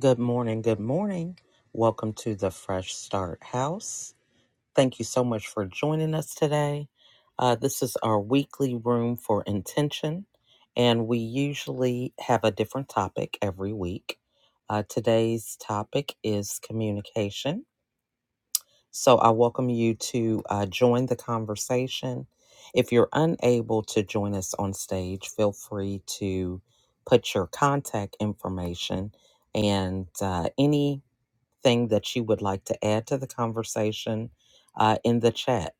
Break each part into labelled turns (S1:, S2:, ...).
S1: Good morning. Good morning. Welcome to the Fresh Start House. Thank you so much for joining us today. Uh, this is our weekly room for intention, and we usually have a different topic every week. Uh, today's topic is communication. So I welcome you to uh, join the conversation. If you're unable to join us on stage, feel free to put your contact information and uh, any thing that you would like to add to the conversation uh, in the chat.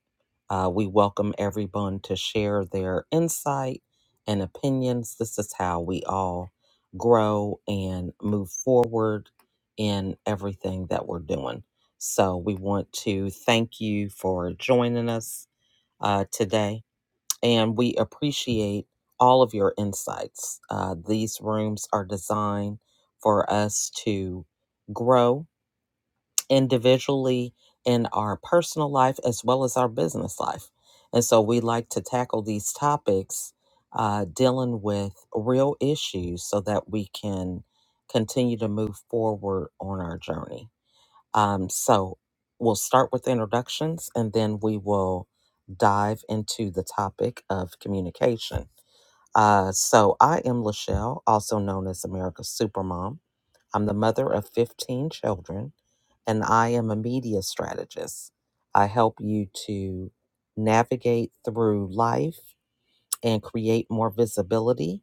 S1: Uh, we welcome everyone to share their insight and opinions. This is how we all grow and move forward in everything that we're doing. So, we want to thank you for joining us uh, today, and we appreciate all of your insights. Uh, these rooms are designed for us to grow individually in our personal life as well as our business life. And so we like to tackle these topics uh, dealing with real issues so that we can continue to move forward on our journey. Um, so we'll start with introductions and then we will dive into the topic of communication. Uh, so I am Lachelle, also known as America's Supermom. I'm the mother of 15 children, and I am a media strategist. I help you to navigate through life and create more visibility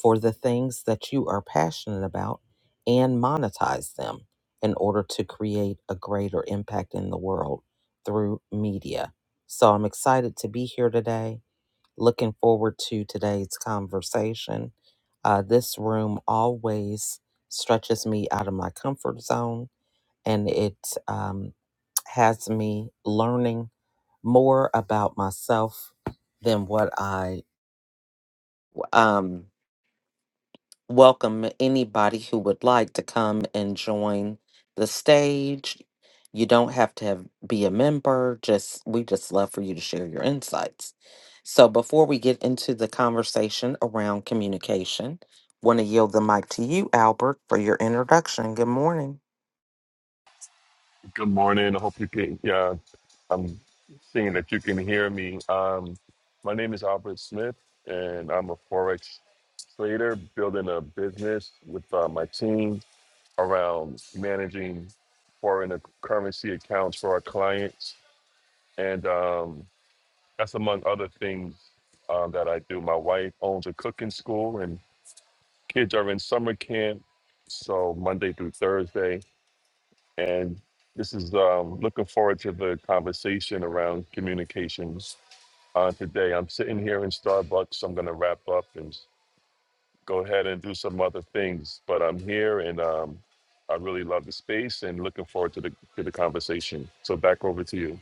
S1: for the things that you are passionate about and monetize them in order to create a greater impact in the world through media. So I'm excited to be here today Looking forward to today's conversation. Uh, this room always stretches me out of my comfort zone and it um, has me learning more about myself than what I um, welcome anybody who would like to come and join the stage. You don't have to have, be a member. Just we just love for you to share your insights. So before we get into the conversation around communication, want to yield the mic to you, Albert, for your introduction. Good morning.
S2: Good morning. I hope you can. Yeah, I'm seeing that you can hear me. Um, my name is Albert Smith, and I'm a forex trader building a business with uh, my team around managing foreign currency accounts for our clients, and um, that's among other things um, that I do. My wife owns a cooking school, and kids are in summer camp, so Monday through Thursday and this is um, looking forward to the conversation around communications uh, today. I'm sitting here in Starbucks. so I'm going to wrap up and go ahead and do some other things, but I'm here and um, I really love the space and looking forward to the to the conversation. So back over to you.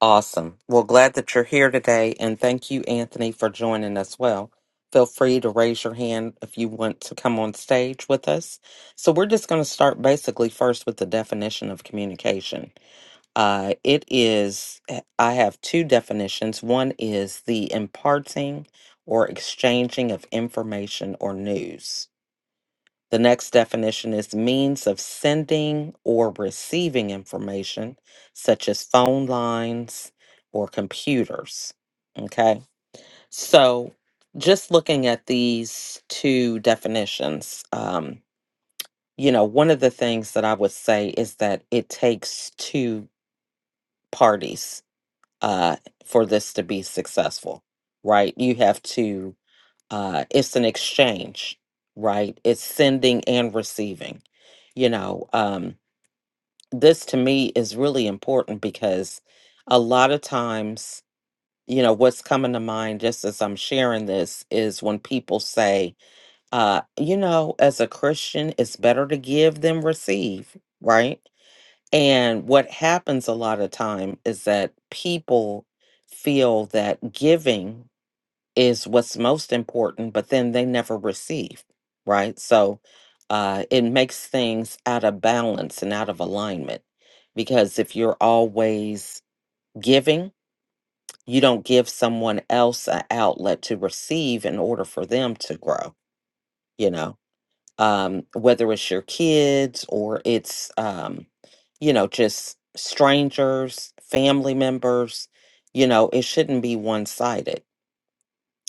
S1: Awesome. Well, glad that you're here today, and thank you, Anthony, for joining us. Well, feel free to raise your hand if you want to come on stage with us. So, we're just going to start basically first with the definition of communication. Uh, it is, I have two definitions. One is the imparting or exchanging of information or news. The next definition is means of sending or receiving information, such as phone lines or computers. Okay, so just looking at these two definitions, um, you know, one of the things that I would say is that it takes two parties uh, for this to be successful, right? You have to uh, it's an exchange, right? It's sending and receiving. You know, um, this to me is really important because a lot of times, you know, what's coming to mind just as I'm sharing this is when people say, uh, you know, as a Christian, it's better to give than receive, right? And what happens a lot of time is that people feel that giving is what's most important, but then they never receive, right? So uh, it makes things out of balance and out of alignment because if you're always giving, you don't give someone else an outlet to receive in order for them to grow, you know, um, whether it's your kids or it's, um, you know, just strangers, family members, you know, it shouldn't be one sided.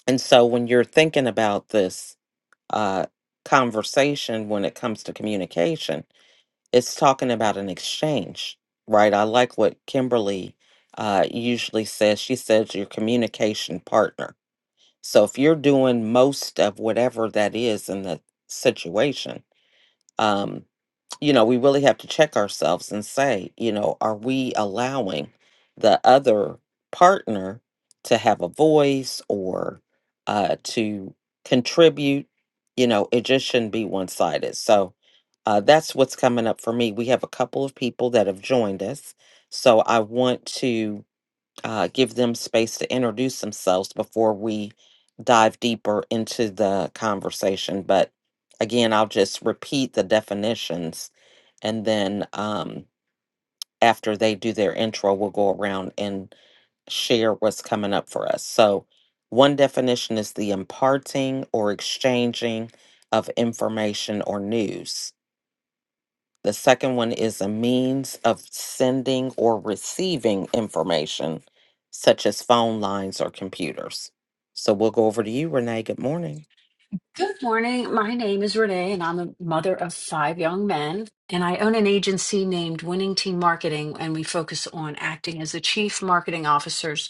S1: And so when you're thinking about this, uh, conversation when it comes to communication. It's talking about an exchange, right? I like what Kimberly uh, usually says. She says your communication partner. So if you're doing most of whatever that is in the situation, um you know, we really have to check ourselves and say, you know, are we allowing the other partner to have a voice or uh, to contribute? You know, it just shouldn't be one sided. So uh, that's what's coming up for me. We have a couple of people that have joined us. So I want to uh, give them space to introduce themselves before we dive deeper into the conversation. But again, I'll just repeat the definitions and then um, after they do their intro, we'll go around and share what's coming up for us. So, one definition is the imparting or exchanging of information or news. The second one is a means of sending or receiving information, such as phone lines or computers. So we'll go over to you, Renee. Good morning.
S3: Good morning. My name is Renee, and I'm a mother of five young men. And I own an agency named Winning Team Marketing, and we focus on acting as the chief marketing officers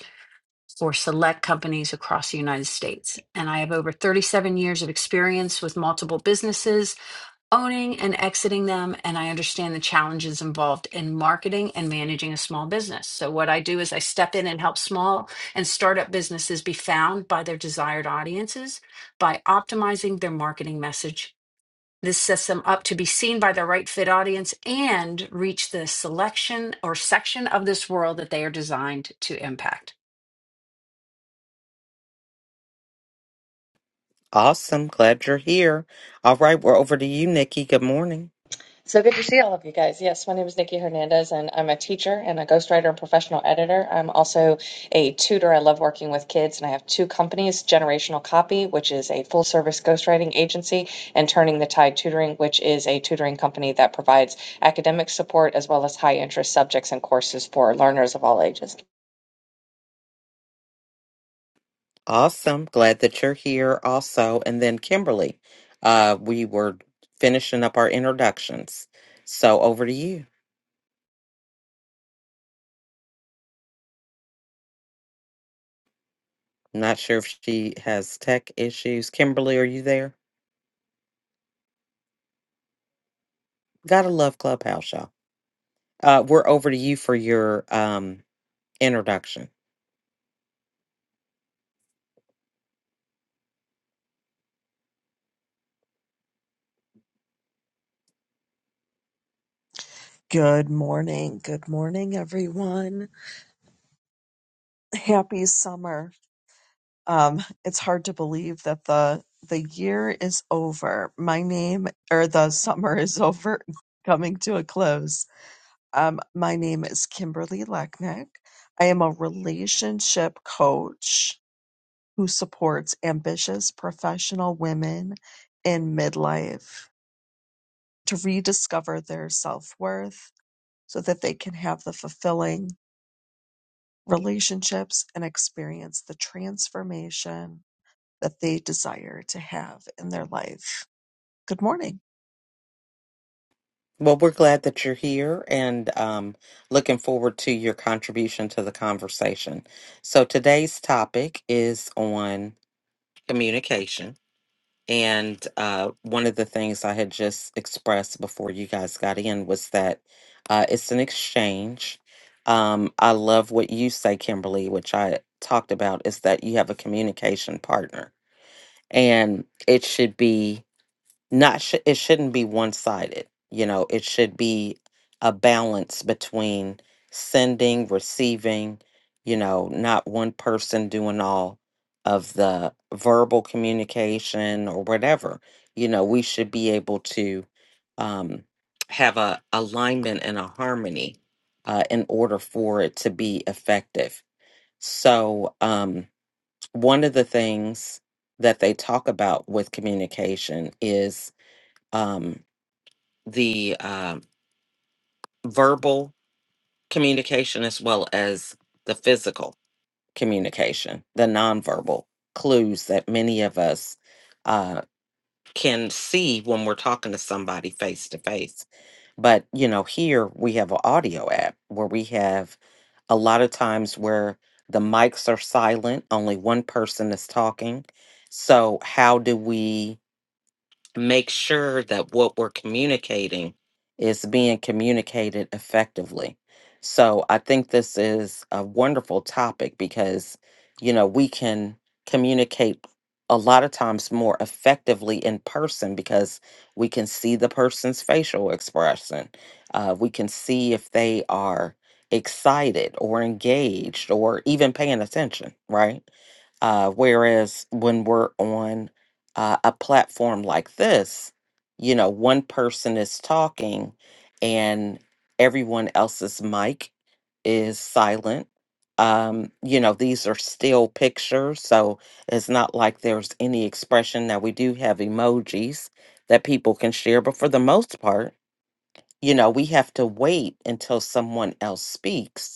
S3: for select companies across the United States. And I have over 37 years of experience with multiple businesses owning and exiting them and i understand the challenges involved in marketing and managing a small business so what i do is i step in and help small and startup businesses be found by their desired audiences by optimizing their marketing message this sets them up to be seen by the right fit audience and reach the selection or section of this world that they are designed to impact
S1: Awesome. Glad you're here. All right, we're over to you, Nikki. Good morning.
S4: So good to see all of you guys. Yes, my name is Nikki Hernandez, and I'm a teacher and a ghostwriter and professional editor. I'm also a tutor. I love working with kids, and I have two companies Generational Copy, which is a full service ghostwriting agency, and Turning the Tide Tutoring, which is a tutoring company that provides academic support as well as high interest subjects and courses for learners of all ages.
S1: Awesome. Glad that you're here also. And then Kimberly, uh, we were finishing up our introductions. So over to you. Not sure if she has tech issues. Kimberly, are you there? Gotta love Clubhouse, y'all. Uh, we're over to you for your um, introduction.
S5: Good morning. Good morning, everyone. Happy summer. Um, it's hard to believe that the the year is over. My name or the summer is over, coming to a close. Um, my name is Kimberly Lechnick. I am a relationship coach who supports ambitious professional women in midlife to rediscover their self-worth so that they can have the fulfilling relationships and experience the transformation that they desire to have in their life. Good morning.
S1: Well, we're glad that you're here and um, looking forward to your contribution to the conversation. So, today's topic is on communication. And uh, one of the things I had just expressed before you guys got in was that uh, it's an exchange. Um, I love what you say, Kimberly, which I talked about, is that you have a communication partner. And it should be not sh- it shouldn't be one-sided you know it should be a balance between sending receiving you know not one person doing all of the verbal communication or whatever you know we should be able to um have a alignment and a harmony uh, in order for it to be effective so um one of the things that they talk about with communication is um, the uh, verbal communication as well as the physical communication, the nonverbal clues that many of us uh, can see when we're talking to somebody face to face. But, you know, here we have an audio app where we have a lot of times where the mics are silent, only one person is talking. So, how do we? make sure that what we're communicating is being communicated effectively. So I think this is a wonderful topic because, you know, we can communicate a lot of times more effectively in person because we can see the person's facial expression. Uh, we can see if they are excited or engaged or even paying attention, right? Uh, whereas when we're on uh, a platform like this, you know, one person is talking and everyone else's mic is silent. Um, you know, these are still pictures, so it's not like there's any expression. Now, we do have emojis that people can share, but for the most part, you know, we have to wait until someone else speaks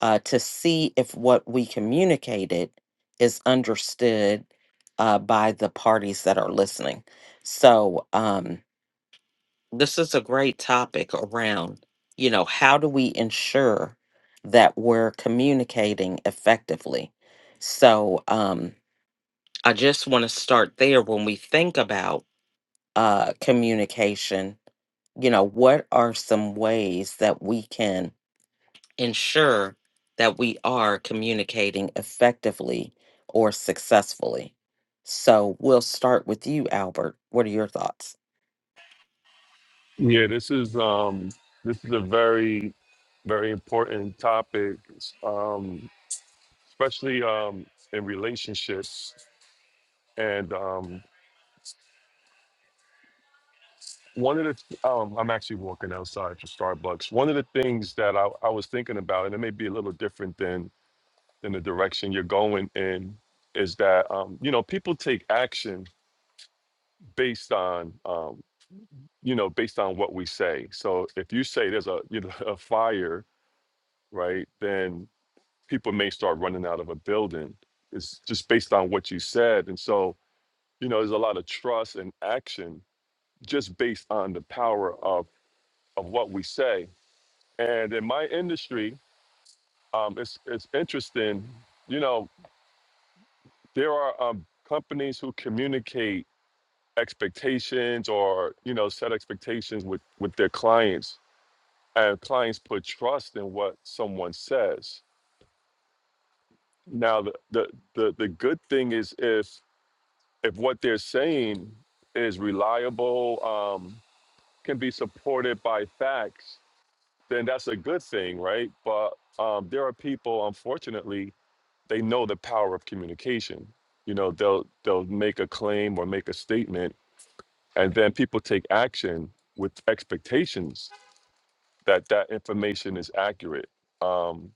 S1: uh, to see if what we communicated is understood uh, by the parties that are listening. So, um, this is a great topic around, you know, how do we ensure that we're communicating effectively? So, um, I just want to start there when we think about uh, communication. You know, what are some ways that we can ensure that we are communicating effectively or successfully. So we'll start with you, Albert. What are your thoughts?
S2: Yeah, this is um, this is a very very important topic, um, especially um, in relationships and. Um, One of the th- um, I'm actually walking outside for Starbucks. One of the things that I, I was thinking about, and it may be a little different than than the direction you're going in, is that um, you know people take action based on um, you know based on what we say. So if you say there's a you know a fire, right, then people may start running out of a building. It's just based on what you said, and so you know there's a lot of trust and action just based on the power of of what we say And in my industry, um, it's it's interesting. You know, there are um, companies who communicate expectations or you know set expectations with with their clients, and clients put trust in what someone says. Now, the the the, the good thing is if if what they're saying is reliable, um, can be supported by facts, then that's a good thing, right? But um, there are people, unfortunately, they know the power of communication. You know, they'll they'll make a claim or make a statement, and then people take action with expectations that that information is accurate. Um,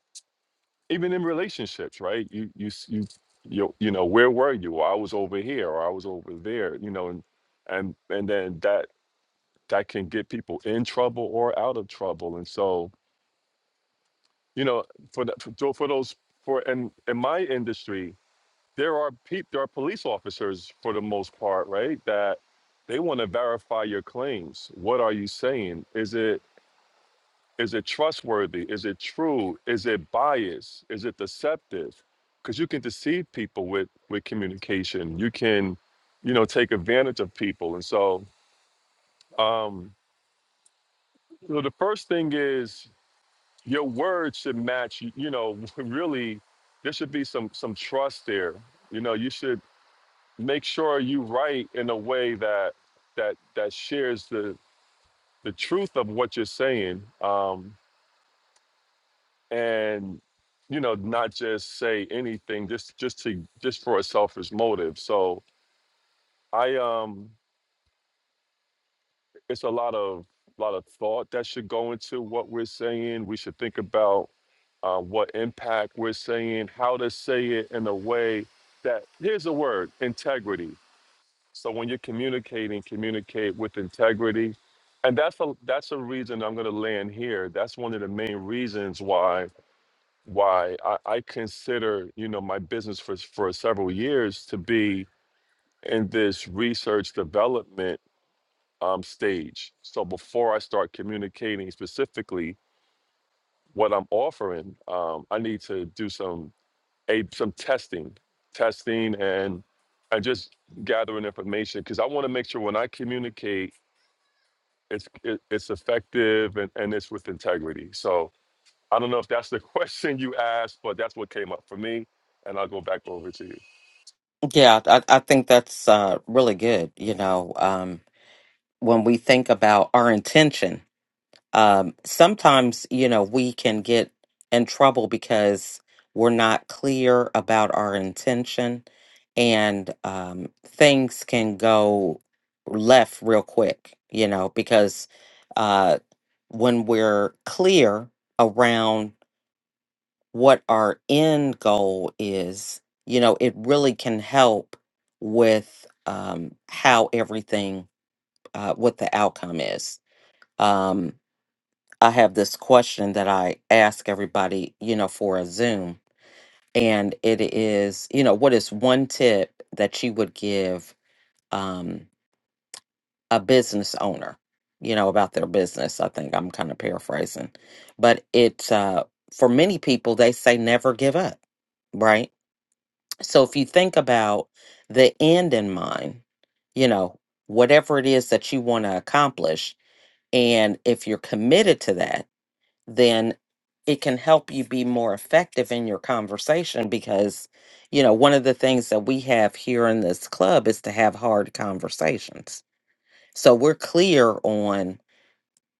S2: even in relationships, right? You you s- you you you know where were you? Or I was over here, or I was over there. You know, and and and then that that can get people in trouble or out of trouble. And so you know, for the, for, tho- for those for and in in my industry, there are peop there are police officers for the most part, right? That they want to verify your claims. What are you saying? Is it is it trustworthy? Is it true? Is it biased? Is it deceptive? Because you can deceive people with with communication. You can, you know, take advantage of people. And so, um, you know, the first thing is your words should match. You know, really, there should be some some trust there. You know, you should make sure you write in a way that that that shares the the truth of what you're saying um and you know not just say anything just just to just for a selfish motive so i um it's a lot of lot of thought that should go into what we're saying we should think about uh, what impact we're saying how to say it in a way that here's a word integrity So when you're communicating, communicate with integrity. And that's a that's a reason I'm gonna land here. That's one of the main reasons why why I, I consider, you know, my business for for several years to be in this research development um, stage. So before I start communicating specifically what I'm offering, um, I need to do some a some testing, testing and and just gathering information because I want to make sure when I communicate it's it, it's effective and, and it's with integrity. So I don't know if that's the question you asked, but that's what came up for me. And I'll go back over to you.
S1: Yeah, I, I think that's uh, really good. You know, um, when we think about our intention, um, sometimes you know we can get in trouble because we're not clear about our intention and um, things can go left real quick you know because uh, when we're clear around what our end goal is you know it really can help with um, how everything uh, what the outcome is Um, I have this question that I ask everybody, you know, for a Zoom. And it is, you know, what is one tip that you would give um, a business owner, you know, about their business? I think I'm kind of paraphrasing, but it's uh, for many people, they say never give up, right? So if you think about the end in mind, you know, whatever it is that you want to accomplish, and if you're committed to that, then it can help you be more effective in your conversation because you know one of the things that we have here in this club is to have hard conversations so we're clear on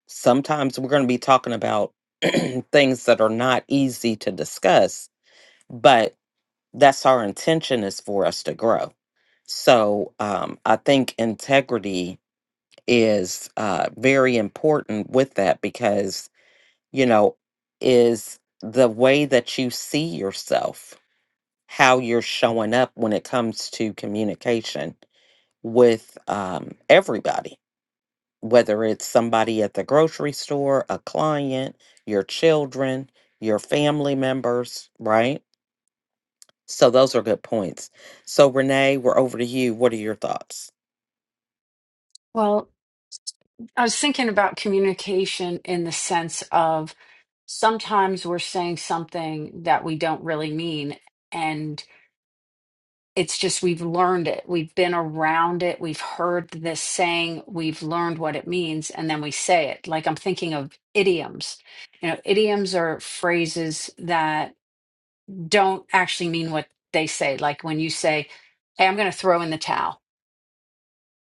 S1: sometimes we're going to be talking about things that are not easy to discuss but that's our intention is for us to grow so um, i think integrity is uh, very important with that because you know, is the way that you see yourself, how you're showing up when it comes to communication with um, everybody, whether it's somebody at the grocery store, a client, your children, your family members, right? So those are good points. So Renee, we're over to you. What are your thoughts?
S3: well I was thinking about communication in the sense of sometimes we're saying something that we don't really mean. And it's just we've learned it. We've been around it. We've heard this saying. We've learned what it means. And then we say it. Like I'm thinking of idioms. You know, idioms are phrases that don't actually mean what they say. Like when you say, Hey, I'm going to throw in the towel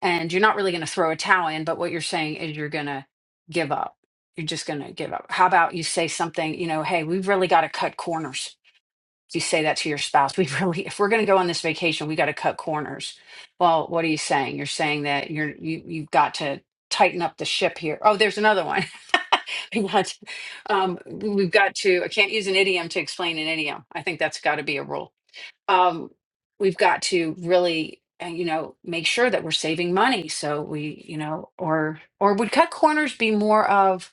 S3: and you're not really going to throw a towel in but what you're saying is you're going to give up you're just going to give up how about you say something you know hey we've really got to cut corners you say that to your spouse we really if we're going to go on this vacation we got to cut corners well what are you saying you're saying that you're you, you've got to tighten up the ship here oh there's another one We got- um, we've got to i can't use an idiom to explain an idiom i think that's got to be a rule um, we've got to really uh, you know make sure that we're saving money so we you know or or would cut corners be more of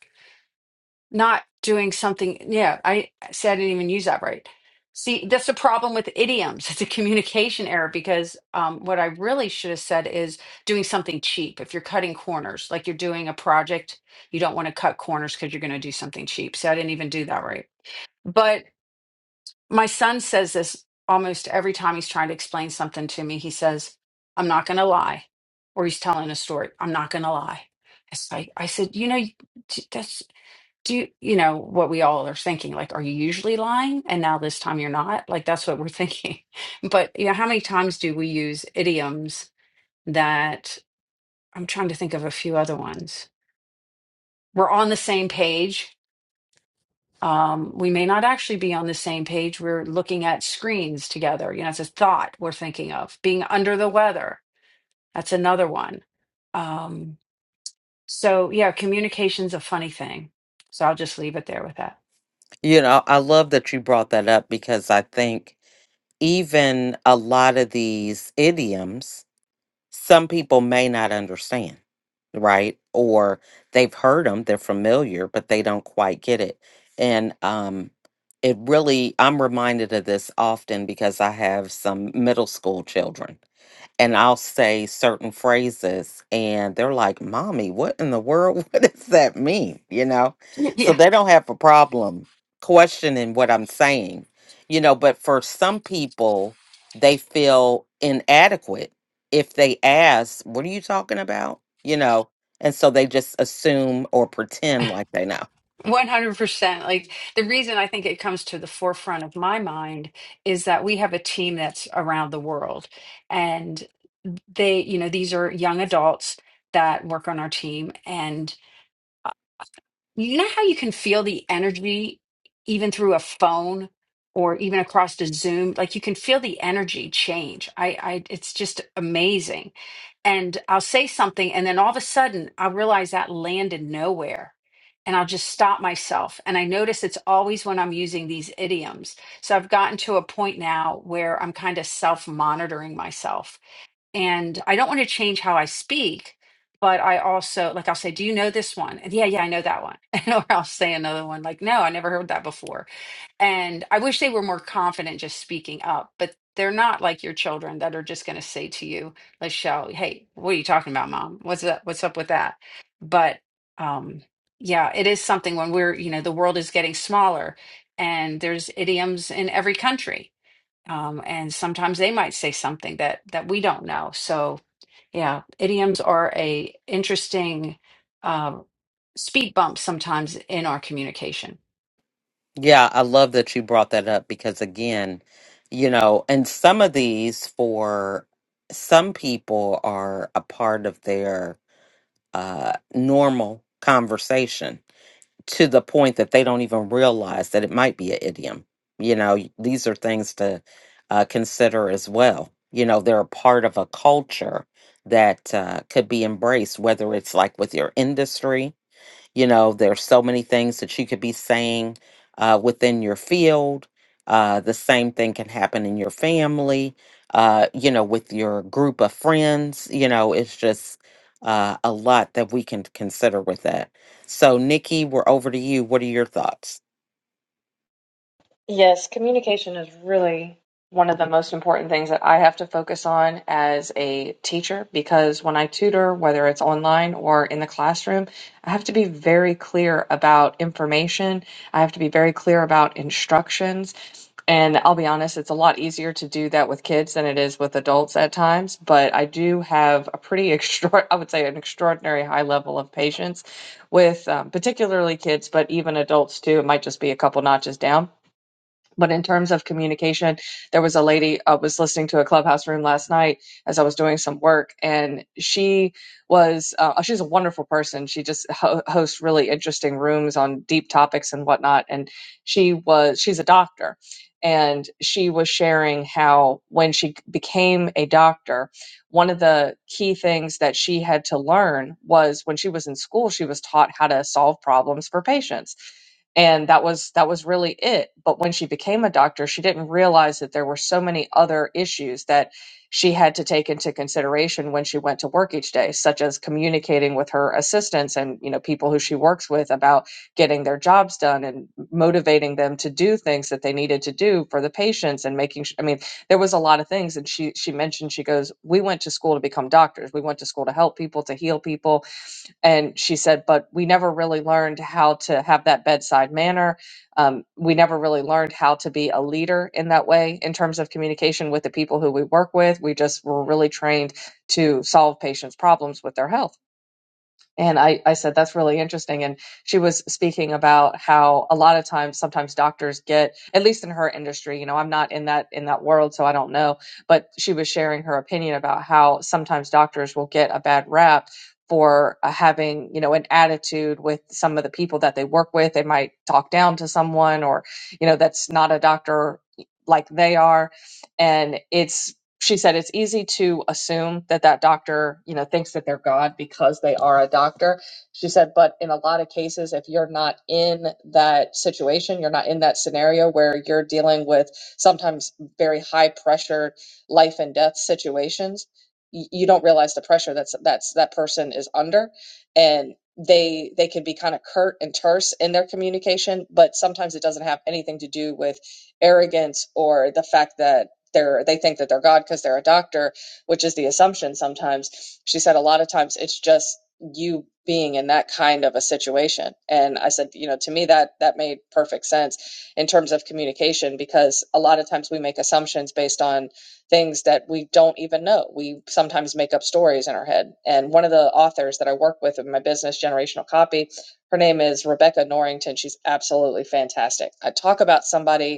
S3: not doing something yeah i said i didn't even use that right see that's the problem with idioms it's a communication error because um, what i really should have said is doing something cheap if you're cutting corners like you're doing a project you don't want to cut corners because you're going to do something cheap so i didn't even do that right but my son says this almost every time he's trying to explain something to me. He says, I'm not going to lie. Or he's telling a story. I'm not going to lie. It's like, I said, you know, d- that's, do you, you know what we all are thinking? Like, are you usually lying? And now this time you're not? Like, that's what we're thinking. But, you know, how many times do we use idioms that I'm trying to think of a few other ones? We're on the same page um, we may not actually be on the same page. We're looking at screens together. You know, it's a thought we're thinking of. Being under the weather, that's another one. Um, so, yeah, communication's a funny thing. So I'll just leave it there with that.
S1: You know, I love that you brought that up because I think even a lot of these idioms some people may not understand, right? Or they've heard them, they're familiar, but they don't quite get it. And um, it really, I'm reminded of this often because I have some middle school children and I'll say certain phrases, and they're like, Mommy, what in the world? What does that mean? You know? So
S3: yeah.
S1: they don't have a problem questioning what I'm saying, you know. But for some people, they feel inadequate if they ask, What are you talking about? You know? And so they just assume or pretend like they know.
S3: 100%. Like the reason I think it comes to the forefront of my mind is that we have a team that's around the world. And they, you know, these are young adults that work on our team. And uh, you know how you can feel the energy even through a phone or even across the Zoom? Like you can feel the energy change. I, I, it's just amazing and I'll say something, and then all of a sudden I realize that landed nowhere. And I'll just stop myself. And I notice it's always when I'm using these idioms. So I've gotten to a point now where I'm kind of self monitoring myself. And I don't want to change how I speak, but I also, like, I'll say, Do you know this one? And yeah, yeah, I know that one. or I'll say another one, like, No, I never heard that before and I wish they were more confident just speaking up, but they're not like your children that are just going to say to you, Lachelle, hey, what are you talking about, mom? What's up? What's up with that? But um, yeah, it is something when we're, you know, the world is getting smaller and there's idioms in every country. Um, and sometimes they might say something that that we don't know. So yeah, idioms are a interesting uh, speed bump sometimes in our communication.
S1: Yeah, I love that you brought that up because, again, you know, and some of these for some people are a part of their uh, normal conversation to the point that they don't even realize that it might be an idiom. You know, y- these are things to uh, consider as well. You know, they're a part of a culture that uh, could be embraced, whether it's like with your industry you know, there's so many things that you could be saying uh, within your field. Uh, the same thing can happen in your family, uh, you know, with your group of friends. You know, it's just uh, a lot that we can consider with that. So, Nikki, we're over to you. What are your thoughts?
S4: Yes, communication is really one of the most important things that I have to focus on as a teacher because when I tutor, whether it's online or in the classroom, I have to be very clear about information. I have to be very clear about instructions. And I'll be honest, it's a lot easier to do that with kids than it is with adults at times. But I do have a pretty extra, I would say, an extraordinary high level of patience with um, particularly kids, but even adults too. It might just be a couple notches down but in terms of communication there was a lady i was listening to a clubhouse room last night as i was doing some work and she was uh, she's a wonderful person she just ho- hosts really interesting rooms on deep topics and whatnot and she was she's a doctor and she was sharing how when she became a doctor one of the key things that she had to learn was when she was in school she was taught how to solve problems for patients and that was that was really it but when she became a doctor she didn't realize that there were so many other issues that she had to take into consideration when she went to work each day such as communicating with her assistants and you know people who she works with about getting their jobs done and motivating them to do things that they needed to do for the patients and making su- i mean there was a lot of things and she she mentioned she goes we went to school to become doctors we went to school to help people to heal people and she said, but we never really learned how to have that bedside manner. Um, we never really learned how to be a leader in that way in terms of communication with the people who we work with. We just were really trained to solve patients' problems with their health. And I, I said, that's really interesting. And she was speaking about how a lot of times, sometimes doctors get, at least in her industry, you know, I'm not in that, in that world, so I don't know, but she was sharing her opinion about how sometimes doctors will get a bad rap for uh, having, you know, an attitude with some of the people that they work with. They might talk down to someone or, you know, that's not a doctor like they are. And it's she said it's easy to assume that that doctor you know thinks that they're god because they are a doctor she said but in a lot of cases if you're not in that situation you're not in that scenario where you're dealing with sometimes very high pressure life and death situations y- you don't realize the pressure that's that's that person is under and they they can be kind of curt and terse in their communication but sometimes it doesn't have anything to do with arrogance or the fact that they're they think that they're God because they're a doctor, which is the assumption sometimes. She said a lot of times it's just you being in that kind of a situation. And I said, you know, to me that that made perfect sense in terms of communication because a lot of times we make assumptions based on things that we don't even know. We sometimes make up stories in our head. And one of the authors that I work with in my business generational copy, her name is Rebecca Norrington. She's absolutely fantastic. I talk about somebody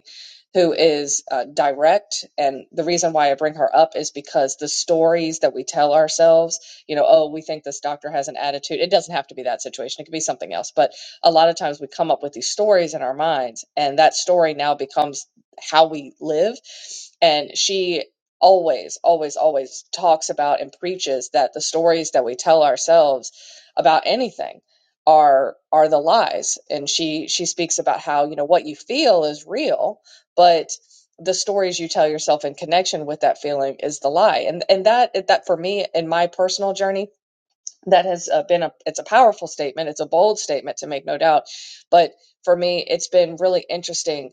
S4: who is uh, direct. And the reason why I bring her up is because the stories that we tell ourselves, you know, oh, we think this doctor has an attitude. It doesn't have to be that situation, it could be something else. But a lot of times we come up with these stories in our minds, and that story now becomes how we live. And she always, always, always talks about and preaches that the stories that we tell ourselves about anything are are the lies and she she speaks about how you know what you feel is real but the stories you tell yourself in connection with that feeling is the lie and and that that for me in my personal journey that has uh, been a it's a powerful statement it's a bold statement to make no doubt but for me it's been really interesting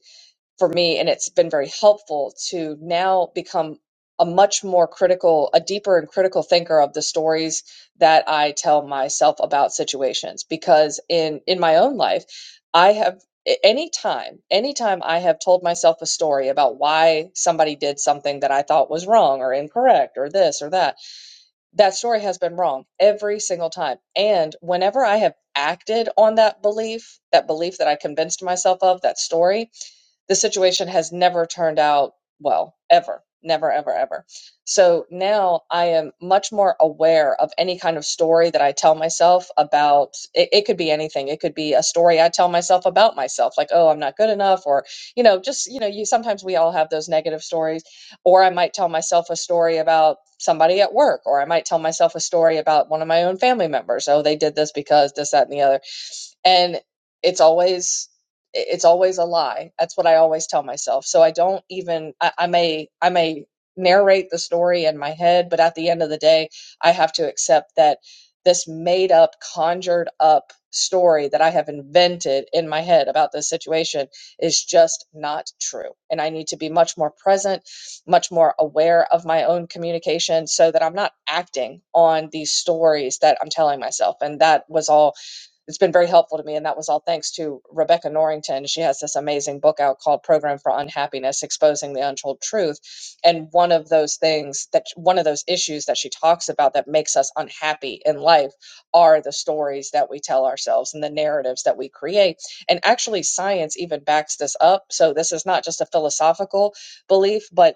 S4: for me and it's been very helpful to now become a much more critical a deeper and critical thinker of the stories that i tell myself about situations because in in my own life i have a- anytime anytime i have told myself a story about why somebody did something that i thought was wrong or incorrect or this or that that story has been wrong every single time and whenever i have acted on that belief that belief that i convinced myself of that story the situation has never turned out well, ever, never, ever, ever. So now I am much more aware of any kind of story that I tell myself about. It, it could be anything. It could be a story I tell myself about myself, like, oh, I'm not good enough, or, you know, just, you know, you sometimes we all have those negative stories. Or I might tell myself a story about somebody at work, or I might tell myself a story about one of my own family members. Oh, they did this because this, that, and the other and it's always it's always a lie that's what i always tell myself so i don't even I, I may i may narrate the story in my head but at the end of the day i have to accept that this made up conjured up story that i have invented in my head about this situation is just not true and i need to be much more present much more aware of my own communication so that i'm not acting on these stories that i'm telling myself and that was all it's been very helpful to me. And that was all thanks to Rebecca Norrington. She has this amazing book out called Program for Unhappiness Exposing the Untold Truth. And one of those things that one of those issues that she talks about that makes us unhappy in life are the stories that we tell ourselves and the narratives that we create. And actually, science even backs this up. So this is not just a philosophical belief, but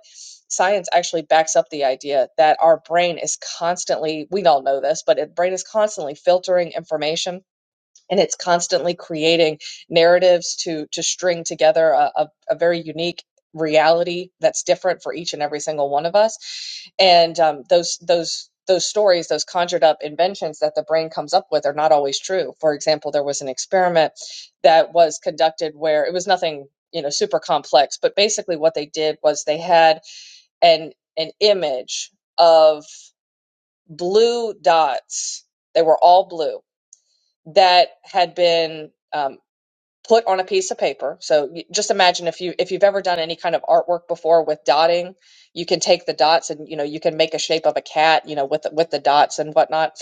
S4: science actually backs up the idea that our brain is constantly we all know this but the brain is constantly filtering information and it's constantly creating narratives to to string together a, a, a very unique reality that's different for each and every single one of us and um, those those those stories those conjured up inventions that the brain comes up with are not always true for example there was an experiment that was conducted where it was nothing you know super complex but basically what they did was they had an an image of blue dots they were all blue that had been um, put on a piece of paper. So y- just imagine if you if you've ever done any kind of artwork before with dotting, you can take the dots and you know you can make a shape of a cat, you know, with the- with the dots and whatnot.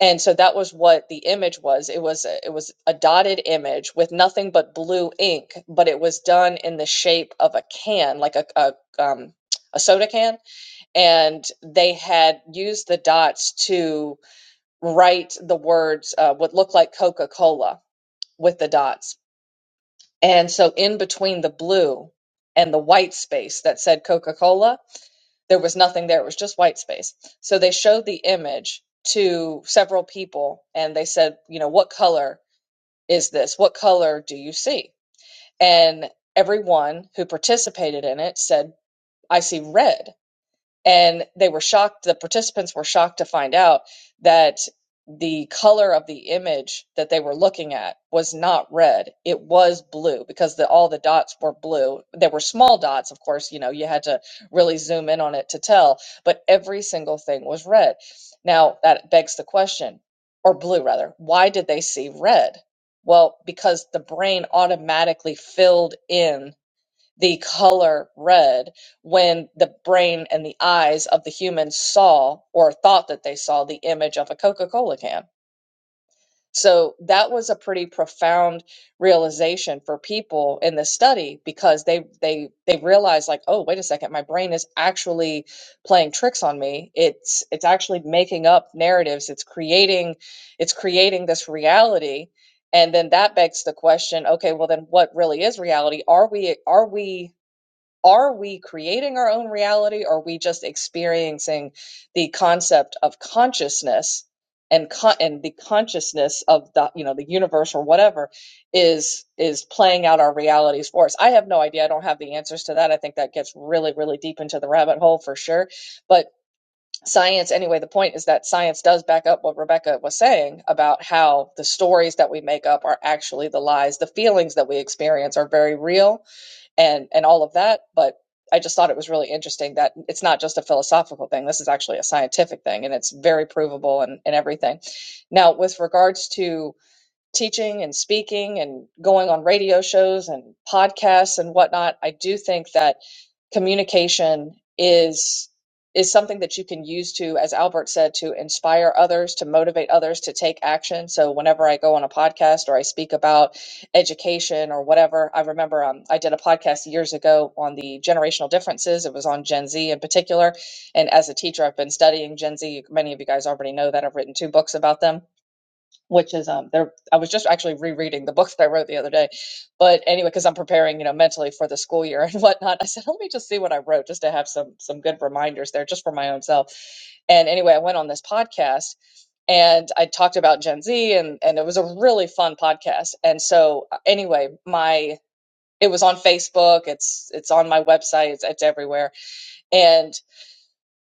S4: And so that was what the image was. It was a, it was a dotted image with nothing but blue ink, but it was done in the shape of a can, like a a, um, a soda can, and they had used the dots to write the words uh, what looked like Coca Cola with the dots and so in between the blue and the white space that said Coca Cola, there was nothing there. It was just white space. So they showed the image to several people and they said, you know, what color is this? What color do you see? And everyone who participated in it said, I see red and they were shocked the participants were shocked to find out that the color of the image that they were looking at was not red it was blue because the, all the dots were blue there were small dots of course you know you had to really zoom in on it to tell but every single thing was red now that begs the question or blue rather why did they see red well because the brain automatically filled in the color red when the brain and the eyes of the human saw or thought that they saw the image of a Coca Cola can. So that was a pretty profound realization for people in this study because they they they realized like oh wait a second my brain is actually playing tricks on me it's it's actually making up narratives it's creating it's creating this reality and then that begs the question okay well then what really is reality are we are we are we creating our own reality or are we just experiencing the concept of consciousness and con- and the consciousness of the you know the universe or whatever is is playing out our realities for us i have no idea i don't have the answers to that i think that gets really really deep into the rabbit hole for sure but science anyway the point is that science does back up what rebecca was saying about how the stories that we make up are actually the lies the feelings that we experience are very real and and all of that but i just thought it was really interesting that it's not just a philosophical thing this is actually a scientific thing and it's very provable and, and everything now with regards to teaching and speaking and going on radio shows and podcasts and whatnot, I do think that communication is is something that you can use to, as Albert said, to inspire others, to motivate others to take action. So whenever I go on a podcast or I speak about education or whatever, I remember um, I did a podcast years ago on the generational differences. It was on Gen Z in particular, and as a teacher, I've been studying Gen Z. Many of you guys already know that I've written two books about them which is um there I was just actually rereading the book that I wrote the other day. But anyway, because I'm preparing, you know, mentally for the school year and whatnot, I said, let me just see what I wrote just to have some some good reminders there just for my own self. And anyway, I went on this podcast and I talked about Gen Z and and it was a really fun podcast. And so uh, anyway, my it was on Facebook, it's it's on my website, it's, it's everywhere. And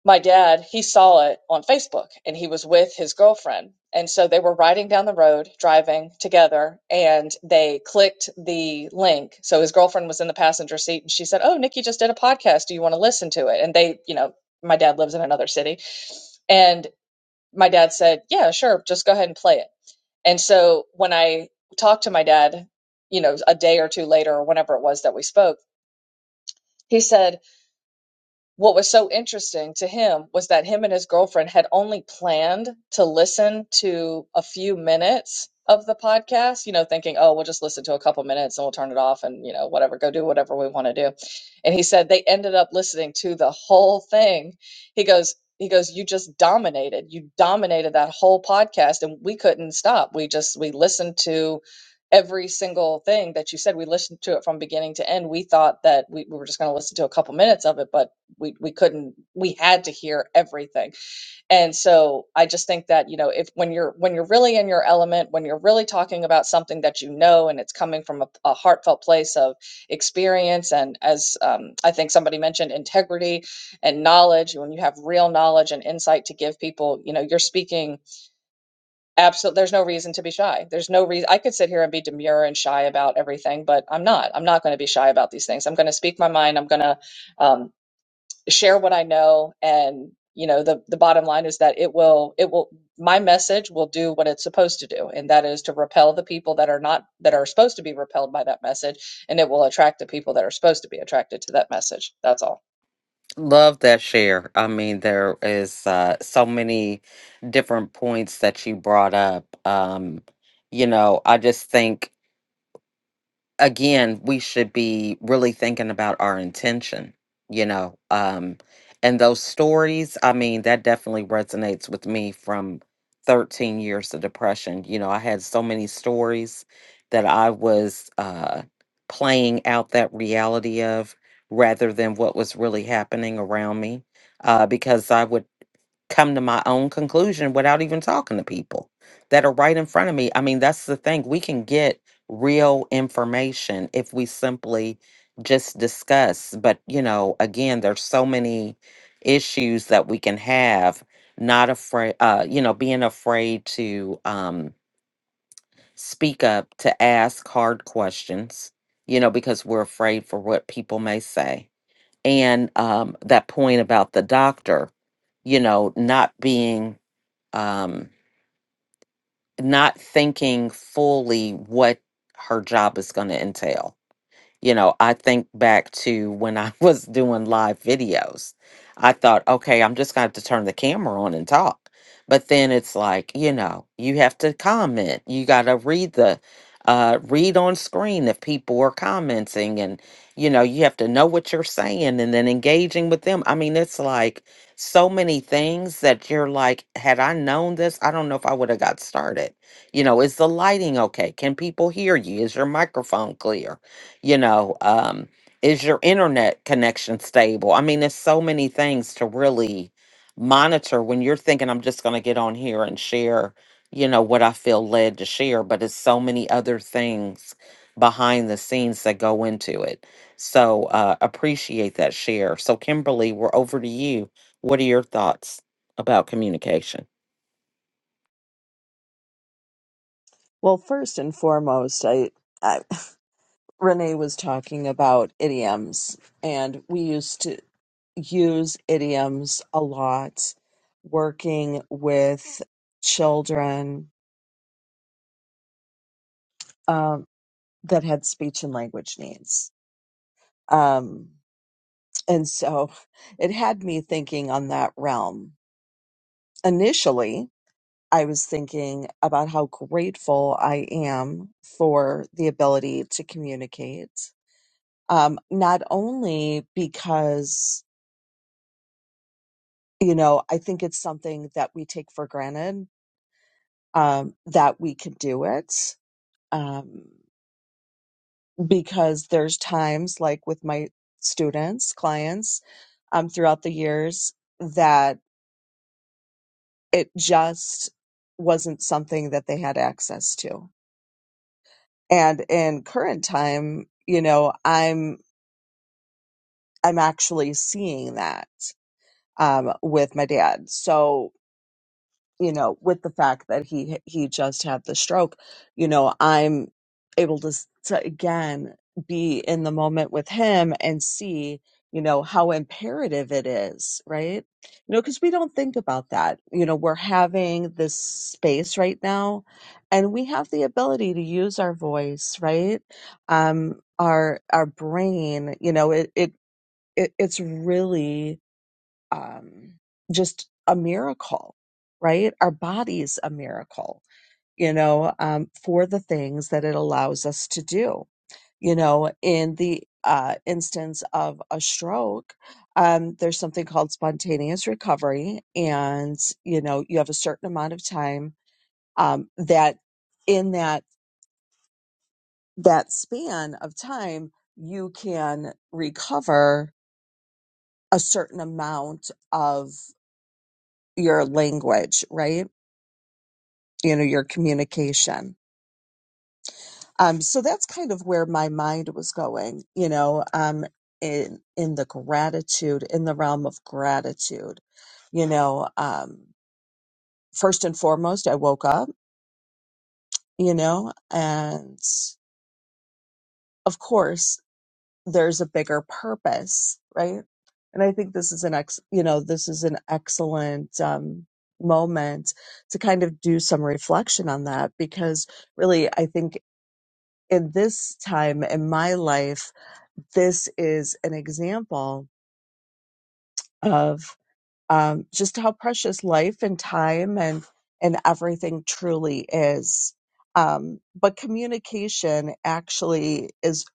S4: my dad, he saw it on Facebook and he was with his girlfriend. And so they were riding down the road, driving together, and they clicked the link. So his girlfriend was in the passenger seat and she said, Oh, Nikki just did a podcast. Do you want to listen to it? And they, you know, my dad lives in another city. And my dad said, Yeah, sure. Just go ahead and play it. And so when I talked to my dad, you know, a day or two later or whenever it was that we spoke, he said, what was so interesting to him was that him and his girlfriend had only planned to listen to a few minutes of the podcast, you know, thinking, oh, we'll just listen to a couple minutes and we'll turn it off and, you know, whatever, go do whatever we want to do. And he said they ended up listening to the whole thing. He goes, he goes, you just dominated. You dominated that whole podcast and we couldn't stop. We just, we listened to every single thing that you said. We listened to it from beginning to end. We thought that we, we were just going to listen to a couple minutes of it, but we we couldn't we had to hear everything and so i just think that you know if when you're when you're really in your element when you're really talking about something that you know and it's coming from a, a heartfelt place of experience and as um, i think somebody mentioned integrity and knowledge when you have real knowledge and insight to give people you know you're speaking absolutely there's no reason to be shy there's no reason i could sit here and be demure and shy about everything but i'm not i'm not going to be shy about these things i'm going to speak my mind i'm going to um, share what I know and you know the the bottom line is that it will it will my message will do what it's supposed to do and that is to repel the people that are not that are supposed to be repelled by that message and it will attract the people that are supposed to be attracted to that message that's all
S1: Love that share. I mean, there is uh, so many different points that you brought up. Um, you know, I just think again, we should be really thinking about our intention, you know. Um, and those stories, I mean, that definitely resonates with me from 13 years of depression. You know, I had so many stories that I was uh, playing out that reality of rather than what was really happening around me. Uh, because I would come to my own conclusion without even talking to people that are right in front of me. I mean, that's the thing. We can get real information if we simply just discuss. But, you know, again, there's so many issues that we can have, not afraid, uh, you know, being afraid to um, speak up, to ask hard questions, you know, because we're afraid for what people may say. And um, that point about the doctor, you know, not being um, not thinking fully what her job is going to entail. You know, I think back to when I was doing live videos. I thought, okay, I'm just going to have to turn the camera on and talk. But then it's like, you know, you have to comment. You got to read the uh read on screen if people are commenting and you know, you have to know what you're saying and then engaging with them. I mean, it's like so many things that you're like, had I known this, I don't know if I would have got started. You know, is the lighting okay? Can people hear you? Is your microphone clear? you know um is your internet connection stable i mean there's so many things to really monitor when you're thinking i'm just going to get on here and share you know what i feel led to share but it's so many other things behind the scenes that go into it so uh appreciate that share so kimberly we're over to you what are your thoughts about communication
S5: Well, first and foremost, I, I Renee was talking about idioms, and we used to use idioms a lot working with children um, that had speech and language needs. Um, and so it had me thinking on that realm initially I was thinking about how grateful I am for the ability to communicate. Um, not only because, you know, I think it's something that we take for granted, um, that we can do it. Um, because there's times like with my students, clients, um, throughout the years that it just wasn't something that they had access to. And in current time, you know, I'm I'm actually seeing that um, with my dad. So you know, with the fact that he he just had the stroke, you know, I'm able to, s- to again be in the moment with him and see you know how imperative it is right you know because we don't think about that you know we're having this space right now and we have the ability to use our voice right um our our brain you know it, it it, it's really um, just a miracle, right? Our body's a miracle, you know, um, for the things that it allows us to do. You know, in the uh, instance of a stroke, um, there's something called spontaneous recovery, and you know, you have a certain amount of time um, that in that that span of time you can recover a certain amount of your language, right? You know, your communication. Um, so that's kind of where my mind was going, you know, um, in, in the gratitude, in the realm of gratitude, you know, um, first and foremost, I woke up, you know, and of course there's a bigger purpose, right? And I think this is an ex, you know, this is an excellent, um, moment to kind of do some reflection on that because really, I think in this time in my life, this is an example of um, just how precious life and time and and everything truly is. Um, but communication actually is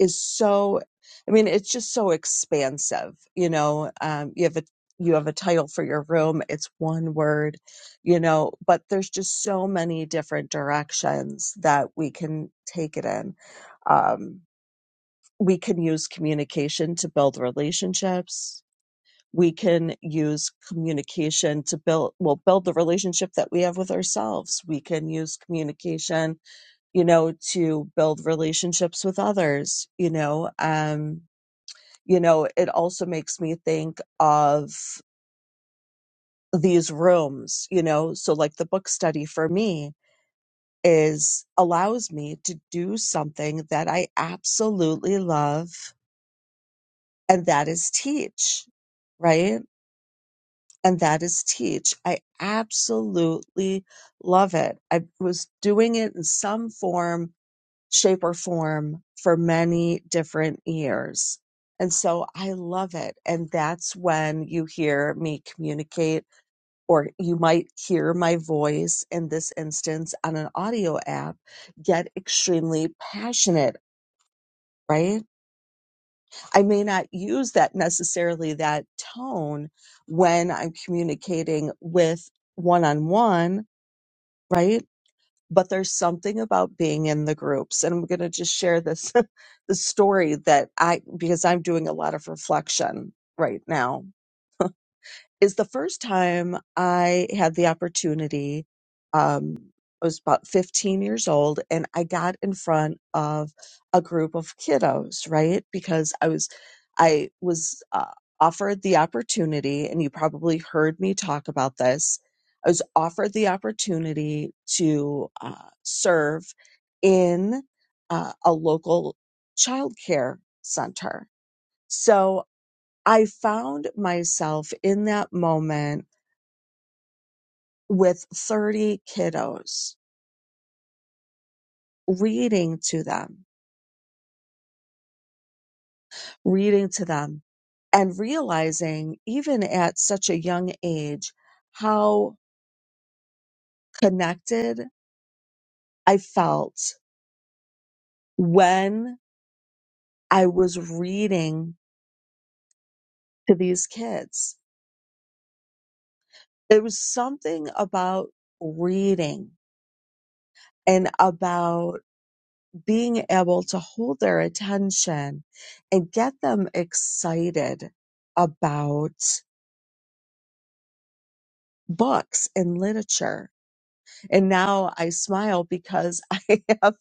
S5: is so. I mean, it's just so expansive. You know, um, you have a you have a title for your room. It's one word, you know, but there's just so many different directions that we can take it in. Um, we can use communication to build relationships we can use communication to build well build the relationship that we have with ourselves we can use communication you know to build relationships with others you know um you know it also makes me think of these rooms you know so like the book study for me is allows me to do something that i absolutely love and that is teach, right? And that is teach. I absolutely love it. I was doing it in some form, shape, or form for many different years. And so I love it. And that's when you hear me communicate, or you might hear my voice in this instance on an audio app get extremely passionate, right? I may not use that necessarily that tone when I'm communicating with one on one, right? But there's something about being in the groups. And I'm going to just share this the story that I because I'm doing a lot of reflection right now is the first time I had the opportunity. Um, I was about 15 years old and I got in front of a group of kiddos, right? Because I was, I was uh, offered the opportunity, and you probably heard me talk about this. I was offered the opportunity to uh, serve in uh, a local childcare center. So I found myself in that moment with 30 kiddos reading to them, reading to them, and realizing, even at such a young age, how connected I felt when I was reading to these kids. There was something about reading and about being able to hold their attention and get them excited about books and literature. And now I smile because I have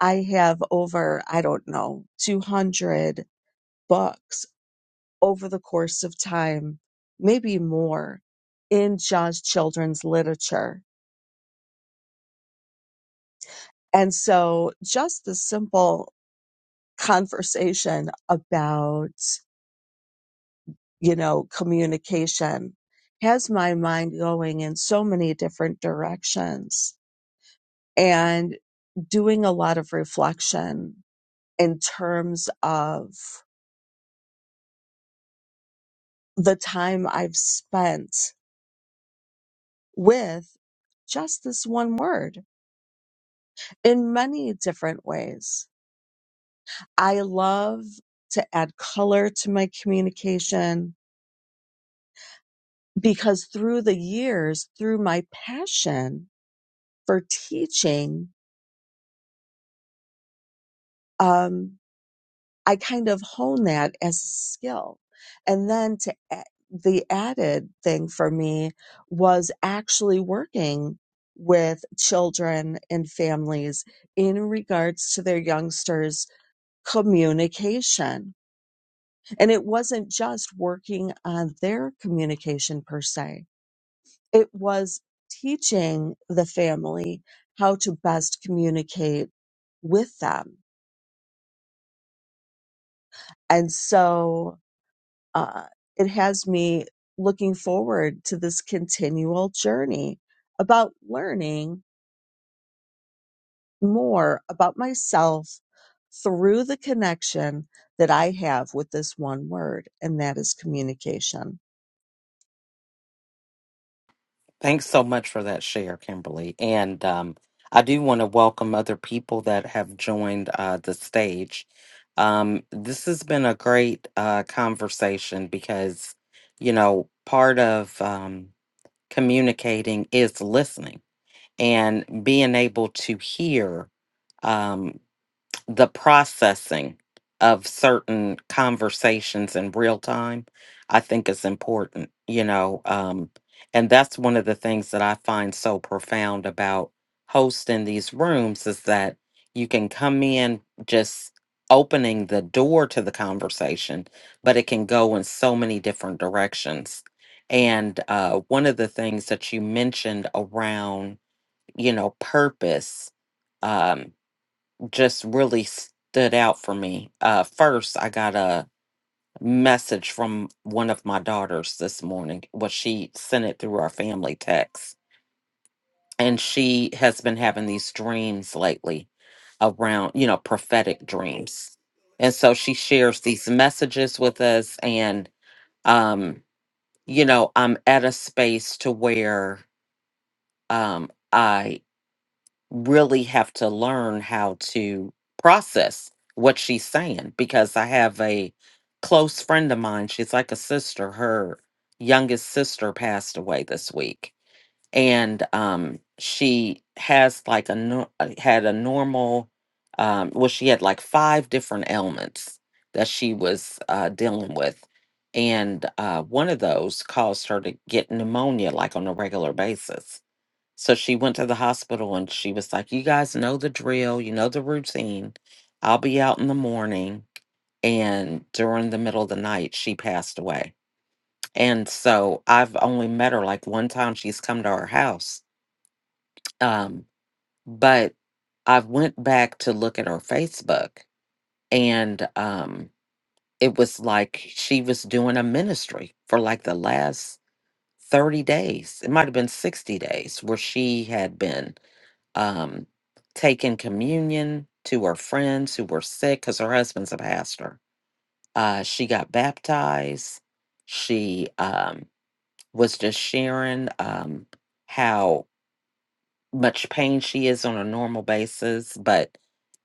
S5: I have over, I don't know, 200 books over the course of time, maybe more in just children's literature. And so just the simple conversation about you know, communication has my mind going in so many different directions and doing a lot of reflection in terms of the time I've spent with just this one word in many different ways. I love to add color to my communication because through the years, through my passion for teaching, um, I kind of hone that as a skill. And then to a- the added thing for me was actually working with children and families in regards to their youngsters communication. And it wasn't just working on their communication per se. It was teaching the family how to best communicate with them. And so uh, it has me looking forward to this continual journey about learning more about myself through the connection that I have with this one word, and that is communication.
S1: Thanks so much for that share, Kimberly. And um, I do want to welcome other people that have joined uh, the stage. Um, this has been a great uh, conversation because, you know, part of um, communicating is listening and being able to hear. Um, the processing of certain conversations in real time, I think is important, you know. Um, and that's one of the things that I find so profound about hosting these rooms is that you can come in just opening the door to the conversation, but it can go in so many different directions. And uh, one of the things that you mentioned around, you know, purpose. Um, just really stood out for me. Uh, first, I got a message from one of my daughters this morning. Well, she sent it through our family text, and she has been having these dreams lately around, you know, prophetic dreams. And so she shares these messages with us, and um, you know, I'm at a space to where um, really have to learn how to process what she's saying because I have a close friend of mine. She's like a sister. Her youngest sister passed away this week, and um, she has like a nor- uh, had a normal. Um, well, she had like five different ailments that she was uh, dealing with. And uh, one of those caused her to get pneumonia like on a regular basis so she went to the hospital and she was like, You guys know the drill, you know the routine. I'll be out in the morning. And during the middle of the night, she passed away. And so I've only met her like one time she's come to our house. Um, but I went back to look at her Facebook and um, it was like she was doing a ministry for like the last 30 days. It might have been 60 days where she had been um, taking communion to her friends who were sick because her husband's a pastor. Uh, she got baptized. She um, was just sharing um, how much pain she is on a normal basis. But,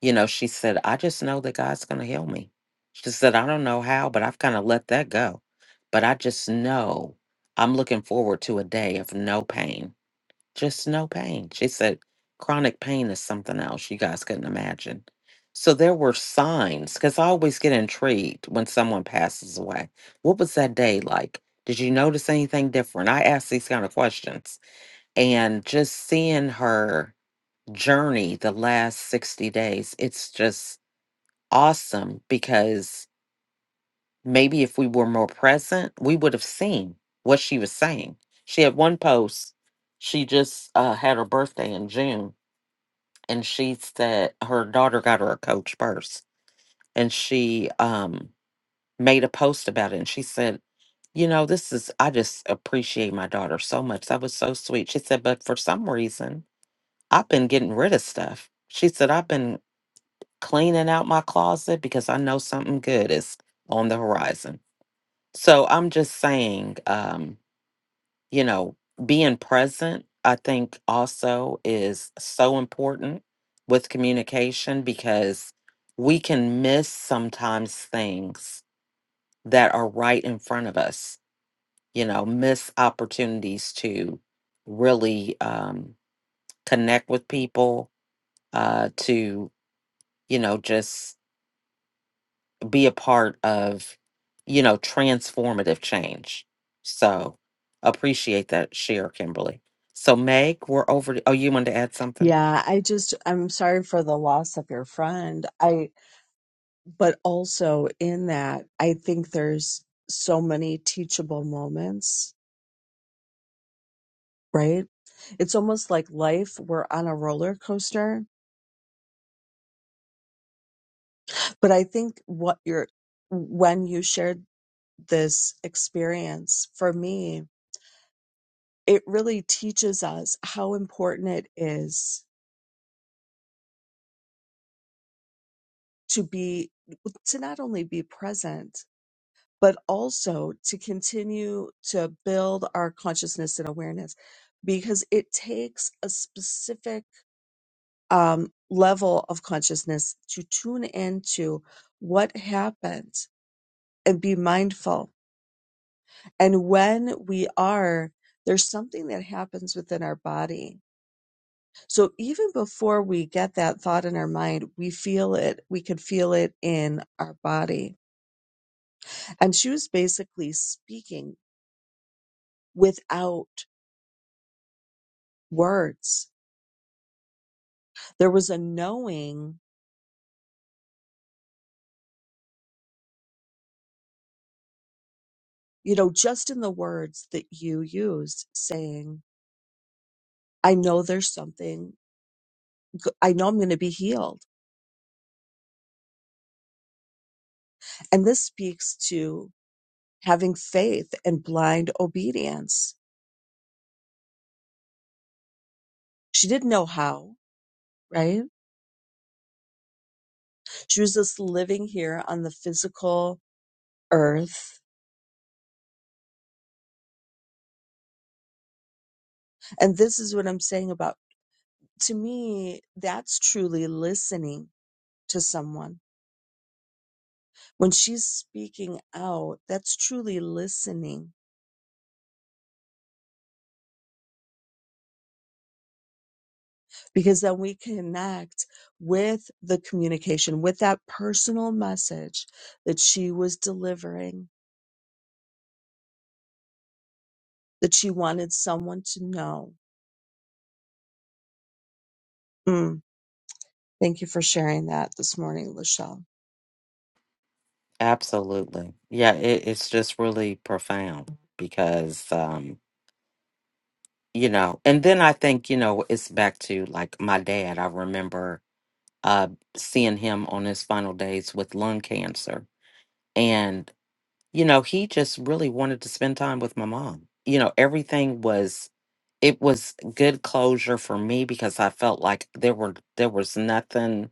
S1: you know, she said, I just know that God's going to heal me. She said, I don't know how, but I've kind of let that go. But I just know I'm looking forward to a day of no pain just no pain. She said chronic pain is something else you guys couldn't imagine. So there were signs because I always get intrigued when someone passes away. What was that day like? Did you notice anything different? I ask these kind of questions and just seeing her journey the last 60 days, it's just awesome because maybe if we were more present, we would have seen what she was saying. She had one post, she just uh, had her birthday in June and she said her daughter got her a coach purse and she um made a post about it and she said you know this is i just appreciate my daughter so much that was so sweet she said but for some reason i've been getting rid of stuff she said i've been cleaning out my closet because i know something good is on the horizon so i'm just saying um you know, being present, I think also is so important with communication because we can miss sometimes things that are right in front of us, you know, miss opportunities to really um, connect with people, uh, to, you know, just be a part of, you know, transformative change. So appreciate that share, Kimberly. So Meg, we're over to, oh, you wanted to add something?
S5: Yeah, I just I'm sorry for the loss of your friend. I but also in that I think there's so many teachable moments, right? It's almost like life we're on a roller coaster But I think what you're, when you shared this experience for me, it really teaches us how important it is to be, to not only be present, but also to continue to build our consciousness and awareness because it takes a specific um, level of consciousness to tune into what happened and be mindful And when we are, there's something that happens within our body. So even before we get that thought in our mind, we feel it. We could feel it in our body. And she was basically speaking without words. There was a knowing, you know, just in the words that you used, saying, I know there's something, g- I know I'm going to be healed. And this speaks to having faith and blind obedience She didn't know how, right? She was just living here on the physical earth. And this is what I'm saying about, to me, that's truly listening to someone. When she's speaking out, that's truly listening because then we connect with the communication, with that personal message that she was delivering, that she wanted someone to know. Mm, thank you for sharing that this morning, Lachelle.
S1: Absolutely. Yeah, it, it's just really profound because um, you know, and then I think, you know, it's back to like my dad. I remember uh seeing him on his final days with lung cancer. And, you know, he just really wanted to spend time with my mom. You know, everything was it was good closure for me because I felt like there were there was nothing,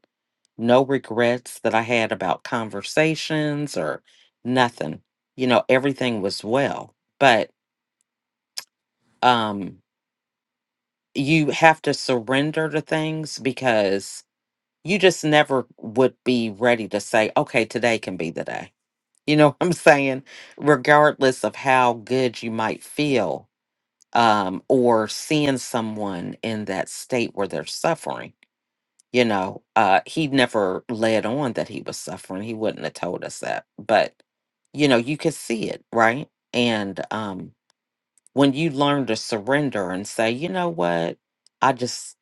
S1: no regrets that I had about conversations or nothing. You know, everything was well. But um you have to surrender to things because you just never would be ready to say, okay, today can be the day. You know what I'm saying? Regardless of how good you might feel um, or seeing someone in that state where they're suffering you know uh he never led on that he was suffering he wouldn't have told us that but you know you could see it right and um when you learn to surrender and say you know what i just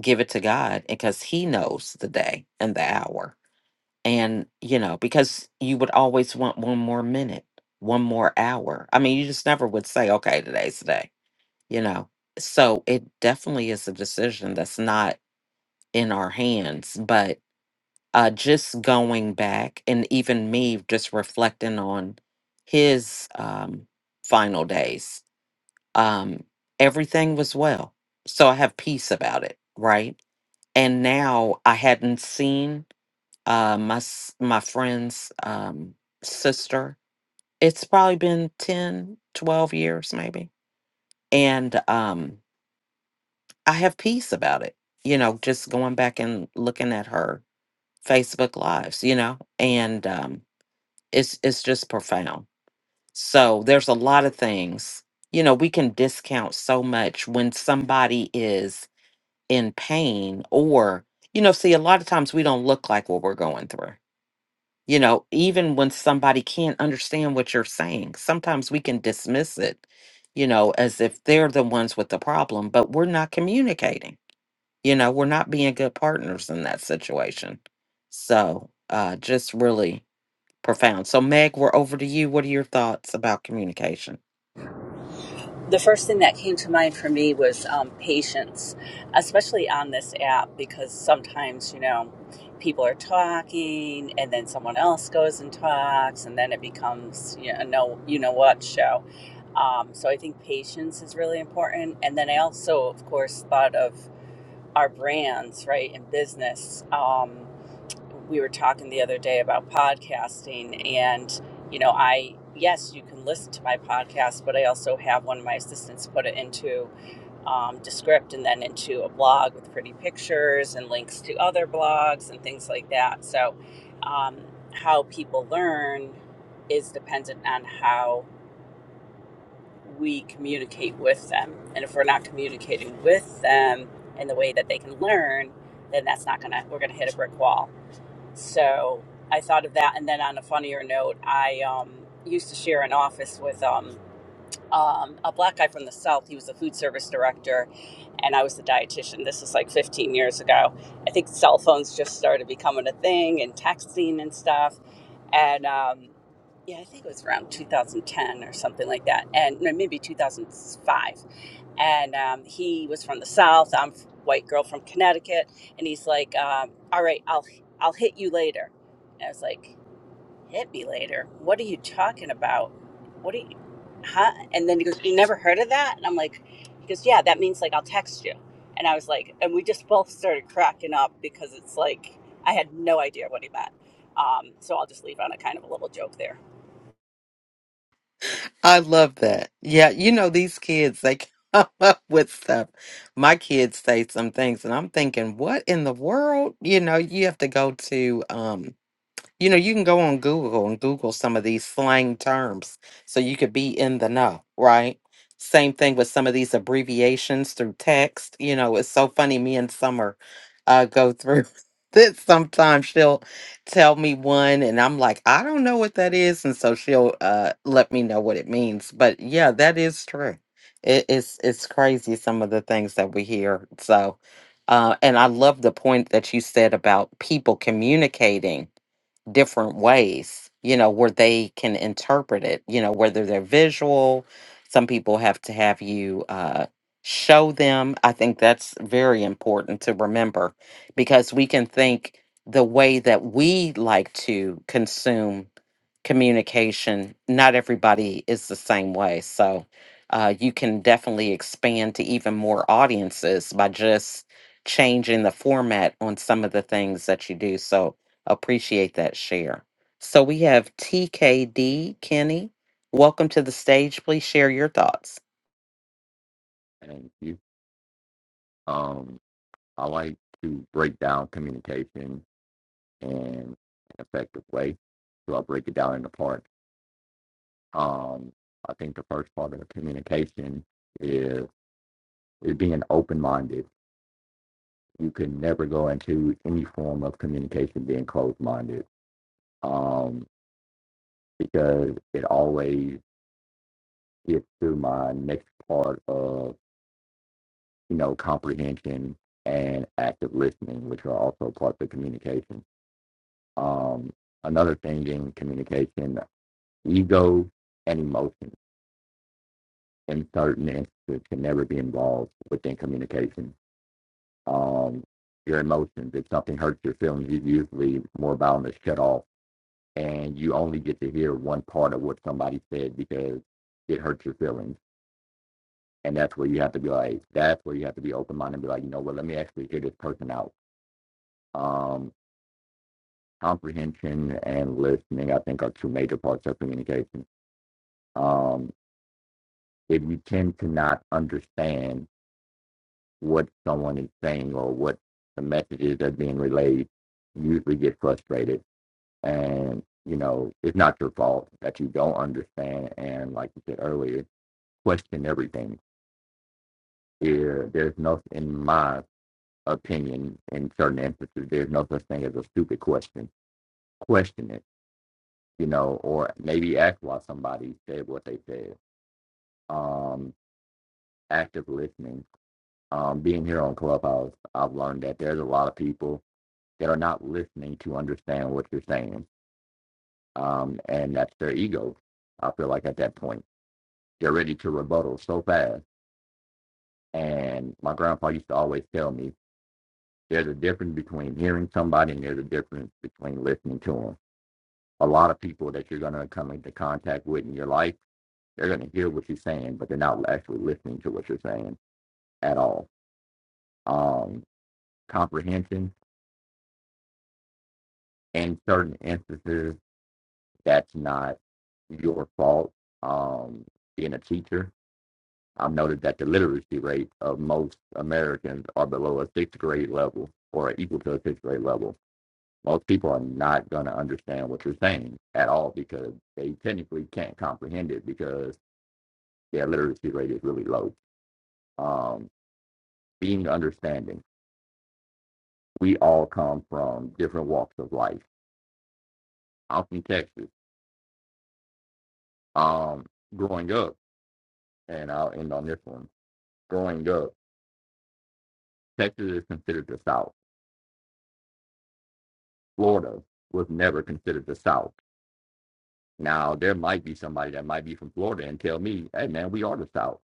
S1: give it to god because he knows the day and the hour and you know because you would always want one more minute one more hour i mean you just never would say okay today's the day you know so it definitely is a decision that's not in our hands but uh, just going back and even me just reflecting on his um, final days, um, everything was well. So I have peace about it, right? And now I hadn't seen uh, my s- my friend's um, sister. It's probably been 10, 12 years, maybe. And um, I have peace about it, you know, just going back and looking at her Facebook lives, you know, and. um, it's it's just profound so there's a lot of things you know we can discount so much when somebody is in pain or you know see a lot of times we don't look like what we're going through you know even when somebody can't understand what you're saying sometimes we can dismiss it you know as if they're the ones with the problem but we're not communicating you know we're not being good partners in that situation so uh just really profound. So, Meg, we're over to you. What are your thoughts about communication? I love that. Yeah, you know these kids, they come up with stuff. My kids say some things, and I'm thinking, what in the world? You know, you have to go to um You know, you can go on Google and Google some of these slang terms so you could be in the know, right? Same thing with some of these abbreviations through text. You know, it's so funny. Me and Summer uh, go through this sometimes. She'll tell me one, and I'm like, I don't know what that is. And so she'll uh, let me know what it means. But yeah, that is true. It, it's, it's crazy some of the things that we hear. So, uh, and I love the point that you said about people communicating different ways, you know, where they can interpret it, you know, whether they're visual, some people have to have you uh, show them. I think that's very important to remember because we can think the way that we like to consume communication. Not everybody is the same way. So uh, you can definitely expand to even more audiences by just changing the format on some of the things that you do. So appreciate that share. So we have TKD Kenny. Welcome to the stage. Please share your thoughts.
S6: Thank you. Um, I like to break down communication in an effective way. So I break it down into parts. Um, I think the first part of the communication is is being open minded. You can never go into any form of communication being closed minded. Um, because it always gets to my next part of, you know, comprehension and active listening, which are also parts of communication Um, another thing in communication, ego and emotion in certain instances can never be involved within communication. Um, your emotions, if something hurts your feelings, you're usually more bound to shut off and you only get to hear one part of what somebody said because it hurts your feelings. And that's where you have to be like, that's where you have to be open minded and be like, you know what, let me actually hear this person out. Um, comprehension and listening, I think, are two major parts of communication. Um, that you tend to not understand what someone is saying or what the messages that are being relayed usually get frustrated and you know it's not your fault that you don't understand and like you said earlier question everything there, there's no in my opinion in certain instances there's no such thing as a stupid question question it you know or maybe ask why somebody said what they said um active listening um, being here on Clubhouse, I've learned that there's a lot of people that are not listening to understand what you're saying. Um, and that's their ego. I feel like at that point, they're ready to rebuttal so fast. And my grandpa used to always tell me there's a difference between hearing somebody and there's a difference between listening to them. A lot of people that you're going to come into contact with in your life, they're going to hear what you're saying, but they're not actually listening to what you're saying at all. Um, comprehension in certain instances That's not your fault. Um, being a teacher, I've noted that the literacy rate of most Americans are below a sixth grade level or equal to a sixth grade level. Most people are not going to understand what you're saying at all because they technically can't comprehend it because their literacy rate is really low. Um, being understanding, we all come from different walks of life. I'm from Texas. Um, growing up, and I'll end on this one. Growing up, Texas is considered the South. Florida was never considered the South. Now there might be somebody that might be from Florida and tell me, "Hey, man, we are the South,"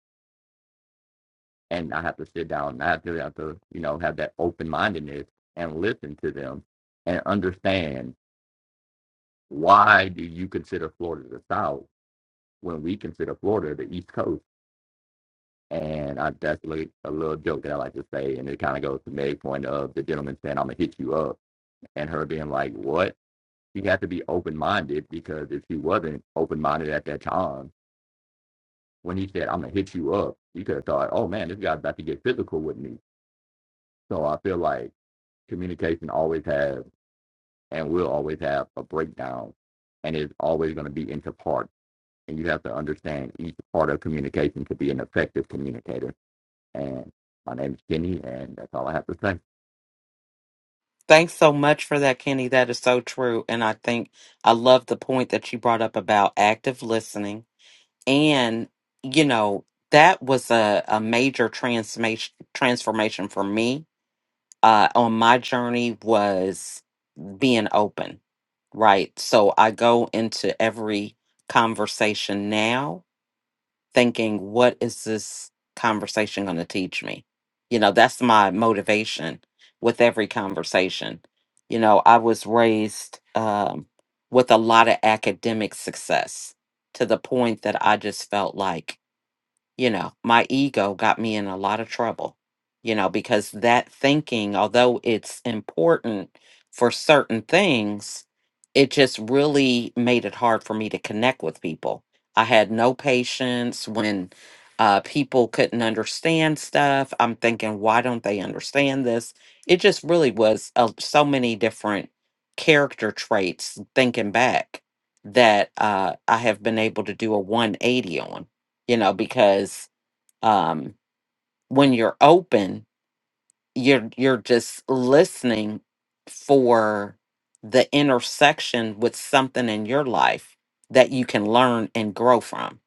S6: and I have to sit down. And I have to have to you know have that open mindedness and listen to them and understand why do you consider Florida the South when we consider Florida the East Coast. And I, that's like a little joke that I like to say, and it kind of goes to Meg's point of the gentleman saying, "I'm gonna hit you up," and her being like, "What?" she had to be open minded because if she wasn't open minded at that time, when he said, I'm gonna hit you up, you could have thought, Oh man, this guy's about to get physical with me. So I feel like communication always has and will always have a breakdown and is always gonna be into parts. And you have to understand each part of communication to be an effective communicator. And my name is Kenny and that's all I have to say.
S1: Thanks so much for that, Kenny. That is so true. And I think I love the point that you brought up about active listening and you know that was a, a major transformation transformation for me uh on my journey was being open right so i go into every conversation now thinking what is this conversation going to teach me you know that's my motivation with every conversation you know i was raised um with a lot of academic success to the point that i just felt like you know, my ego got me in a lot of trouble, you know, because that thinking, although it's important for certain things, it just really made it hard for me to connect with people. I had no patience when uh, people couldn't understand stuff. I'm thinking, why don't they understand this? It just really was uh, so many different character traits thinking back that uh, I have been able to do a 180 on you know because um when you're open you're you're just listening for the intersection with something in your life that you can learn and grow from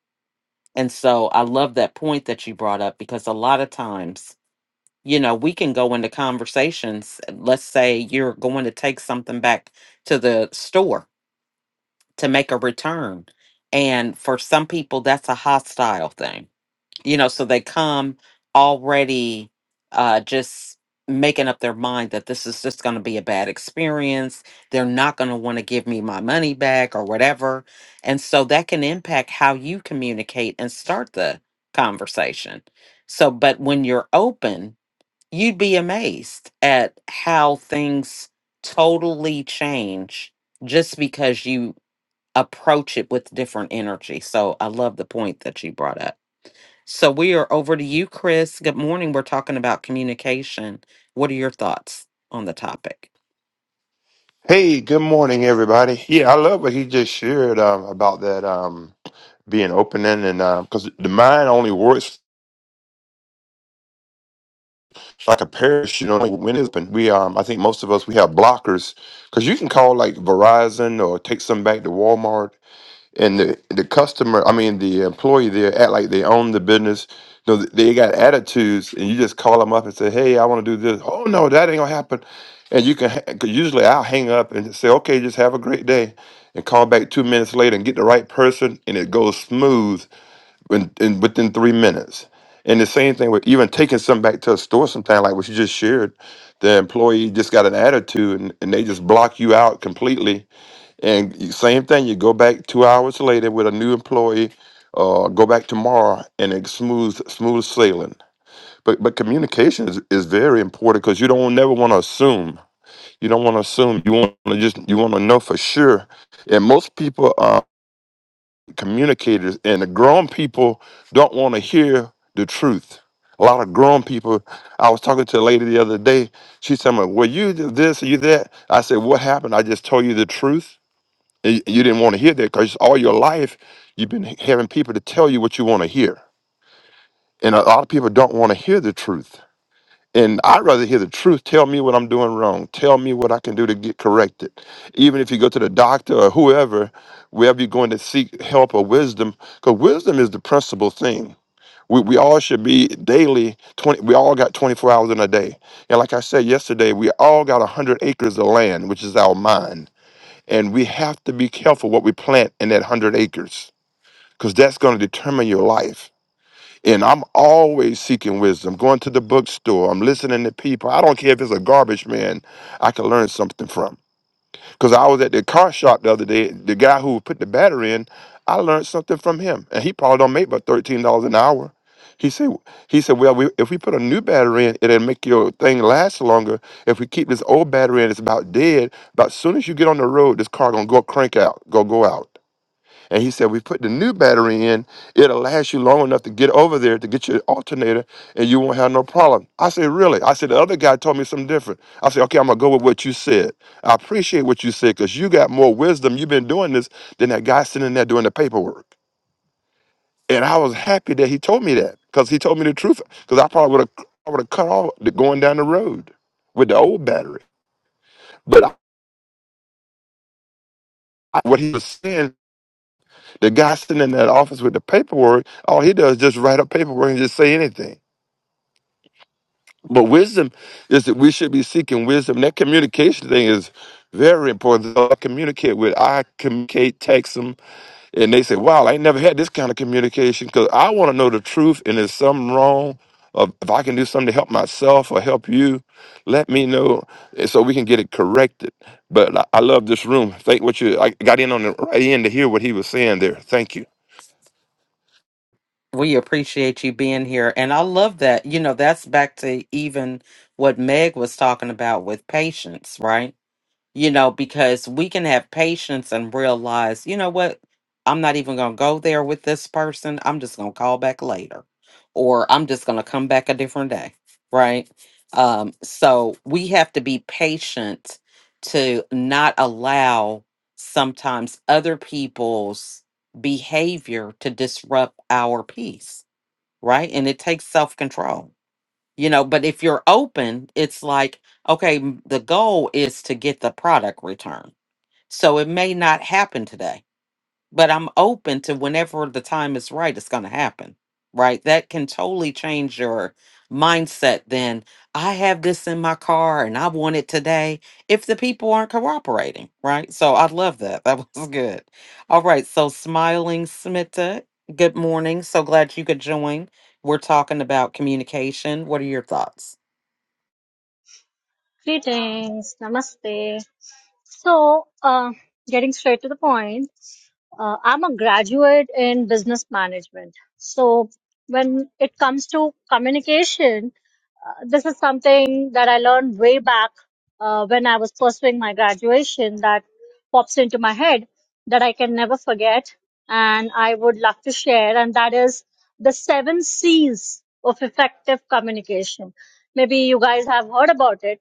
S1: and so i love that point that you brought up because a lot of times you know we can go into conversations let's say you're going to take something back to the store to make a return and for some people that's a hostile thing you know so they come already uh just making up their mind that this is just going to be a bad experience they're not going to want to give me my money back or whatever and so that can impact how you communicate and start the conversation so but when you're open you'd be amazed at how things totally change just because you approach it with different energy so i love the point that you brought up so we are over to you, Chris. Good morning. We're talking about communication. What are your thoughts on the topic?
S7: Hey, good morning, everybody. Yeah, I love what he just shared um, about that um, being opening, and because the mind only works like a parachute only when it's open. We, um, I think most of us we have blockers because you can call like Verizon or take some back to Walmart and the the customer, I mean the employee there act like they own the business. You know, they got attitudes, and you just call them up and say, "Hey, I want to do this." Oh no, that ain't gonna happen. And you can ha- 'cause usually I'll hang up and just say, "Okay, just have a great day," and call back two minutes later and get the right person, and it goes smooth in, in within three minutes. And the same thing with even taking something back to a store sometime, like what you just shared. The employee just got an attitude, and, and they just block you out completely and you- same thing, you go back two hours later with a new employee, uh, go back tomorrow, and it's smooth, smooth sailing. But but communication is, is very important because you don't never want to assume. You don't want to assume. You want to just you want to know for sure. And most people are communicators, and the grown people don't want to hear the truth. A lot of grown people. I was talking to a lady the other day. She said, "Well, you did this, you that." I said, "What happened? I just told you the truth." And you didn't want to hear that because all your life you've been having people to tell you what you want to hear. And a lot of people don't want to hear the truth. And I'd rather hear the truth. Tell me what I'm doing wrong. Tell me what I can do to get corrected. Even if you go to the doctor or whoever, wherever you're going to seek help or wisdom, because wisdom is the principal thing. We, we all should be daily 20 we all got 24 hours in a day and like i said yesterday we all got 100 acres of land which is our mind and we have to be careful what we plant in that 100 acres because that's going to determine your life. And I'm always seeking wisdom, going to the bookstore, I'm listening to people. I don't care if it's a garbage man, I can learn something from. Because I was at the car shop the other day, the guy who put the battery in, I learned something from him, and he probably don't make but thirteen dollars an hour. He said, he said, well, we, if we put a new battery in, it'll make your thing last longer. If we keep this old battery in, it's about dead. But as soon as you get on the road, this car gonna go crank out, go go out. And he said, we put the new battery in, it'll last you long enough to get over there to get your alternator and you won't have no problem. I said, really? I said, the other guy told me something different. I said, okay, I'm gonna go with what you said. I appreciate what you said because you got more wisdom. You've been doing this than that guy sitting there doing the paperwork. And I was happy that he told me that because he told me the truth. Because I probably would have I would have cut off the going down the road with the old battery. But I, I- what he was saying, the guy sitting in that office with the paperwork, all he does is just write up paperwork and just say anything. But wisdom is that we should be seeking wisdom. That communication thing is very important. So I communicate with, I communicate, text them, and they say, "Wow, I ain't never had this kind of communication because I want to know the truth. And if something wrong, or if I can do something to help myself or help you, let me know, and so we can get it corrected." But I I love this room. Thank what you. I got in on the right end to hear what he was saying there. Thank you.
S1: We appreciate you being here. And I love that. You know, that's back to even what Meg was talking about with patience, right? you know, because we can have patience and realize, you know what, I'm not even going to go there with this person. I'm just going to call back later, or I'm just going to come back a different day, right? Um, so we have to be patient to not allow sometimes other people's behavior to disrupt our peace, right? And it takes self control you know but if you're open it's like okay m- the goal is to get the product return so it may not happen today but i'm open to whenever the time is right it's going to happen right that can totally change your mindset then i have this in my car and i want it today if the people aren't cooperating right so i love that that was good all right so smiling smita good morning so glad you could join we're talking about communication what are your thoughts
S8: Greetings, namaste. So, uh, getting straight to the point, uh, I'm a graduate in business management. So, when it comes to communication, uh, this is something that I learned way back uh, when I was pursuing my graduation that pops into my head that I can never forget and I would love to share, and that is the seven C's of effective communication. Maybe you guys have heard about it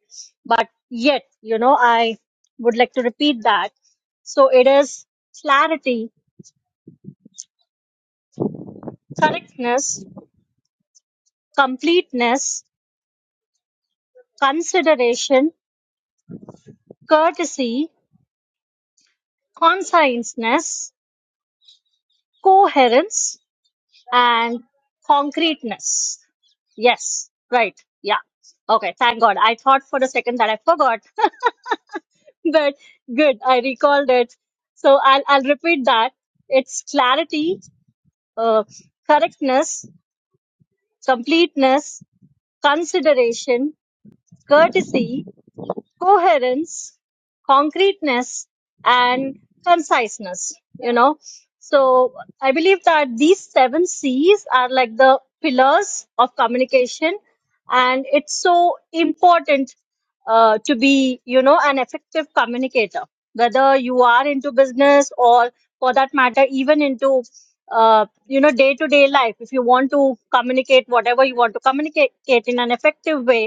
S8: but yet you know i would like to repeat that so it is clarity correctness completeness consideration courtesy conscientiousness coherence and concreteness yes right yeah okay thank god i thought for a second that i forgot but good i recalled it so i'll, I'll repeat that it's clarity uh, correctness completeness Consideration, courtesy coherence, concreteness, and conciseness, you know. So I believe that these seven C's are like the pillars of communication, and it's so important uh, to be, you know, an effective communicator, whether you are into business or for that matter, even into uh, you know, day to day life. If you want to communicate whatever you want to communicate in an effective way,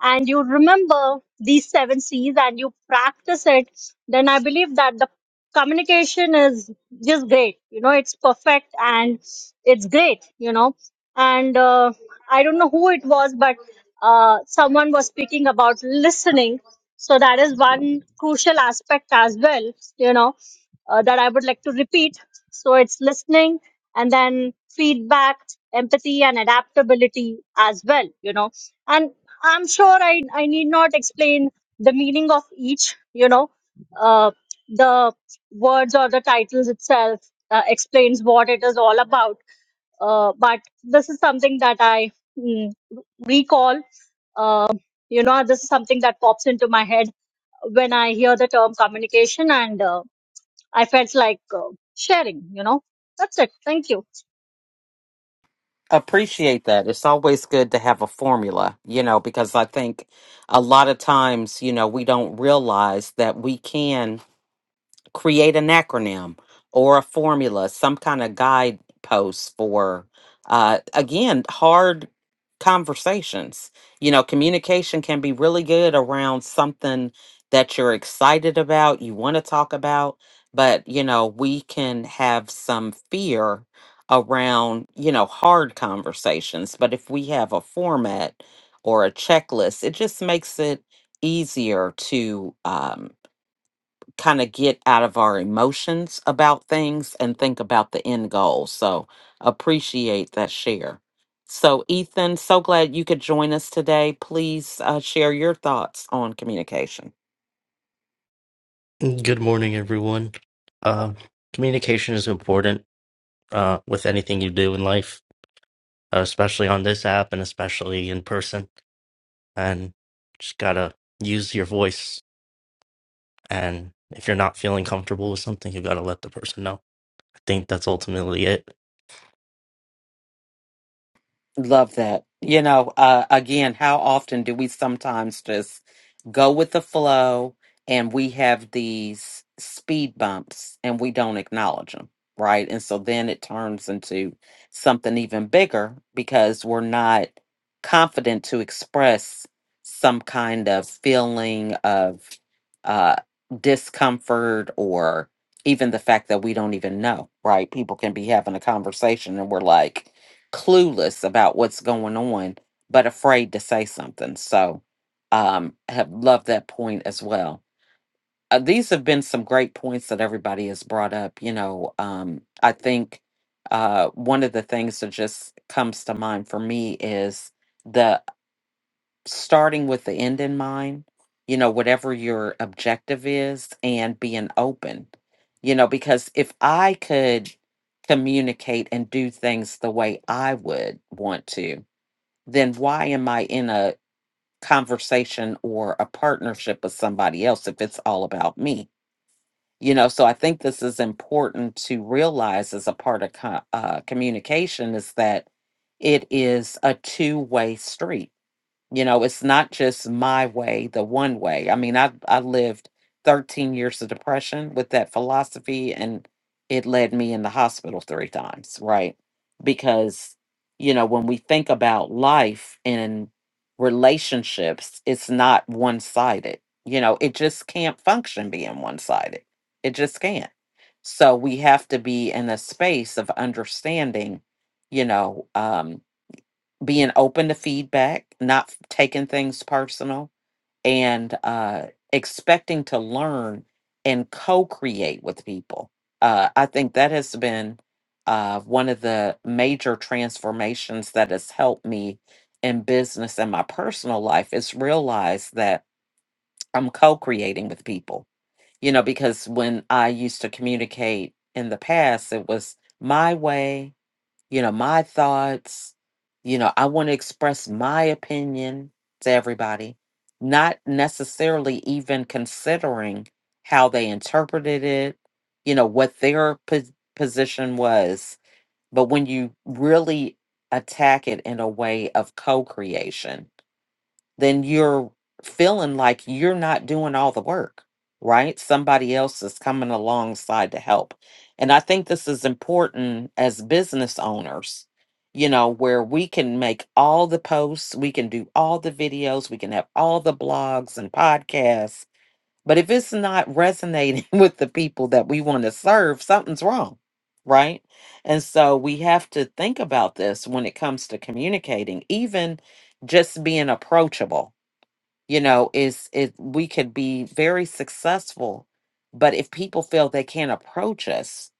S8: and you remember these seven C's and you practice it, then I believe that the communication is just great. You know, it's perfect and it's great, you know. And uh, I don't know who it was, but uh, someone was speaking about listening. So that is one crucial aspect as well, you know, uh, that I would like to repeat. So it's listening and then feedback, empathy, and adaptability as well, you know and I'm sure I, I need not explain the meaning of each, you know, uh, the words or the titles itself uh, explains what it is all about. Uh, but this is something that I mm, recall. Uh, you know, this is something that pops into my head when I hear the term communication, and uh, I felt like uh, sharing, you know. That's it. Thank you.
S1: appreciate that. It's always good to have a formula, you know, because I think a lot of times, you know, we don't realize that we can create an acronym or a formula, some kind of guidepost for, uh, again, hard conversations. You know, communication can be really good around something that you're excited about, you want to talk about, but, you know, we can have some fear around, you know, hard conversations. But if we have a format or a checklist, it just makes it easier to, um kind of get out of our emotions about things and think about the end goal. So appreciate that share. So, Ethan, so glad you could join us today. Please uh, share your thoughts on communication.
S9: Good morning, everyone. Uh, communication is important uh, with anything you do in life, uh, especially on this app and especially in person. And just gotta use your voice. And if you're not feeling comfortable with something, you gotta let the person know. I think that's ultimately it.
S1: Love that. You know, uh, again, how often do we sometimes just go with the flow and we have these speed bumps and we don't acknowledge them, right? And so then it turns into something even bigger because we're not confident to express some kind of feeling of uh, discomfort or even the fact that we don't even know, right? People can be having a conversation and we're like, clueless about what's going on, but afraid to say something. So, um, have loved that point as well. Uh, these have been some great points that everybody has brought up. You know, um, I think uh, one of the things that just comes to mind for me is the starting with the end in mind, you know, whatever your objective is, and being open, you know, because if I could communicate and do things the way I would want to, then why am I in a conversation or a partnership with somebody else if it's all about me? You know, so I think this is important to realize as a part of co- uh, communication is that it is a two way street you know, it's not just my way, the one way. I mean, I I lived 13 years of depression with that philosophy and it led me in the hospital three times, right? Because you know, when we think about life and relationships, it's not one-sided. You know, it just can't function being one-sided. It just can't. So we have to be in a space of understanding, you know, um being open to feedback, not taking things personal, and uh, expecting to learn and co create with people. Uh, I think that has been uh, one of the major transformations that has helped me in business and my personal life is realize that I'm co creating with people. You know, because when I used to communicate in the past, it was my way you know, my thoughts. You know, I want to express my opinion to everybody, not necessarily even considering how they interpreted it, you know, what their pos- position was. But when you really attack it in a way of co creation, then you're feeling like you're not doing all the work, right? Somebody else is coming alongside to help. And I think this is important as business owners, you know, where we can make all the posts, we can do all the videos, we can have all the blogs and podcasts. But if it's not resonating with the people that we want to serve, something's wrong, right? And so we have to think about this when it comes to communicating, even just being approachable you know is it we could be very successful but if people feel they can't approach us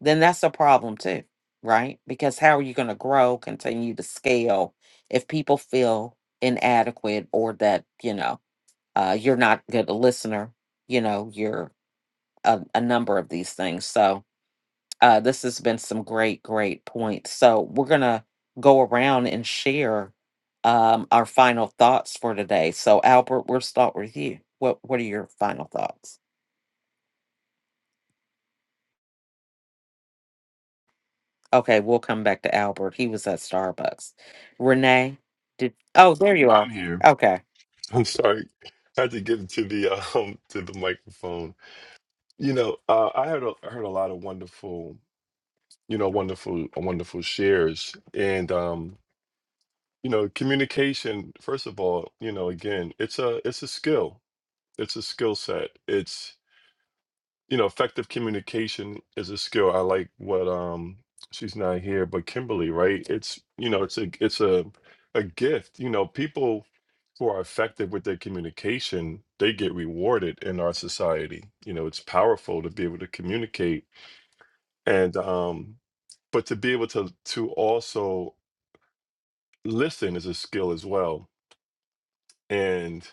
S1: then that's a problem too right because how are you going to grow continue to scale if people feel inadequate or that you know uh, you're not good a listener you know you're a, a number of these things so uh, this has been some great, great points. So we're gonna go around and share um, our final thoughts for today. So Albert, we'll start with you. What What are your final thoughts? Okay, we'll come back to Albert. He was at Starbucks. Renee, did oh there you
S2: I'm
S1: are.
S2: here.
S1: Okay,
S2: I'm sorry. I had to get to the um to the microphone. You know, uh, I heard a, I heard a lot of wonderful, you know, wonderful wonderful shares, and um, you know, communication. First of all, you know, again, it's a it's a skill. It's a skill set. It's you know, effective communication is a skill. I like what um she's not here, but Kimberly, right? It's you know, it's a it's a a gift. You know, people who are effective with their communication, they get rewarded in our society. You know, it's powerful to be able to communicate and um but to be able to to also listen is a skill as well. and.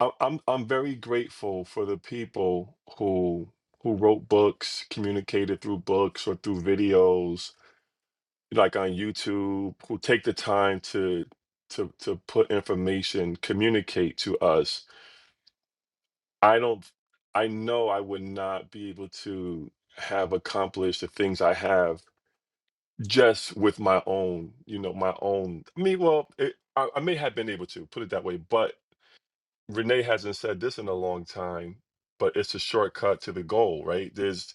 S2: I- I'm I'm very grateful for the people who who wrote books, communicated through books or through videos, like on YouTube, who take the time to to to put information, communicate to us. I don't I know I would not be able to have accomplished the things I have just with my own, you know, my own. I mean, well, it, I, I may have been able to put it that way, but Renee hasn't said this in a long time, but it's a shortcut to the goal, right? There's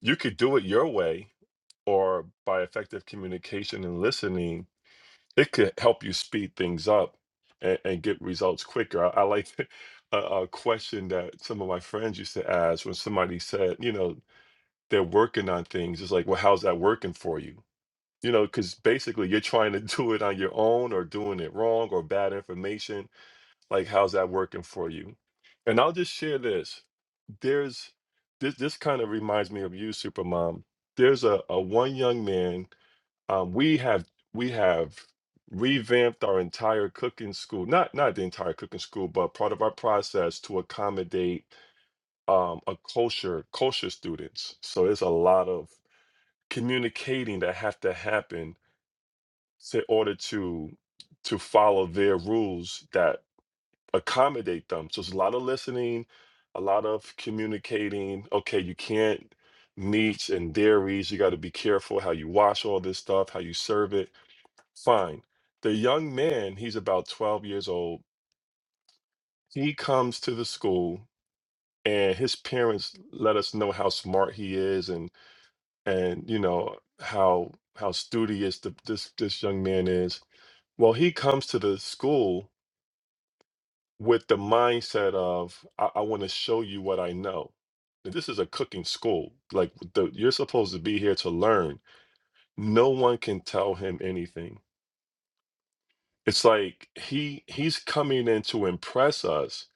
S2: you could do it your way or by effective communication and listening, it could help you speed things up and, and get results quicker. I, I like a, a question that some of my friends used to ask when somebody said, you know, they're working on things. It's like, well, how's that working for you? You know, because basically you're trying to do it on your own or doing it wrong or bad information like, how's that working for you? And I'll just share this. There's this. This kind of reminds me of you, Supermom. There's a, a one young man. Um, we have we have revamped our entire cooking school. Not not the entire cooking school, but part of our process to accommodate um, a culture culture students. So there's a lot of communicating that have to happen in order to to follow their rules that accommodate them. So it's a lot of listening, a lot of communicating. Okay, you can't meats and dairies. You got to be careful how you wash all this stuff, how you serve it. Fine. The young man, he's about 12 years old. He comes to the school and his parents let us know how smart he is and and you know how how studious the, this this young man is. Well, he comes to the school with the mindset of I, I want to show you what I know. This is a cooking school. Like the, you're supposed to be here to learn. No one can tell him anything. It's like he he's coming in to impress us.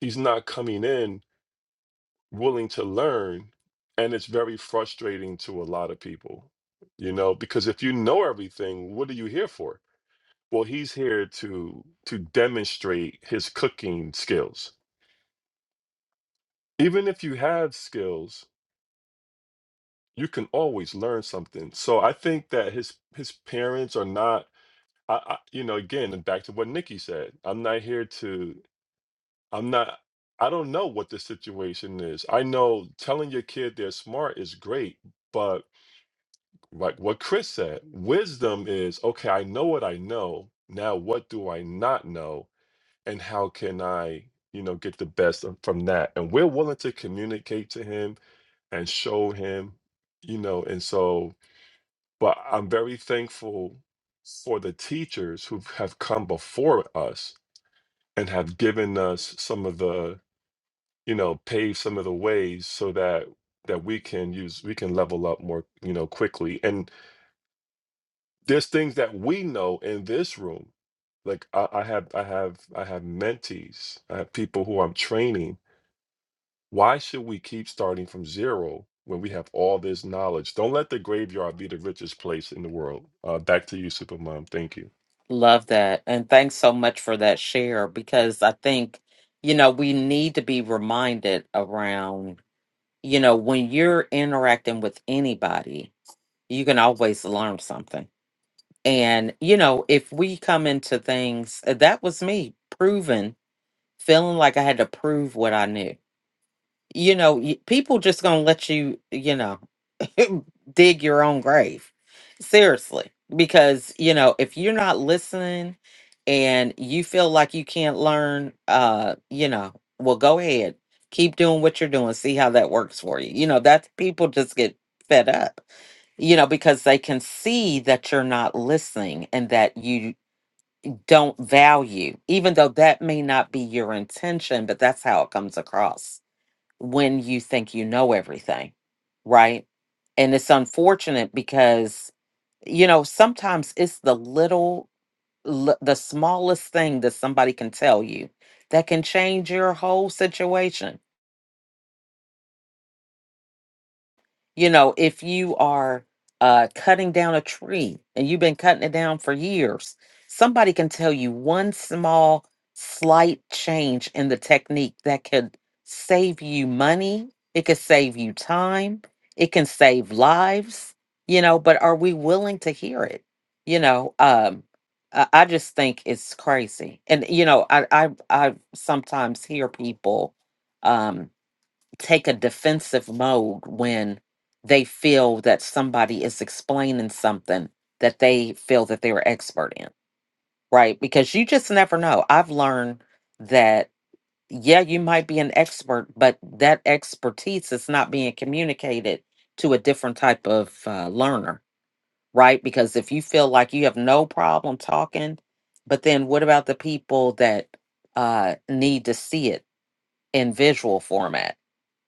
S2: He's not coming in willing to learn, and it's very frustrating to a lot of people. You know, because if you know everything, what are you here for? Well, he's here to to demonstrate his cooking skills. Even if you have skills, you can always learn something. So I think that his his parents are not. I, I you know again and back to what Nikki said. I'm not here to. I'm not. I don't know what the situation is. I know telling your kid they're smart is great, but like what Chris said, wisdom is okay. I know what I know now. What do I not know, and how can I? you know get the best of- from that and we're willing to communicate to him and show him you know and so But I'm very thankful for the teachers who have come before us and have given us some of the, you know, paved some of the ways so that that we can use we can level up more, you know, quickly. And there's things that we know in this room. Like I, I have I have I have mentees, I have people who I'm training. Why should we keep starting from zero when we have all this knowledge? Don't let the graveyard be the richest place in the world. Uh, back to you, Supermom. Thank you.
S1: love that, and thanks so much for that share because I think you know we need to be reminded around you know when you're interacting with anybody you can always learn something And, you know, if we come into things, uh, that was me proving, feeling like I had to prove what I knew. You know, y- people just going to let you, you know. dig your own grave. Seriously, because you know, if you're not listening and you feel like you can't learn, uh, you know, well go ahead. Keep doing what you're doing. See how that works for you. You know, that's people just get fed up, you know, because they can see that you're not listening and that you don't value, even though that may not be your intention, but that's how it comes across when you think you know everything, right? And it's unfortunate because, you know, sometimes it's the little, li- the smallest thing that somebody can tell you that can change your whole situation You know, if you are uh, cutting down a tree and you've been cutting it down for years, somebody can tell you one small, slight change in the technique that could save you money. It could save you time. It can save lives, you know, but are we willing to hear it? You know, um, I I just think it's crazy. And, you know, I, I, I sometimes hear people um, take a defensive mode when they feel that somebody is explaining something that they feel that they're expert in, right? Because you just never know. I've learned that yeah, you might be an expert, but that expertise is not being communicated to a different type of uh, learner, right? Because if you feel like you have no problem talking, but then what about the people that uh, need to see it in visual format?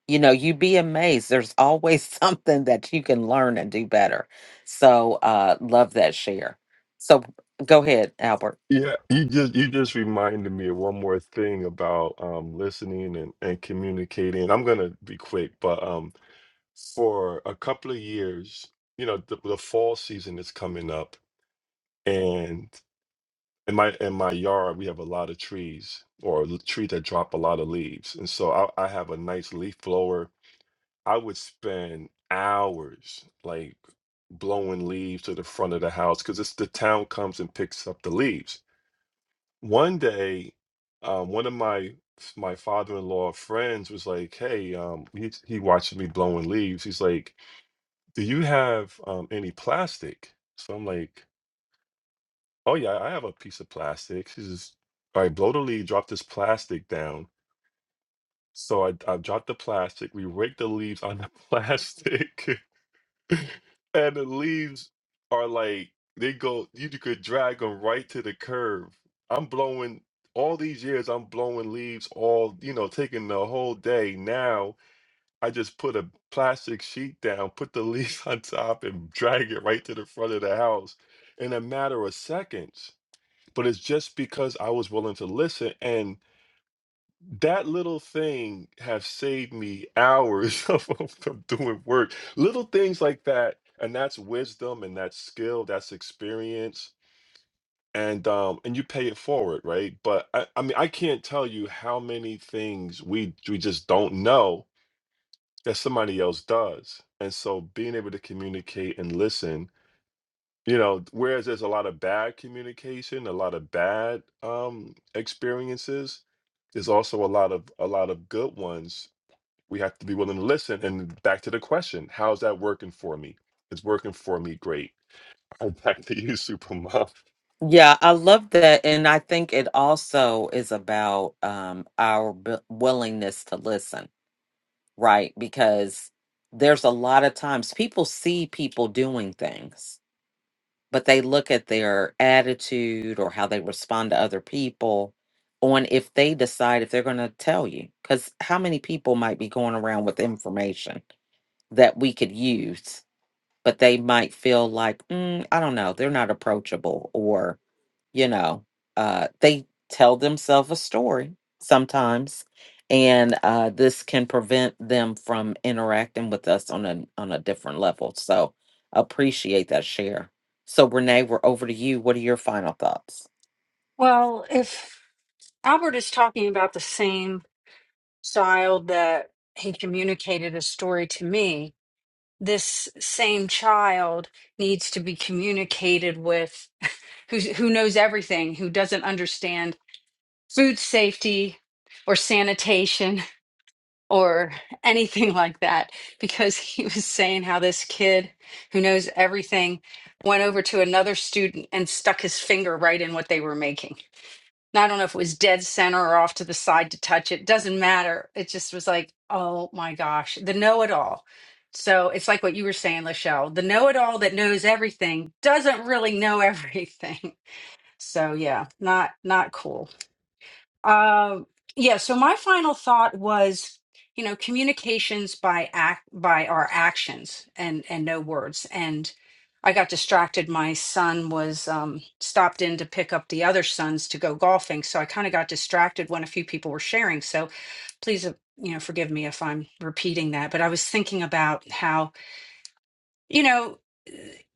S1: you know you'd be amazed there's always something that you can learn and do better so uh love that share so go ahead albert
S2: Yeah, you just you just reminded me of one more thing about um listening and and communicating. I'm gonna be quick, but um for a couple of years, you know, the, the fall season is coming up, and in my in my yard we have a lot of trees or l- trees that drop a lot of leaves, and so I, I have a nice leaf blower. I would spend hours like blowing leaves to the front of the house because it's the town comes and picks up the leaves one day, um, one of my my father-in-law friends was like, "Hey, um, he he watches me blowing leaves. He's like, 'Do you have um, any plastic?" So I'm like, "Oh yeah, I have a piece of plastic." He says, "All right, blow the leaf, drop this plastic down." So I I dropped the plastic. We raked the leaves on the plastic. and the leaves are like they go you could drag them right to the curb i'm blowing all these years i'm blowing leaves all you know taking the whole day now i just put a plastic sheet down put the leaves on top and drag it right to the front of the house in a matter of seconds but it's just because i was willing to listen and that little thing have saved me hours of, of of doing work little things like that and that's wisdom and that's skill that's experience and um and you pay it forward right but i, I mean i can't tell you how many things we we just don't know that somebody else does and so being able to communicate and listen you know whereas there's a lot of bad communication a lot of bad um experiences there's also a lot of a lot of good ones we have to be willing to listen. And back to the question, how's that working for me? It's working for me great. Back to you, Supermom.
S1: yeah i love that and i think it also is about um our b- willingness to listen right because there's a lot of times people see people doing things but they look at their attitude or how they respond to other people on if they decide if they're going to tell you because how many people might be going around with information that we could use but they might feel like mm, i don't know they're not approachable or you know, uh, they tell themselves a story sometimes, and uh, this can prevent them from interacting with us on a on a different level. So appreciate that share. So Renee, we're over to you. What are your final thoughts?
S3: Well, if Albert is talking about the same child that he communicated a story to me. This same child needs to be communicated with who's, who knows everything, who doesn't understand food safety or sanitation or anything like that. Because he was saying how this kid who knows everything went over to another student and stuck his finger right in what they were making. And I don't know if it was dead center or off to the side to touch it. Doesn't matter. It just was like, oh my gosh, the know it all. So it's like what you were saying, Lachelle. The know it all that knows everything doesn't really know everything. So yeah, not not cool. Uh, yeah, so my final thought was, you know, communications by act by our actions and and no words. And I got distracted. My son was um, stopped in to pick up the other sons to go golfing, so I kind of got distracted when a few people were sharing. So please, uh, you know, forgive me if I'm repeating that, but I was thinking about how you know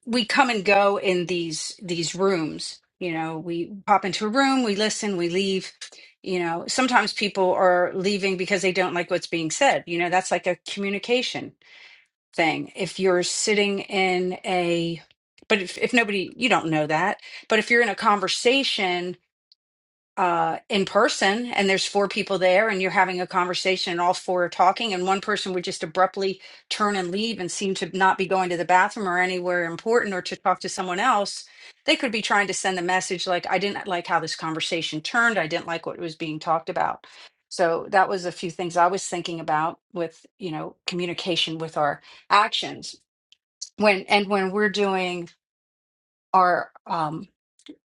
S3: we come and go in these these rooms you know we pop into a room we listen we leave you know sometimes people are leaving because they don't like what's being said you know that's like a communication thing if you're sitting in a but if, if nobody you don't know that but if you're in a conversation uh, in person and there's four people there and you're having a conversation and all four are talking and one person would just abruptly turn and leave and seem to not be going to the bathroom or anywhere important or to talk to someone else they could be trying to send a message like i didn't like how this conversation turned i didn't like what was being talked about so that was a few things i was thinking about with you know communication with our actions when and when we're doing our um,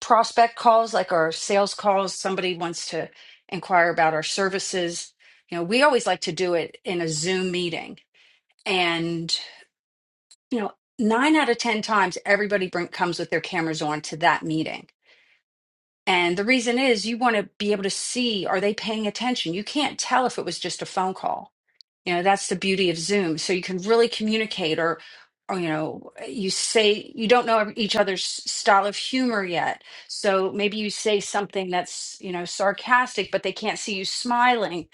S3: prospect calls, like our sales calls, somebody wants to inquire about our services, you know, we always like to do it in a Zoom meeting. And, you know, nine out of 10 times, everybody bring, comes with their cameras on to that meeting. And the reason is you want to be able to see, are they paying attention? You can't tell if it was just a phone call you know, that's the beauty of Zoom. So you can really communicate or or you know, you say you don't know each other's style of humor yet. So maybe you say something that's, you know, sarcastic, but they can't see you smiling.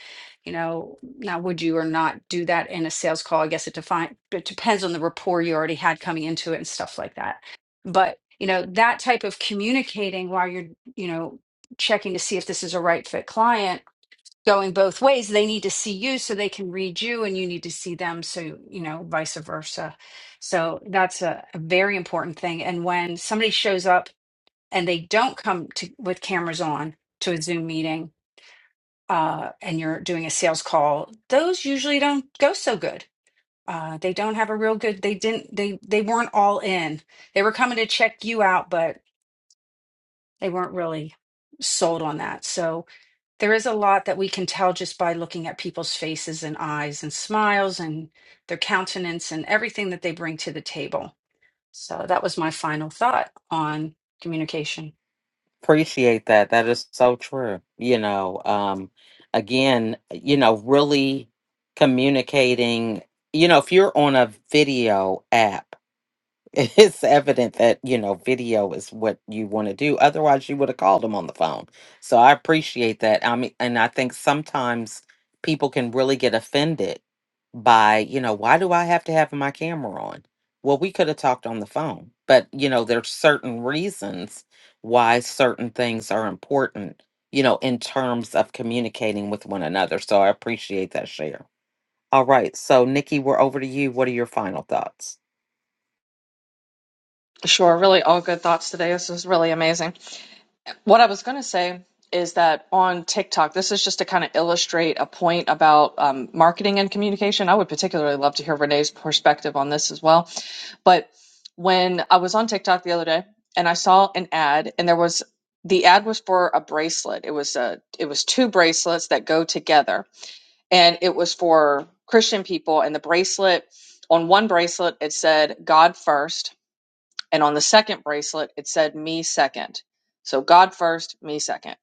S3: You know, now would you or not do that in a sales call? I guess it define it depends on the rapport you already had coming into it and stuff like that. But, you know, that type of communicating while you're, you know, checking to see if this is a right fit client going both ways. They need to see you so they can read you, and you need to see them. So, you know, vice versa. So, that's a, a very important thing. And when somebody shows up and they don't come to, with cameras on to a Zoom meeting uh, and you're doing a sales call, those usually don't go so good. Uh, they don't have a real good they didn't they they weren't all in they were coming to check you out but they weren't really sold on that so there is a lot that we can tell just by looking at people's faces and eyes and smiles and their countenance and everything that they bring to the table. So that was my final thought on communication.
S1: Appreciate that. That is so true. You know, um, again, you know, really communicating. You know, if you're on a video app it's evident that you know video is what you want to do otherwise you would have called them on the phone so i appreciate that i mean and i think sometimes people can really get offended by you know why do i have to have my camera on well we could have talked on the phone but you know there's certain reasons why certain things are important you know in terms of communicating with one another so i appreciate that share all right so nikki we're over to you what are your final thoughts
S4: sure really all good thoughts today this is really amazing What I was going to say is that on TikTok, this is just to kind of illustrate a point about um, marketing and communication. I would particularly love to hear Renee's perspective on this as well. But when I was on TikTok the other day and I saw an ad, and there was the ad was for a bracelet. It was a it was two bracelets that go together, and it was for Christian people. And the bracelet on one bracelet it said God first, and on the second bracelet it said me second. So God first, me second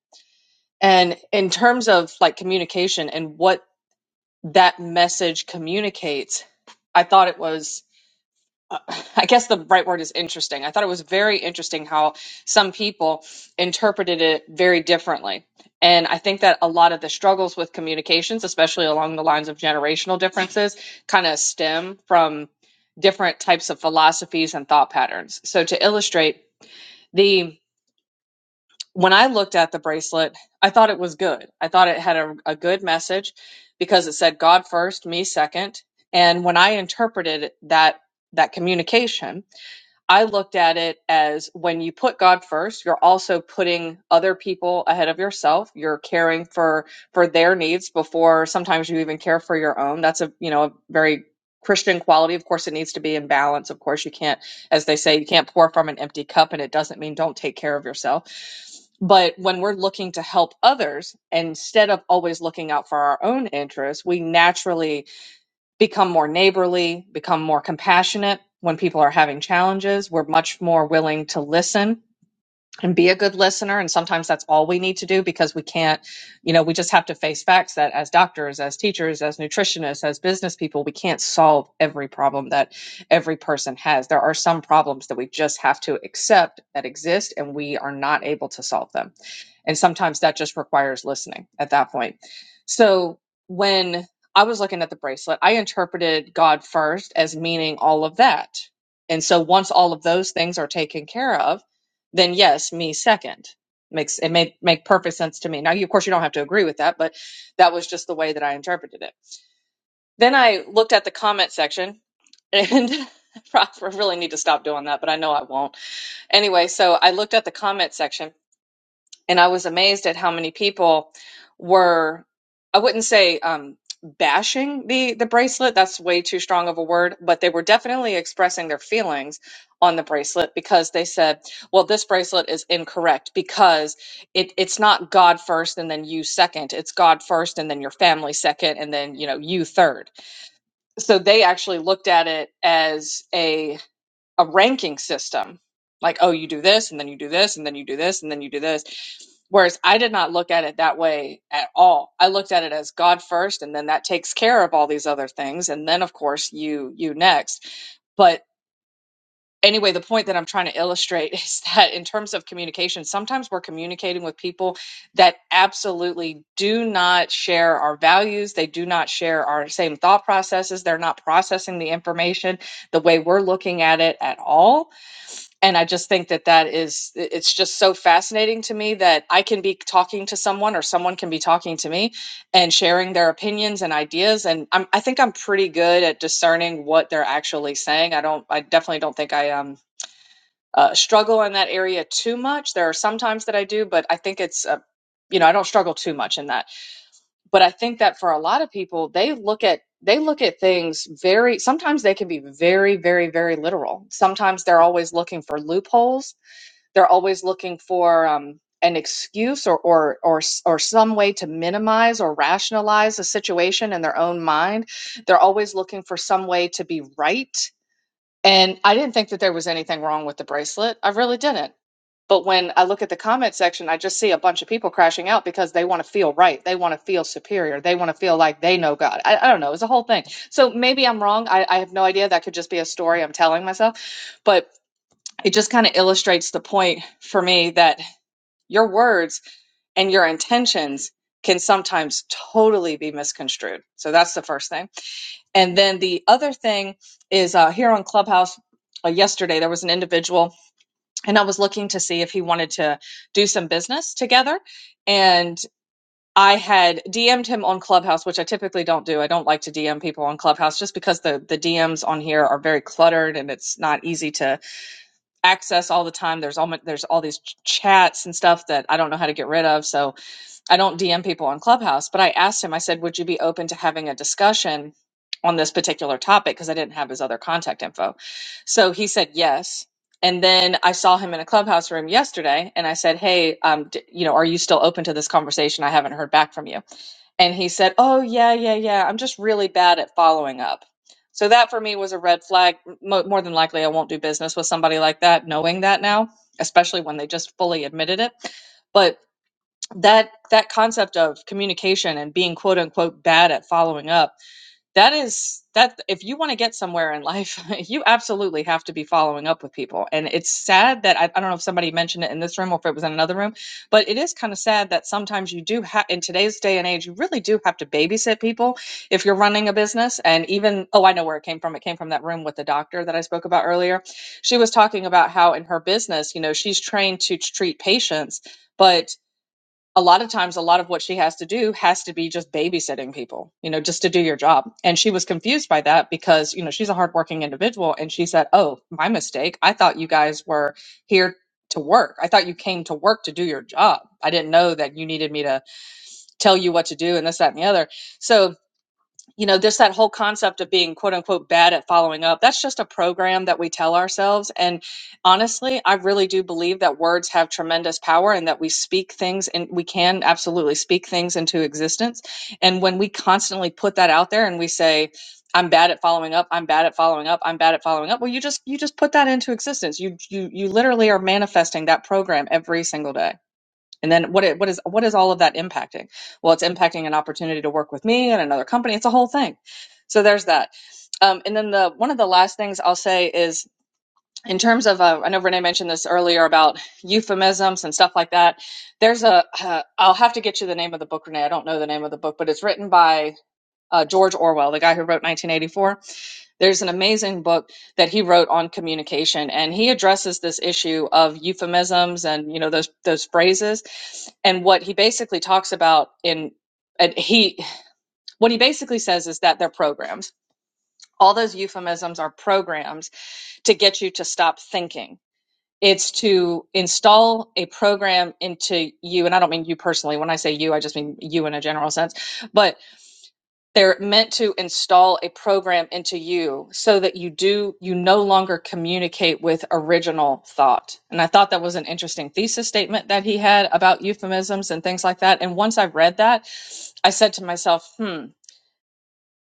S4: and in terms of like communication and what that message communicates, I thought it was, uh, I guess the right word is interesting. I thought it was very interesting how some people interpreted it very differently. And I think that a lot of the struggles with communications, especially along the lines of generational differences, kind of stem from different types of philosophies and thought patterns. So to illustrate, the when I looked at the bracelet, I thought it was good. I thought it had a, a good message because it said God first, me second. And when I interpreted that that communication, I looked at it as when you put God first, you're also putting other people ahead of yourself. You're caring for for their needs before sometimes you even care for your own. That's a, you know, a very Christian quality. Of course, it needs to be in balance. Of course, you can't, as they say, you can't pour from an empty cup, and it doesn't mean don't take care of yourself. But when we're looking to help others, instead of always looking out for our own interests, we naturally become more neighborly, become more compassionate when people are having challenges. We're much more willing to listen and be a good listener. And sometimes that's all we need to do because we can't, you know, we just have to face facts that as doctors, as teachers, as nutritionists, as business people, we can't solve every problem that every person has. There are some problems that we just have to accept that exist and we are not able to solve them and sometimes that just requires listening at that point. So when I was looking at the bracelet, I interpreted God first as meaning all of that. And so once all of those things are taken care of, then yes, me second. Makes it made make perfect sense to me. Now you of course you don't have to agree with that, but that was just the way that I interpreted it. Then I looked at the comment section and I really need to stop doing that, but I know I won't. Anyway, so I looked at the comment section and I was amazed at how many people were I wouldn't say um bashing the the bracelet that's way too strong of a word but they were definitely expressing their feelings on the bracelet because they said well this bracelet is incorrect because it it's not god first and then you second it's god first and then your family second and then you know you third so they actually looked at it as a a ranking system. Like, oh, you do this, and then you do this, and then you do this, and then you do this. Whereas I did not look at it that way at all. I looked at it as God first, and then that takes care of all these other things, and then of course you you next. But anyway, the point that I'm trying to illustrate is that in terms of communication, sometimes we're communicating with people that absolutely do not share our values. They do not share our same thought processes. They're not processing the information the way we're looking at it at all and i just think that that is i- it's just so fascinating to me that i can be talking to someone or someone can be talking to me and sharing their opinions and ideas and I'm, i think i'm pretty good at discerning what they're actually saying i don't i definitely don't think i um uh, struggle in that area too much there are some times that i do but i think it's uh you know i don't struggle too much in that but i think that for a lot of people they look at they look at things very sometimes they can be very very very literal sometimes they're always looking for loopholes they're always looking for um, an excuse or, or or or some way to minimize or rationalize a situation in their own mind. They're always looking for some way to be right. And I didn't think that there was anything wrong with the bracelet. I really didn't. But when I look at the comment section, I just see a bunch of people crashing out because they want to feel right. They want to feel superior. They want to feel like they know God. I, I don't know. It's a whole thing. So maybe I'm wrong. I, I have no idea. That could just be a story I'm telling myself. But it just kind of illustrates the point for me that your words and your intentions can sometimes totally be misconstrued. So that's the first thing. And then the other thing is uh, here on Clubhouse uh, yesterday, there was an individual, and I was looking to see if he wanted to do some business together. And I had DM'd him on Clubhouse, which I typically don't do. I don't like to DM people on Clubhouse just because the, the DMs on here are very cluttered and it's not easy to access all the time. There's all, there's all these ch- chats and stuff that I don't know how to get rid of. So I don't DM people on Clubhouse, but I asked him, I said, would you be open to having a discussion on this particular topic? Because I didn't have his other contact info. So he said yes. And then I saw him in a Clubhouse room yesterday and I said, hey, um, d- you know, are you still open to this conversation? I haven't heard back from you. And he said, oh, yeah, yeah, yeah. I'm just really bad at following up. So that for me was a red flag. Mo- more than likely, I won't do business with somebody like that, knowing that now, especially when they just fully admitted it. But that that concept of communication and being quote unquote bad at following up that is that if you want to get somewhere in life you absolutely have to be following up with people and it's sad that I, I don't know if somebody mentioned it in this room or if it was in another room but it is kind of sad that sometimes you do have in today's day and age you really do have to babysit people if you're running a business and even oh i know where it came from it came from that room with the doctor that i spoke about earlier she was talking about how in her business you know she's trained to t- treat patients but a lot of times a lot of what she has to do has to be just babysitting people you know just to do your job and she was confused by that because you know she's a hardworking individual and she said oh my mistake i thought you guys were here to work i thought you came to work to do your job i didn't know that you needed me to tell you what to do and this that and the other so you know, just that whole concept of being quote unquote bad at following up, that's just a program that we tell ourselves. And honestly, I really do believe that words have tremendous power and that we speak things and we can absolutely speak things into existence. And when we constantly put that out there and we say, I'm bad at following up, I'm bad at following up, I'm bad at following up, well, you just you just put that into existence. You you you literally are manifesting that program every single day. And then what it, what is what is all of that impacting? Well, it's impacting an opportunity to work with me and another company. It's a whole thing. So there's that. Um, and then the one of the last things I'll say is in terms of uh, I know Renee mentioned this earlier about euphemisms and stuff like that. There's a uh, I'll have to get you the name of the book, Renee. I don't know the name of the book, but it's written by uh, George Orwell, the guy who wrote 1984 there's an amazing book that he wrote on communication, and he addresses this issue of euphemisms and you know those those phrases. And what he basically talks about in and he what he basically says is that they're programs. All those euphemisms are programs to get you to stop thinking. It's to install a program into you, and I don't mean you personally. When I say you, I just mean you in a general sense. But they're meant to install a program into you so that you do you no longer communicate with original thought and i thought that was an interesting thesis statement that he had about euphemisms and things like that and once i read that i said to myself hmm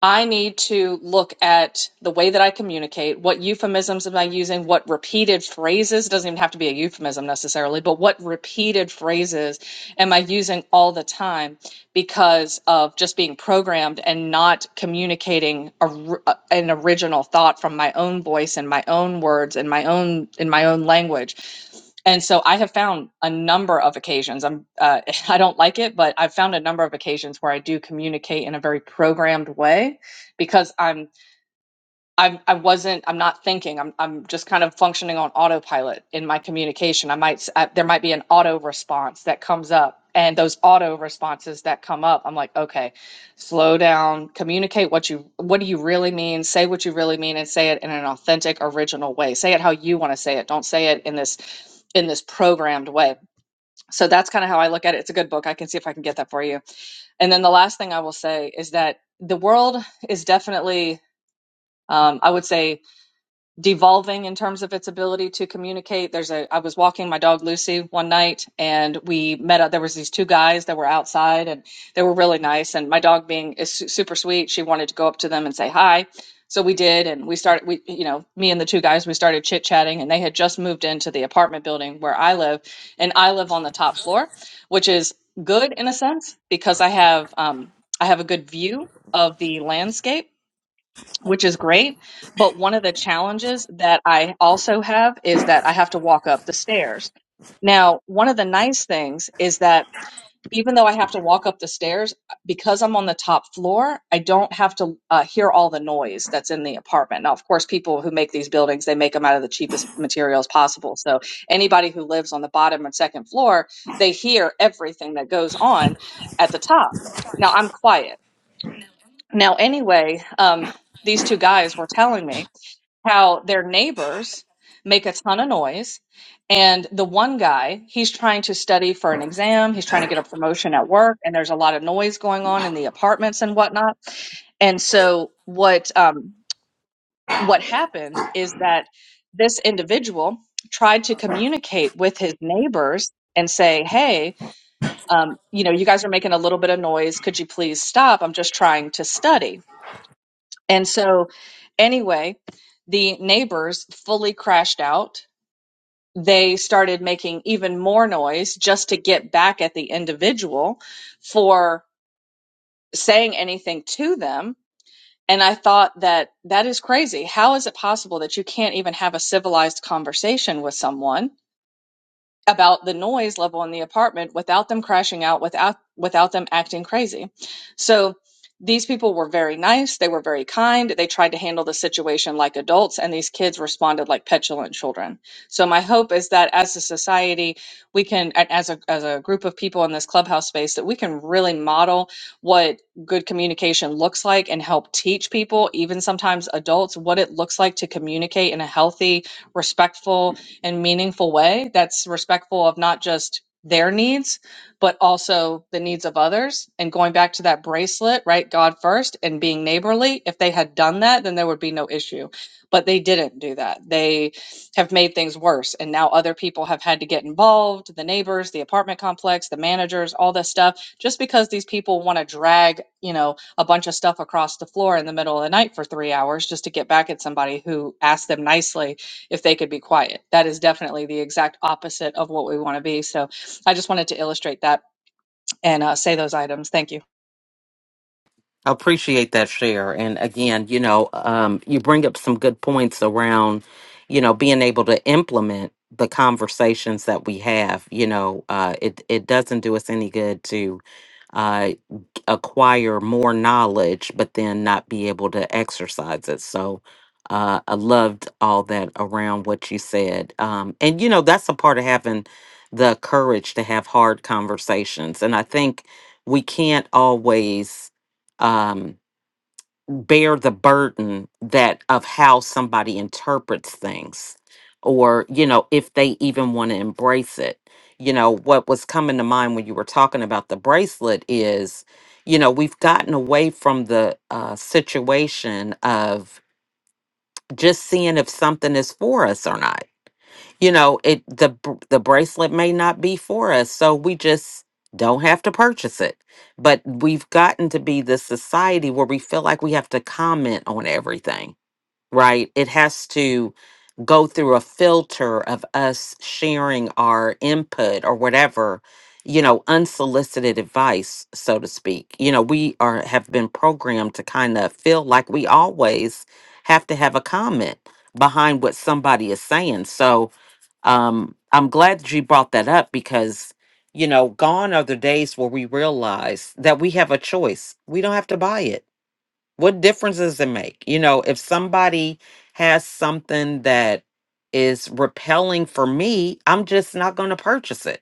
S4: i need to look at the way that i communicate what euphemisms am i using what repeated phrases doesn't even have to be a euphemism necessarily but what repeated phrases am i using all the time because of just being programmed and not communicating a r- a- an original thought from my own voice and my own words and my own in my own language and so i have found a number of occasions i'm uh, i don't like it but i've found a number of occasions where i do communicate in a very programmed way because i'm I'm I wasn't I'm not thinking. I'm I'm just kind of functioning on autopilot in my communication. I might s- I, there might be an auto response that comes up and those auto responses that come up, I'm like, okay, slow down, communicate what you what do you really mean, say what you really mean and say it in an authentic original way. Say it how you want to say it. Don't say it in this in this programmed way. So that's kind of how I look at it. It's a good book. I can see if I can get that for you. And then the last thing I will say is that the world is definitely um, I would say devolving in terms of its ability to communicate. There's a I was walking my dog Lucy one night and we met up there was these two guys that were outside and they were really nice and my dog being is super sweet, she wanted to go up to them and say hi. So we did and we started we you know, me and the two guys we started chit-chatting and they had just moved into the apartment building where I live and I live on the top floor, which is good in a sense because I have um I have a good view of the landscape which is great. But one of the challenges that I also have is that I have to walk up the stairs. Now, one of the nice things is that even though I have to walk up the stairs, because I'm on the top floor, I don't have to uh, hear all the noise that's in the apartment. Now, of course, people who make these buildings, they make them out of the cheapest materials possible. So anybody who lives on the bottom and second floor, they hear everything that goes on at the top. Now, I'm quiet. Now, anyway, um, these two guys were telling me how their neighbors make a ton of noise. And the one guy, he's trying to study for an exam, he's trying to get a promotion at work, and there's a lot of noise going on in the apartments and whatnot. And so what um, what happened is that this individual tried to communicate with his neighbors and say, "Hey, um, you know, you guys are making a little bit of noise. Could you please stop? I'm just trying to study." And so, anyway, the neighbors fully crashed out. They started making even more noise just to get back at the individual for saying anything to them. And I thought that that is crazy. How is it possible that you can't even have a civilized conversation with someone? about the noise level in the apartment without them crashing out without without them acting crazy so these people were very nice they were very kind they tried to handle the situation like adults and these kids responded like petulant children so my hope is that as a society we can a- as a as a group of people in this clubhouse space that we can really model what good communication looks like and help teach people even sometimes adults what it looks like to communicate in a healthy respectful and meaningful way that's respectful of not just their needs, but also the needs of others. And going back to that bracelet, right? God first and being neighborly. If they had done that, then there would be no issue. But they didn't do that. They have made things worse. And now other people have had to get involved the neighbors, the apartment complex, the managers, all this stuff, just because these people want to drag, you know, a bunch of stuff across the floor in the middle of the night for three hours just to get back at somebody who asked them nicely if they could be quiet. That is definitely the exact opposite of what we want to be. So I just wanted to illustrate that and uh, say those items. Thank you.
S1: I appreciate that share. And again, you know, um, you bring up some good points around, you know, being able to implement the conversations that we have. You know, uh, it it doesn't do us any good to. uh, acquire more knowledge, but then not be able to exercise it. So uh, I loved all that around what you said. Um, and, you know, that's a part of having the courage to have hard conversations. And I think we can't always. Um, bear the burden that of how somebody interprets things or you know if they even want to embrace it you know what was coming to mind when you were talking about the bracelet is you know we've gotten away from the uh, situation of just seeing if something is for us or not you know it the br- the bracelet may not be for us so we just don't have to purchase it but we've gotten to be this society where we feel like we have to comment on everything right it has to go through a filter of us sharing our input or whatever you know unsolicited advice so to speak you know we are have been programmed to kind of feel like we always have to have a comment behind what somebody is saying so um i'm glad that you brought that up because you know gone are the days where we realize that we have a choice we don't have to buy it what difference does it make? You know, if somebody has something that is repelling for me, I'm just not going to purchase it.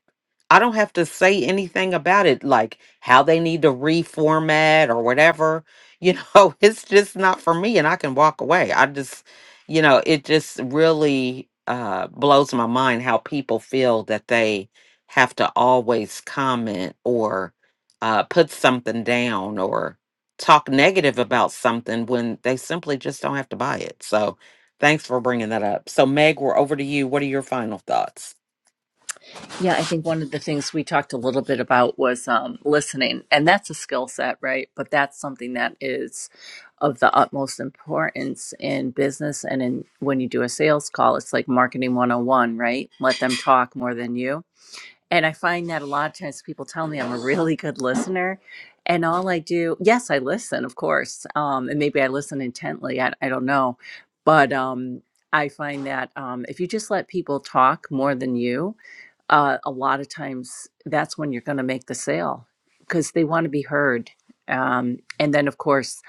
S1: I don't have to say anything about it, like how they need to reformat or whatever. You know, it's just not for me and I can walk away. I just, you know, it just really uh, blows my mind how people feel that they have to always comment or uh, put something down or talk negative about something when they simply just don't have to buy it. So thanks for bringing that up. So, Meg, we're over to you. What are your final thoughts?
S10: Yeah, I think one of the things we talked a little bit about was um, listening, and that's a skill set, right? But that's something that is of the utmost importance in business and in when you do a sales call, it's like marketing 101, right? Let them talk more than you. And I find that a lot of times people tell me I'm a really good listener. And all I do, yes, I listen, of course. Um, and maybe I listen intently. I, I don't know. But um, I find that um, if you just let people talk more than you, uh, a lot of times that's when you're going to make the sale because they want to be heard. Um, and then, of course,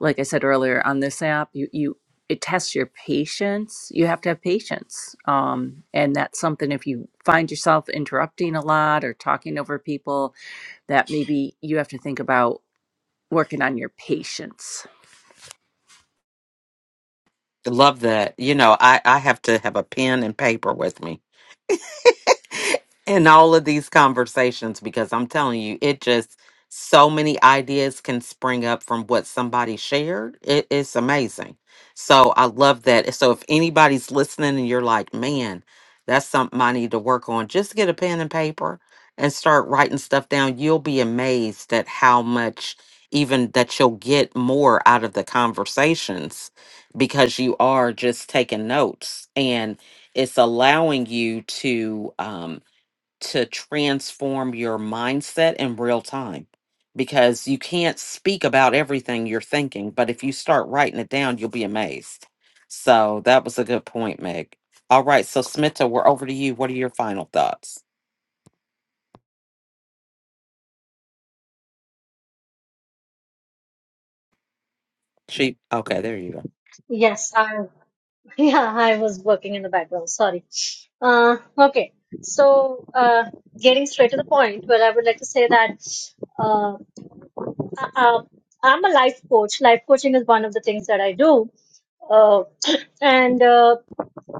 S10: like I said earlier, on this app, you you it tests your patience. You have to have patience, um, and that's something. If you find yourself interrupting a lot or talking over people, that maybe you have to think about working on your patience
S1: Love that. You know, I, I have to have a pen and paper with me in all of these conversations because I'm telling you, it just so many ideas can spring up from what somebody shared. It, it's amazing. So I love that. So if anybody's listening and you're like, man, that's something I need to work on, just get a pen and paper and start writing stuff down. You'll be amazed at how much even that you'll get more out of the conversations because you are just taking notes it's allowing you to um to transform your mindset in real time because you can't speak about everything you're thinking but if you start writing it down you'll be amazed so that was a good point meg all right so smita we're over to you what are your final thoughts she okay there you go
S8: Yes, I Yeah, I was working in the background. Sorry. Uh, okay. So, uh, getting straight to the point, well, I would like to say that uh, I, uh, I'm a life coach. Life coaching is one of the things that I do. Uh, and uh,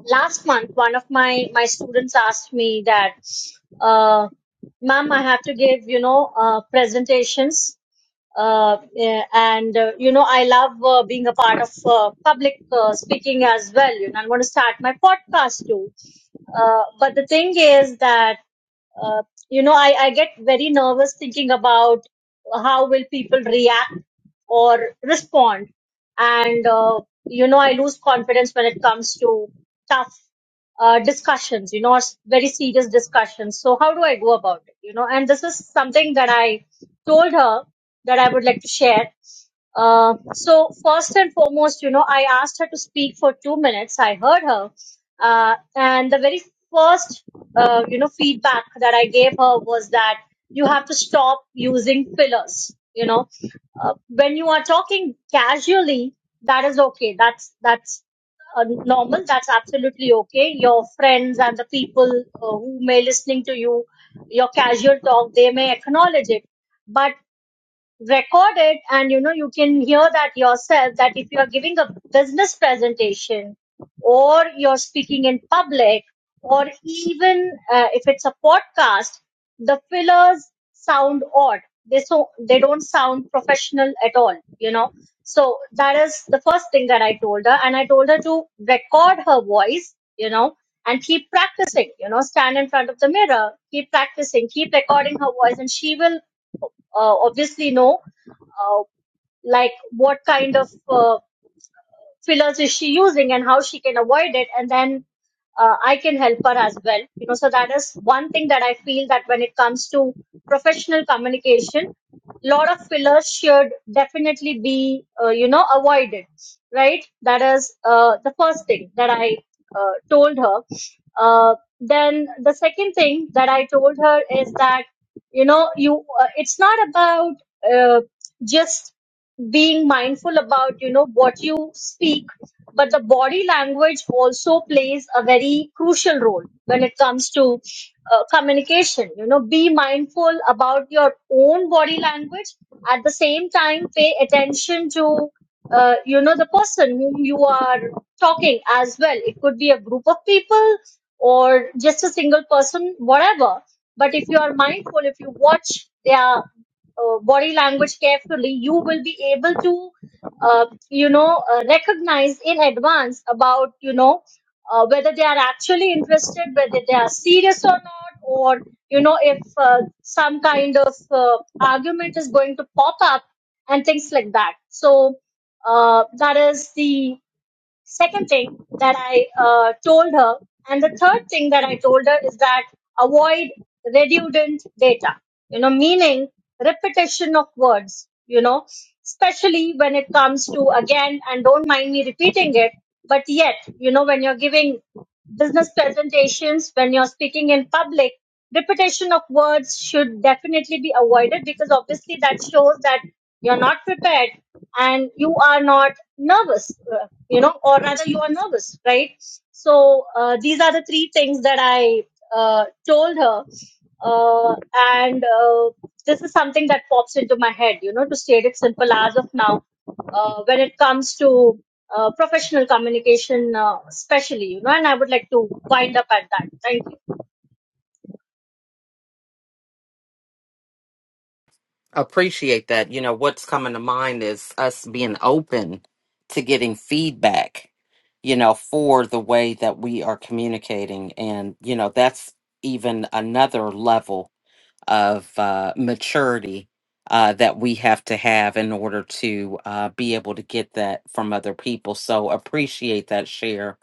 S8: last month, one of my my students asked me that, uh, "Ma'am, I have to give you know uh, presentations uh, yeah, and uh, you know i love uh, being a part of uh, public uh, speaking as well you know i'm going to start my podcast too uh, but the thing is that uh, you know I, I get very nervous thinking about how will people react or respond and uh, you know i lose confidence when it comes to tough uh, discussions you know or s- very serious discussions so how do i go about it you know and this is something that i told her that i would like to share uh, so first and foremost, you know, I asked her to speak for two minutes. I heard her, uh, and the very first, uh, you know, feedback that I gave her was that you have to stop using fillers. You know, uh, when you are talking casually, that is okay. That's that's uh, normal. That's absolutely okay. Your friends and the people uh, who may listening to you, your casual talk, they may acknowledge it. But record it and you know you can hear that yourself that if you are giving a business presentation or you're speaking in public or even uh, if it's a podcast the fillers sound odd they so they don't sound professional at all you know so that is the first thing that i told her and i told her to record her voice you know and keep practicing you know stand in front of the mirror keep practicing keep recording her voice and she will uh, obviously know uh, like what kind of uh, fillers is she using and how she can avoid it and then uh, i can help her as well you know so that is one thing that i feel that when it comes to professional communication lot of fillers should definitely be uh, you know avoided right that is uh, the first thing that i uh, told her uh, then the second thing that i told her is that you know you uh, it's not about uh, just being mindful about you know what you speak but the body language also plays a very crucial role when it comes to uh, communication you know be mindful about your own body language at the same time pay attention to uh, you know the person whom you are talking as well it could be a group of people or just a single person whatever but if you are mindful if you watch their uh, body language carefully, you will be able to, uh, you know, uh, recognize in advance about, you know, uh, whether they are actually interested, whether they are serious or not, or, you know, if uh, some kind of uh, argument is going to pop up and things like that. So, uh, that is the Second thing that I uh, told her, and the third thing that I told her is that avoid redundant data, you know, meaning repetition of words, you know, especially when it comes to, again, and don't mind me repeating it, but yet, you know, when you're giving business presentations, when you're speaking in public, repetition of words should definitely be avoided because obviously that shows that you're not prepared and you are not nervous, uh, you know, or rather you are nervous, right? So uh, these are the three things that I uh, told her. Uh, and uh, this is something that pops into my head, you know, to state it simple as of now, uh, when it comes to uh, professional communication, uh, especially, you know, and I would like to wind up at that. Thank you.
S1: appreciate that. You know, what's coming to mind is us being open to getting feedback, you know, for the way that we are communicating. And, you know, that's even another level of uh, maturity uh, that we have to have in order to uh, be able to get that from other people. So appreciate that share,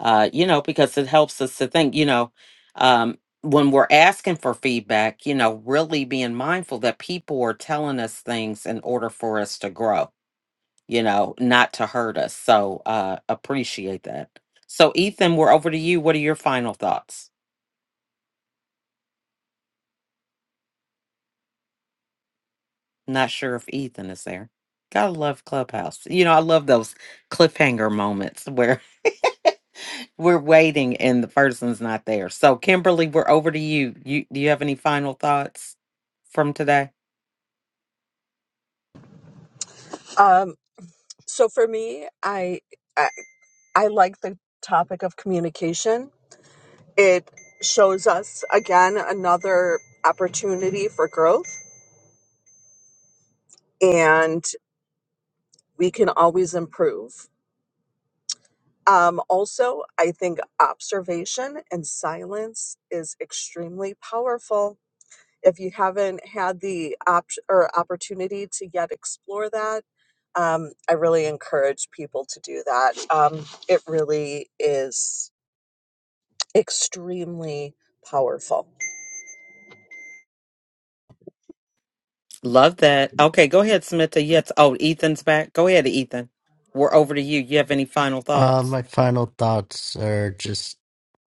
S1: uh, you know, because it helps us to think, you know, um, when we're asking for feedback, you know, really being mindful that people are telling us things in order for us to grow, you know, not to hurt us. So uh, appreciate that. So, Ethan, we're over to you. What are your final thoughts? Not sure if Ethan is there. Gotta love Clubhouse. You know, I love those cliffhanger moments where we're waiting and the person's not there. So, Kimberly, we're over to you. You do you have any final thoughts from today?
S5: So for me, I, I I like the topic of communication. It shows us again another opportunity for growth, and we can always improve. Um, also, I think observation and silence is extremely powerful. If you haven't had the op- or opportunity to yet explore that, um, I really encourage people to do that. Um, it really is extremely powerful.
S1: Love that. Okay, go ahead, Smita. Yes. Oh, Ethan's back. Go ahead, Ethan. We're over to you. You have any final
S9: Uh,
S1: thoughts?
S9: my final thoughts are just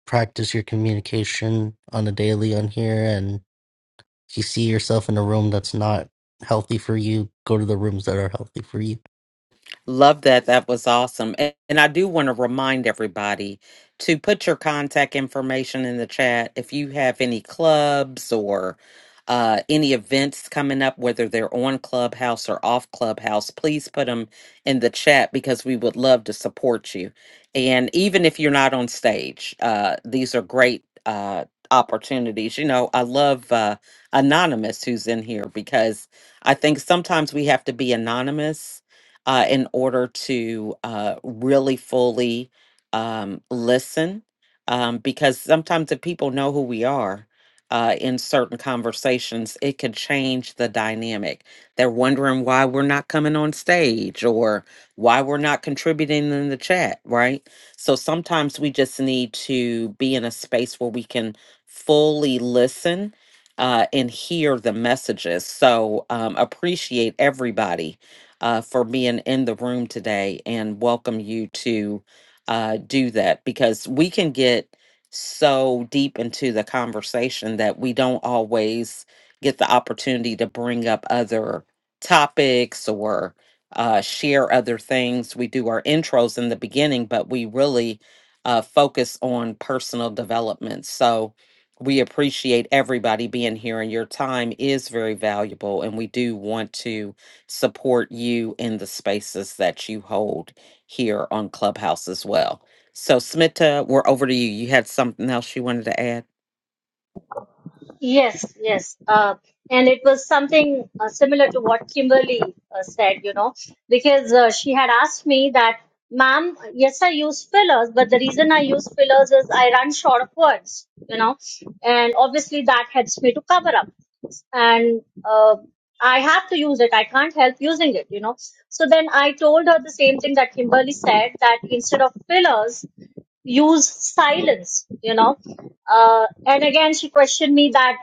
S9: practice your communication on a daily on here. And if you see yourself in a room that's not healthy for you, go to the rooms that are healthy for you.
S1: Love that. That was awesome. A- And I do want to remind everybody to put your contact information in the chat. If you have any clubs or uh, any events coming up, whether they're on Clubhouse or off Clubhouse, please put them in the chat because we would love to support you. And even if you're not on stage, uh, these are great uh, opportunities. You know, I love uh, Anonymous who's in here because I think sometimes we have to be anonymous uh, in order to uh, really fully um, listen. Um, because sometimes if people know who we are uh, in certain conversations, it could change the dynamic. They're wondering why we're not coming on stage or why we're not contributing in the chat, right? So sometimes we just need to be in a space where we can fully listen uh, and hear the messages. So um, appreciate everybody uh, for being in the room today and welcome you to uh, do that because we can get so deep into the conversation that we don't always get the opportunity to bring up other topics or uh, share other things. We do our intros in the beginning, but we really uh, focus on personal development. So we appreciate everybody being here, and your time is very valuable. And we do want to support you in the spaces that you hold here on Clubhouse as well. So, Smita, we're over to you. You had something else you wanted to add?
S8: Yes, yes. Uh, and it was something uh, similar to what Kimberly uh, said, you know, because uh, she had asked me that, ma'am, yes, I use fillers, but the reason I use fillers is I run short of words, you know, and obviously that helps me to cover up. And uh, I have to use it. I can't help using it, you know. So then I told her the same thing that Kimberly said that instead of fillers, use silence, you know. Uh, and again, she questioned me that,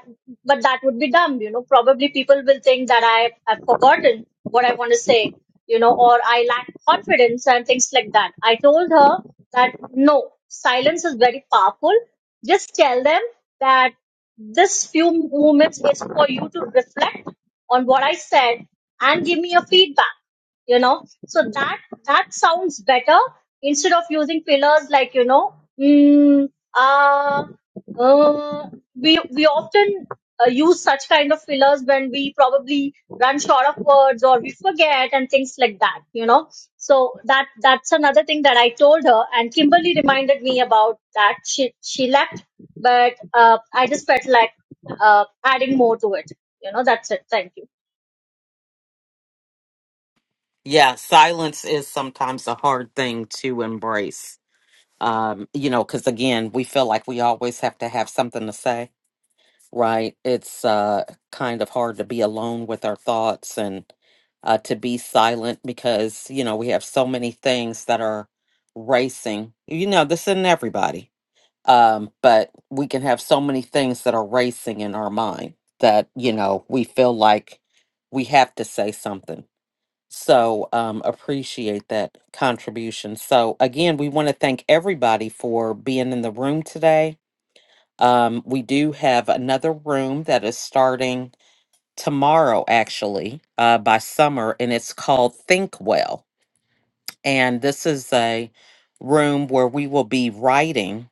S8: but that would be dumb, you know. Probably people will think that I have forgotten what I want to say, you know, or I lack confidence and things like that. I told her that no, silence is very powerful. Just tell them that this few moments is for you to reflect on what I said and give me a feedback you know so that that sounds better instead of using fillers like you know mm, uh, uh, we we often uh, use such kind of fillers when we probably run short of words or we forget and things like that you know so that that's another thing that i told her and kimberly reminded me about that she she left but uh, i just felt like uh, adding more to it you know that's it thank you
S1: Yeah, silence is sometimes a hard thing to embrace. Um, you know, because again, we feel like we always have to have something to say, right? It's uh, kind of hard to be alone with our thoughts and uh, to be silent because, you know, we have so many things that are racing. You know, this isn't everybody um, but we can have so many things that are racing in our mind that you know we feel like we have to say something so um, appreciate that contribution so again we want to thank everybody for being in the room today um, we do have another room that is starting tomorrow actually uh, by summer and it's called think well and this is a room where we will be writing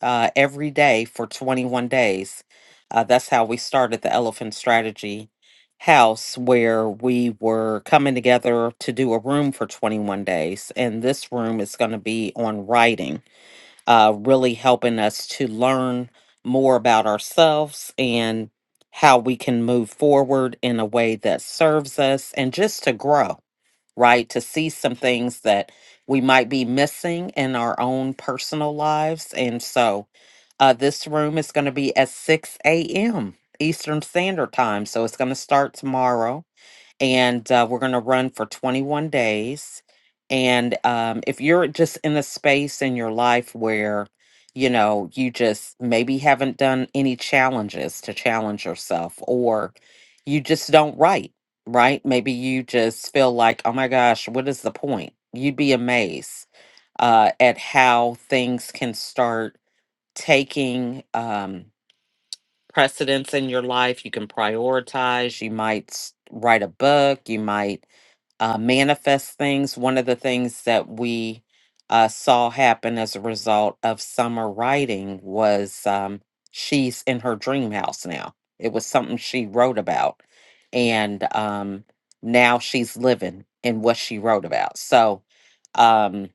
S1: uh, every day for 21 days. Uh, that's how we started the Elephant Strategy House, where we were coming together to do a room for 21 days. And this room is going to be on writing, uh, really helping us to learn more about ourselves and how we can move forward in a way that serves us and just to grow right? To see some things that we might be missing in our own personal lives. And so uh, this room is going to be at 6 a.m. Eastern Standard Time. So it's going to start tomorrow and uh, we're going to run for 21 days. And um, if you're just in a space in your life where, you know, you just maybe haven't done any challenges to challenge yourself, or you just don't write, right? Maybe you just feel like, oh my gosh, what is the point? You'd be amazed uh, at how things can start taking um, precedence in your life. You can prioritize. You might s- write a book. You might uh, manifest things. One of the things that we uh, saw happen as a result of summer writing was um, she's in her dream house now. It was something she wrote about. And um, now she's living in what she wrote about. So um,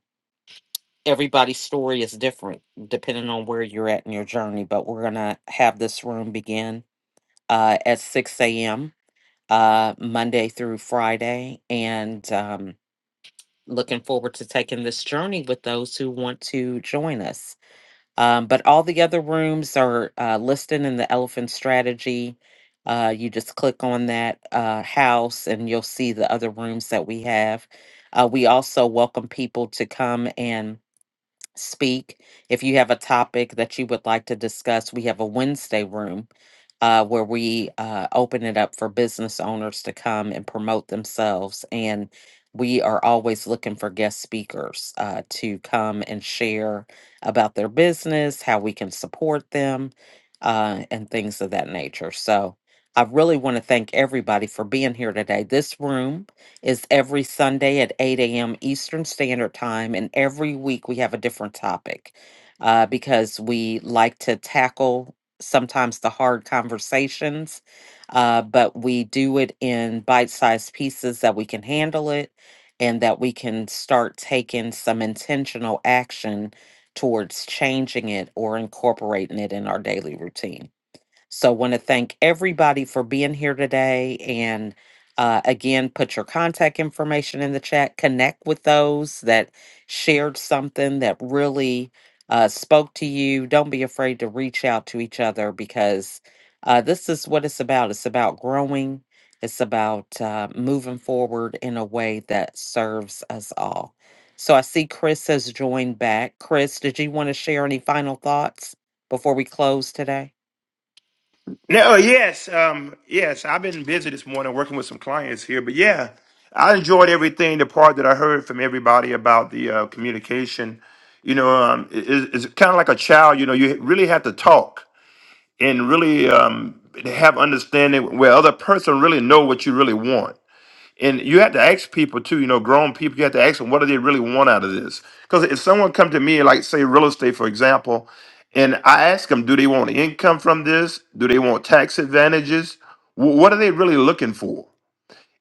S1: everybody's story is different depending on where you're at in your journey. But we're going to have this room begin uh, at 6 a.m. Uh, Monday through Friday. And um, looking forward to taking this journey with those who want to join us. Um, but all the other rooms are uh, listed in the Elephant Strategy. Uh, you just click on that uh, house and you'll see the other rooms that we have. Uh, we also welcome people to come and speak. If you have a topic that you would like to discuss, we have a Wednesday room uh, where we uh, open it up for business owners to come and promote themselves. And we are always looking for guest speakers uh, to come and share about their business, how we can support them, uh, and things of that nature. So I really want to thank everybody for being here today. This room is every Sunday at 8 a.m. Eastern Standard Time. And every week we have a different topic uh, because we like to tackle sometimes the hard conversations, uh, but we do it in bite sized pieces that we can handle it and that we can start taking some intentional action towards changing it or incorporating it in our daily routine. So, want to thank everybody for being here today. And uh, again, put your contact information in the chat. Connect with those that shared something that really uh, spoke to you. Don't be afraid to reach out to each other because uh, this is what it's about. It's about growing, it's about uh, moving forward in a way that serves us all. So, I see Chris has joined back. Chris, did you want to share any final thoughts before we close today?
S7: No, yes, um, yes. I've been busy this morning working with some clients here, but yeah, I enjoyed everything. The part that I heard from everybody about the uh, communication, you know, um, i- i- it's kind of like a child. You know, you really have to talk and really um, have understanding where other person really know what you really want and you have to ask people too you know grown people you have to ask them what do they really want out of this because if someone come to me like say real estate for example and i ask them do they want income from this do they want tax advantages Wh- what are they really looking for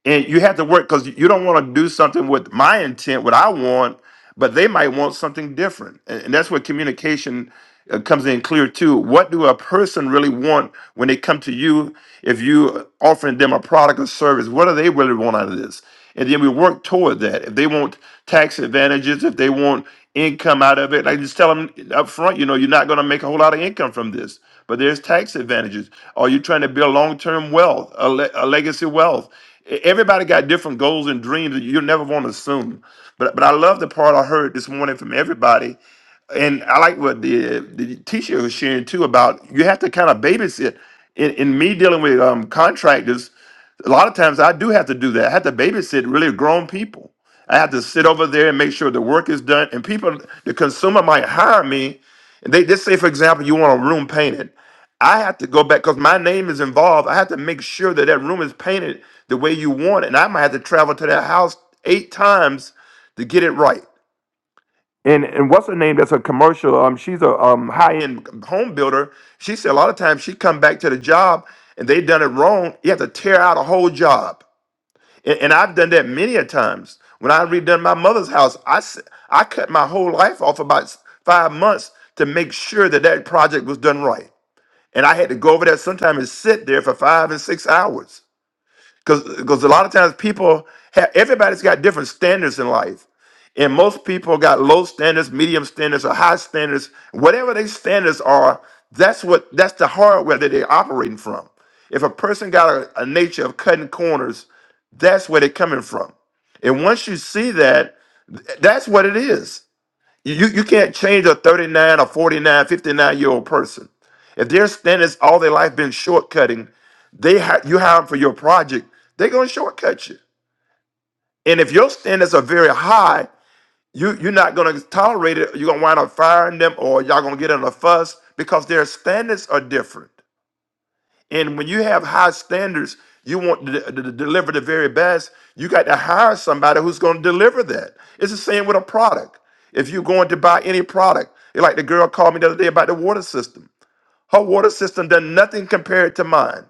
S7: and you have to work because you don't want to do something with my intent what i want but they might want something different and, and that's where communication uh, comes in clear too what do a person really want when they come to you if you offering them a product or service what do they really want out of this and then we work toward that if they want tax advantages if they want income out of it like just tell them up front you know you're not going to make a whole lot of income from this but there's tax advantages are you trying to build long-term wealth a, le- a legacy wealth E-, Everybody got different goals and dreams that you'll never want to assume. But but I love the part I heard this morning from everybody and I like what the the teacher was sharing too about you have to kind of babysit. In, in me dealing with um, contractors, a lot of times I do have to do that. I have to babysit really grown people. I have to sit over there and make sure the work is done. And people, the consumer might hire me. And they just say, for example, you want a room painted. I have to go back because my name is involved. I have to make sure that that room is painted the way you want it. And I might have to travel to that house eight times to get it right. And and what's her name? That's a commercial. Um, she's a um high end home builder. She said a lot of times she come back to the job and they done it wrong. You have to tear out a whole job. And, and I've done that many a times. When I redone my mother's house, I s- I cut my whole life off about s- five months to make sure that that project was done right. And I had to go over there sometimes and sit there for five and six hours because because a lot of times people have everybody's got different standards in life and most people got low standards, medium standards, or high standards. Whatever their standards are, that's what that's the hardware that they're operating from. If a person got a, a nature of cutting corners, that's where they're coming from. And once you see that, that's what it is. You you can't change a 39 or 49, 59 year old person. If their standards all their life been shortcutting, they ha- you hire them for your project, they're gonna shortcut you. And if your standards are very high you you're not gonna tolerate it. You're gonna wind up firing them, or y'all gonna get in a fuss because their standards are different. And when you have high standards, you want to, de- to deliver the very best. You got to hire somebody who's gonna deliver that. It's the same with a product. If you're going to buy any product, like the girl called me the other day about the water system. Her water system done nothing compared to mine.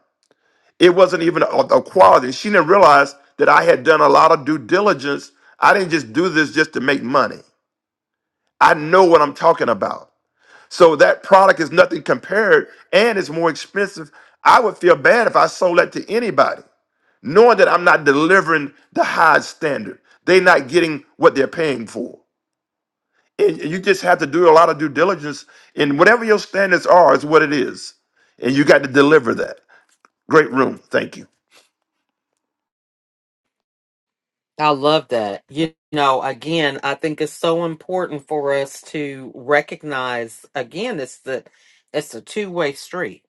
S7: It wasn't even a, a quality. She didn't realize that I had done a lot of due diligence. I didn't just do this just to make money. I know what I'm talking about. So that product is nothing compared and it's more expensive. I would feel bad if I sold that to anybody, knowing that I'm not delivering the high standard. They're not getting what they're paying for. And you just have to do a lot of due diligence And whatever your standards are, is what it is. And you got to deliver that. Great room. Thank you.
S1: I love that. You know, again, I think it's so important for us to recognize again it's the it's a two-way street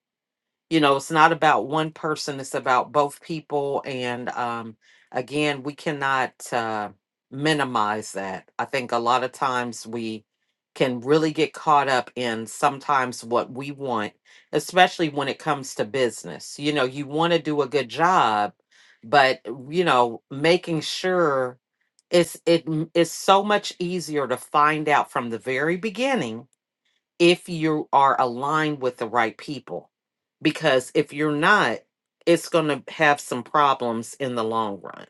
S1: you know it's not about one person it's about both people and um again we cannot uh minimize that i think a lot of times we can really get caught up in sometimes what we want especially when it comes to business you know you want to do a good job but you know making sure it's it m- it's so much easier to find out from the very beginning if you are aligned with the right people. Because if you're not, it's going to have some problems in the long run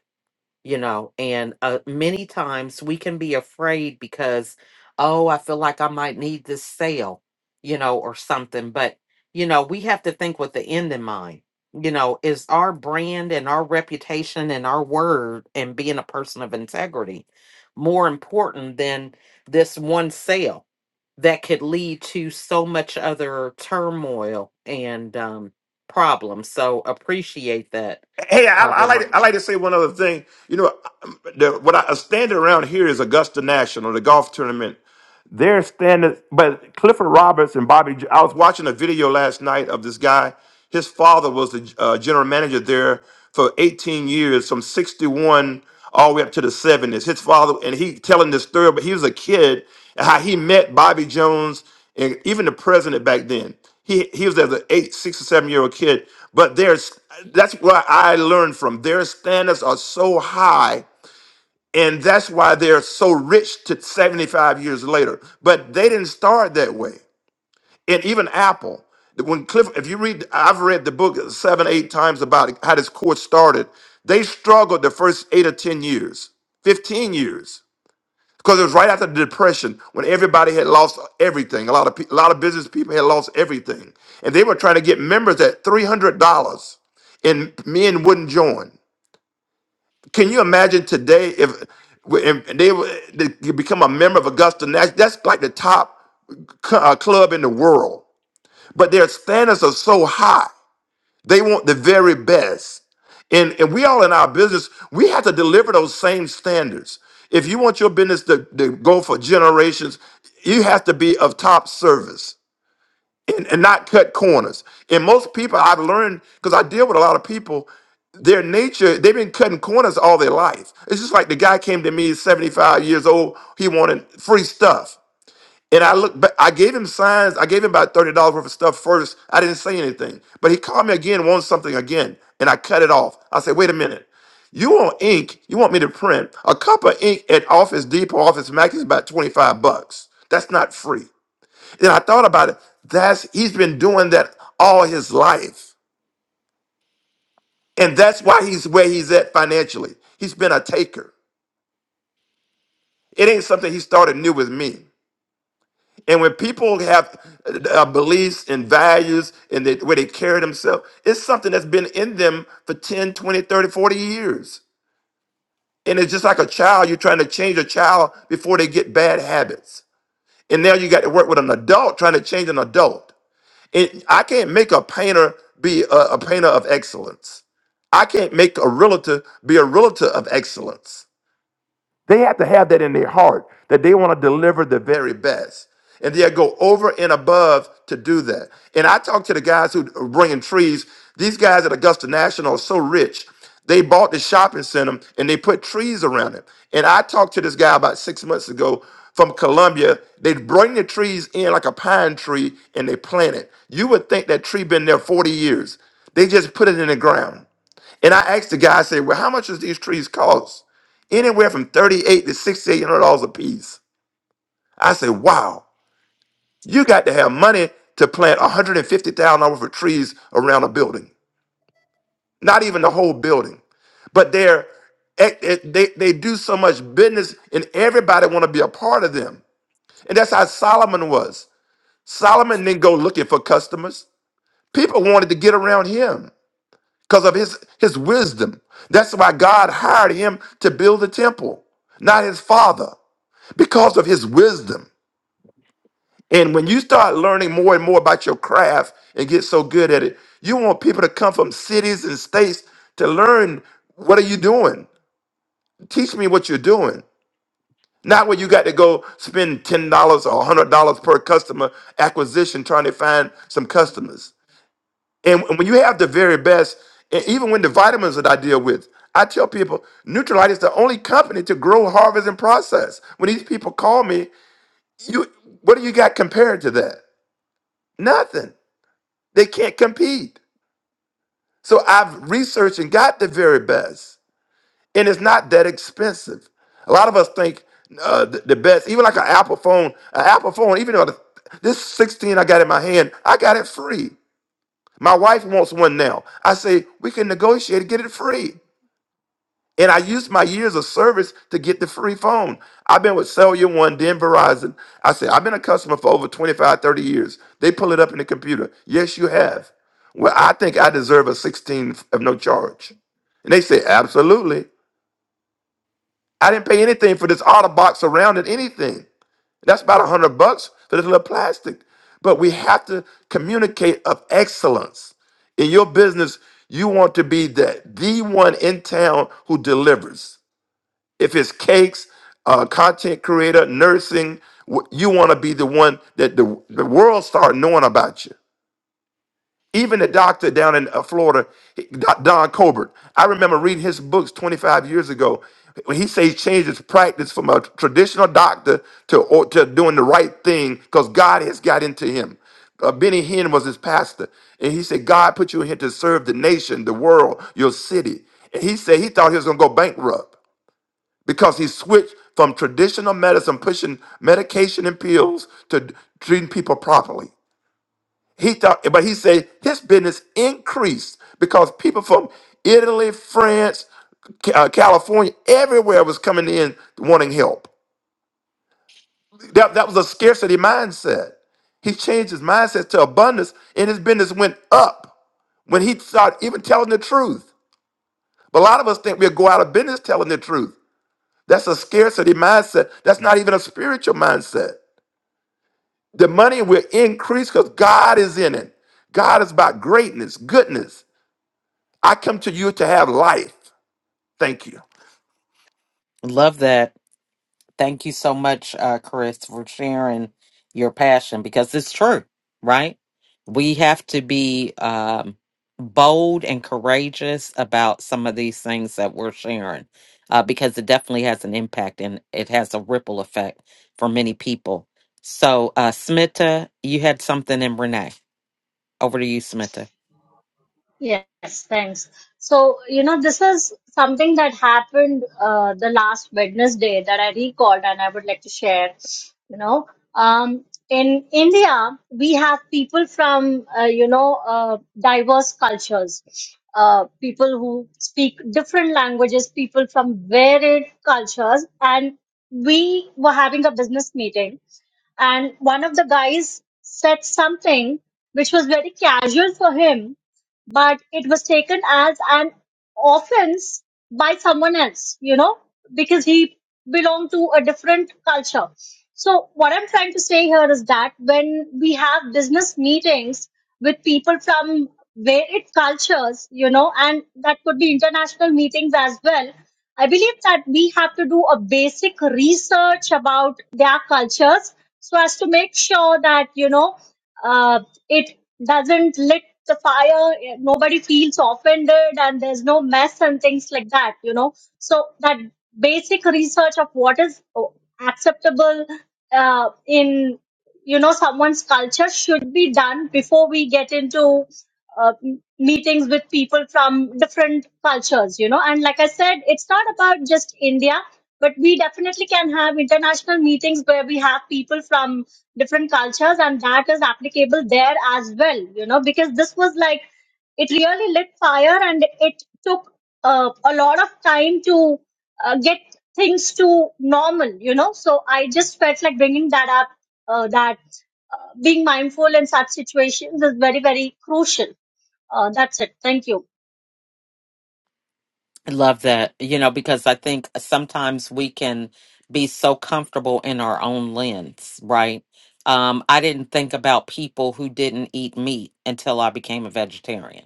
S1: you know and uh, many times we can be afraid because oh i feel like i might need this sale you know or something but you know we have to think with the end in mind you know is our brand and our reputation and our word and being a person of integrity more important than this one sale that could lead to so much other turmoil and um problems so appreciate that
S7: Hey, I, I
S1: uh,
S7: like to, I like to say one other thing. You know, the, what I, a standard around here is Augusta National, the golf tournament. They're standing, but Clifford Roberts and Bobby. I was watching a video last night of this guy. His father was the uh, general manager there for 18 years, from 61 all the way up to the 70s. His father, and he telling this story, but he was a kid, and how he met Bobby Jones and even the president back then. He he was as an eight, six or seven year old kid. But there's that's what I learned from. Their standards are so high and that's why they're so rich to 75 years later. But they didn't start that way. And even Apple, when Cliff, if you read, I've read the book seven, eight times about how this course started. They struggled the first eight or 10 years, 15 years, because it was right after the Depression when everybody had lost everything. A lot of, pe- a lot of business people had lost everything. And they were trying to get members at $300 and men wouldn't join. Can you imagine today if, if they, were- they become a member of Augusta National? That's like the top cl- uh, club in the world. But their standards are so high. They want the very best. And, and we all in our business, we have to deliver those same standards. If you want your business to, to go for generations, you have to be of top service and, and not cut corners. And most people I've learned because I deal with a lot of people, their nature, they've been cutting corners all their life. It's just like the guy came to me, 75 years old, he wanted free stuff. And I looked but I gave him signs, I gave him about $30 worth of stuff first. I didn't say anything. But he called me again, wants something again, and I cut it off. I said, wait a minute. You want ink, you want me to print. A cup of ink at Office Depot, Office Max is about 25 bucks. That's not free. And I thought about it. That's he's been doing that all his life. And that's why he's where he's at financially. He's been a taker. It ain't something he started new with me. And when people have uh, uh, beliefs and values and they, where they carry themselves, it's something that's been in them for 10, 20, 30, 40 years. And it's just like a child, you're trying to change a child before they get bad habits. And now you got to work with an adult trying to change an adult. It, I can't make a painter be a, a painter of excellence. I can't make a realtor be a realtor of excellence. They have to have that in their heart that they want to deliver the very best. And they'll go over and above to do that. And I talk to the guys who are bringing trees. These guys at Augusta National are so rich. They bought the shopping center and they put trees around it. And I talked to this guy about six months ago from Colombia. They bring the trees in like a pine tree and they plant it. You would think that tree been there 40 years. They just put it in the ground. And I asked the guy, I said, well, how much does these trees cost? Anywhere from 38 to $6,800 a piece. I said, wow, you got to have money to plant $150,000 worth of trees around a building. Not even the whole building. But they're, eh, eh, they, they do so much business and everybody want to be a part of them. And that's how Solomon was. Solomon didn't go looking for customers. People wanted to get around him. because of his his wisdom. That's why God hired him to build the temple, not his father, because of his wisdom. And when you start learning more and more about your craft and get so good at it, you want people to come from cities and states to learn what are you doing? Teach me what you're doing. Not where you got to go spend $10 or $100 per customer acquisition trying to find some customers. And when you have the very best, and even when the vitamins that I deal with, I tell people Nutrilite is the only company to grow, harvest, and process. When these people call me, you what do you got compared to that? Nothing. They can't compete. So I've researched and got the very best, and it's not that expensive. A lot of us think uh, the, the best, even like an Apple phone, an Apple phone, even though the, this 16 I got in my hand, I got it free. My wife wants one now. I say we can negotiate and get it free. And I used my years of service to get the free phone. I've been with Cellular One, then Verizon. I said, I've been a customer for over 25, 30 years. They pull it up in the computer. Yes, you have. Well, I think I deserve a 16 of no charge. And they said, absolutely. I didn't pay anything for this auto box around it, anything. That's about 100 bucks for this little plastic. But we have to communicate of excellence. In your business, you want to be the, the one in town who delivers if it's cakes, uh, content creator, nursing, wh- you want to be the one that the, the world start knowing about you. Even the doctor down in uh, Florida, he- Doc- Don Colbert, I remember reading his books 25 years ago when he says he changed his practice from a traditional doctor to, or, to doing the right thing because God has got into him uh, Benny Hinn was his pastor, and he said, "God put you in here to serve the nation, the world, your city." And he said he thought he was gonna go bankrupt because he switched from traditional medicine, pushing medication and pills, to d- treating people properly. He thought, but he said his business increased because people from Italy, France, Ca- uh, California, everywhere was coming in wanting help. That, that was a scarcity mindset. He changed his mindset to abundance, and his business went up when he started even telling the truth. But a lot of us think we'll go out of business telling the truth. That's a scarcity mindset. That's not even a spiritual mindset. The money will increase because God is in it. God is about greatness, goodness. I come to you to have life. Thank you.
S1: Love that. Thank you so much, uh, Chris, for sharing your passion because it's true, right? We have to be um, bold and courageous about some of these things that we're sharing uh, because it definitely has an impact and it has a ripple effect for many people. So, uh, Smita, you had something in Renee. Over to you, Smita.
S8: Yes, thanks. So, you know, this is something that happened uh, the last Wednesday that I recalled and I would like to share. You know, um, in India, we have people from, uh, you know, uh, diverse cultures, uh, people who speak different languages, people from varied cultures. And we were having a business meeting and one of the guys said something which was very casual for him but it was taken as an offense by someone else, you know, because he belonged to a different culture. So, what I'm trying to say here is that when we have business meetings with people from varied cultures, you know, and that could be international meetings as well, I believe that we have to do a basic research about their cultures so as to make sure that, you know, uh, it doesn't lit the fire nobody feels offended and there's no mess and things like that you know so that basic research of what is oh, acceptable uh, in you know someone's culture should be done before we get into uh, m- meetings with people from different cultures you know and like i said it's not about just india but we definitely can have international meetings where we have people from different cultures and that is applicable there as well you know because this was like it really lit fire and it took uh, a lot of time to uh, get things to normal you know so i just felt like bringing that up uh, that uh, being mindful in such situations is very very crucial uh, that's it thank you
S1: I love that, you know, because I think sometimes we can be so comfortable in our own lens, right? Um, I didn't think about people who didn't eat meat until I became a vegetarian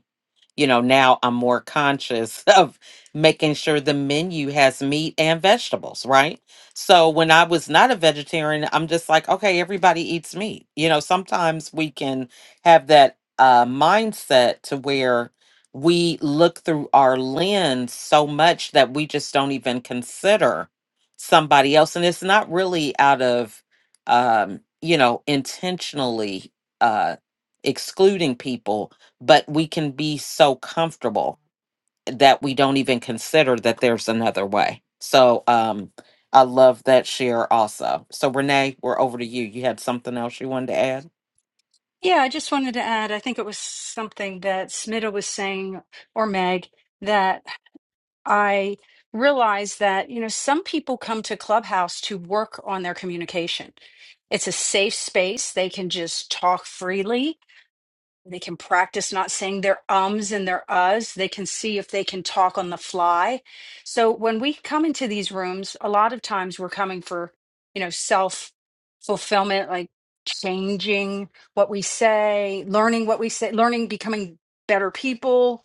S1: you know, now I'm more conscious of making sure the menu has meat and vegetables, right? So when I was not a vegetarian, I'm just like, okay, everybody eats meat. You know, sometimes we can have that uh, mindset to where we look through our lens so much that we just don't even consider somebody else. And it's not really out of, um, you know, intentionally uh, excluding people but we can be so comfortable that we don't even consider that there's another way. So um I love that share also. So Renee, we're over to you. You had something else you wanted to add?
S3: Yeah, I just wanted to add, I think it was something that Smitta was saying, or Meg, that I realized that, you know, some people come to Clubhouse to work on their communication. It's a safe space. They can just talk freely They can practice not saying their ums and their uhs. They can see if they can talk on the fly. So when we come into these rooms, a lot of times we're coming for, you know, self fulfillment, like changing what we say, learning what we say, learning, becoming better people.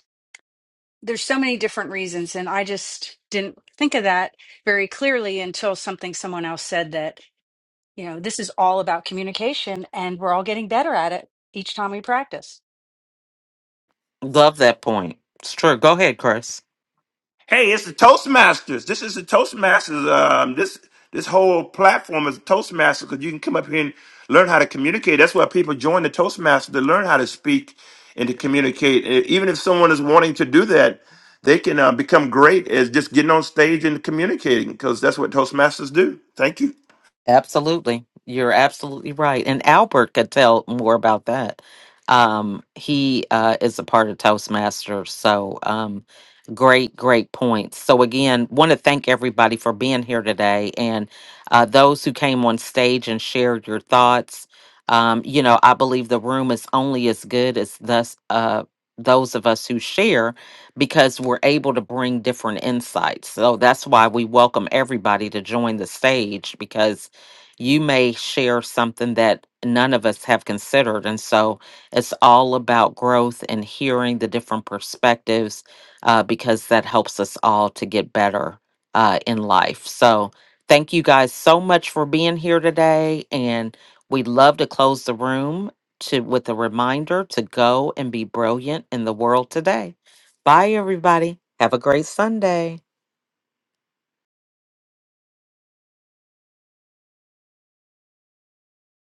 S3: There's so many different reasons. And I just didn't think of that very clearly until something someone else said that, you know, this is all about communication and we're all getting better at it each time we practice.
S1: Love that point. It's true. Go ahead, Chris.
S7: Hey, it's the Toastmasters. This is the Toastmasters. Um, this this whole platform is Toastmasters because you can come up here and learn how to communicate. That's why people join the Toastmasters to learn how to speak and to communicate. And even if someone is wanting to do that, they can uh, become great as just getting on stage and communicating because that's what Toastmasters do. Thank you.
S1: Absolutely. You're absolutely right. And Albert could tell more about that. Um, he uh, is a part of Toastmasters. So, um, great, great points. So, again, want to thank everybody for being here today and uh, those who came on stage and shared your thoughts. Um, you know, I believe the room is only as good as thus, uh, those of us who share because we're able to bring different insights. So, that's why we welcome everybody to join the stage because you may share something that none of us have considered. And so it's all about growth and hearing the different perspectives uh, because that helps us all to get better uh, in life. So thank you guys so much for being here today. And we'd love to close the room to with a reminder to go and be brilliant in the world today. Bye everybody. Have a great Sunday.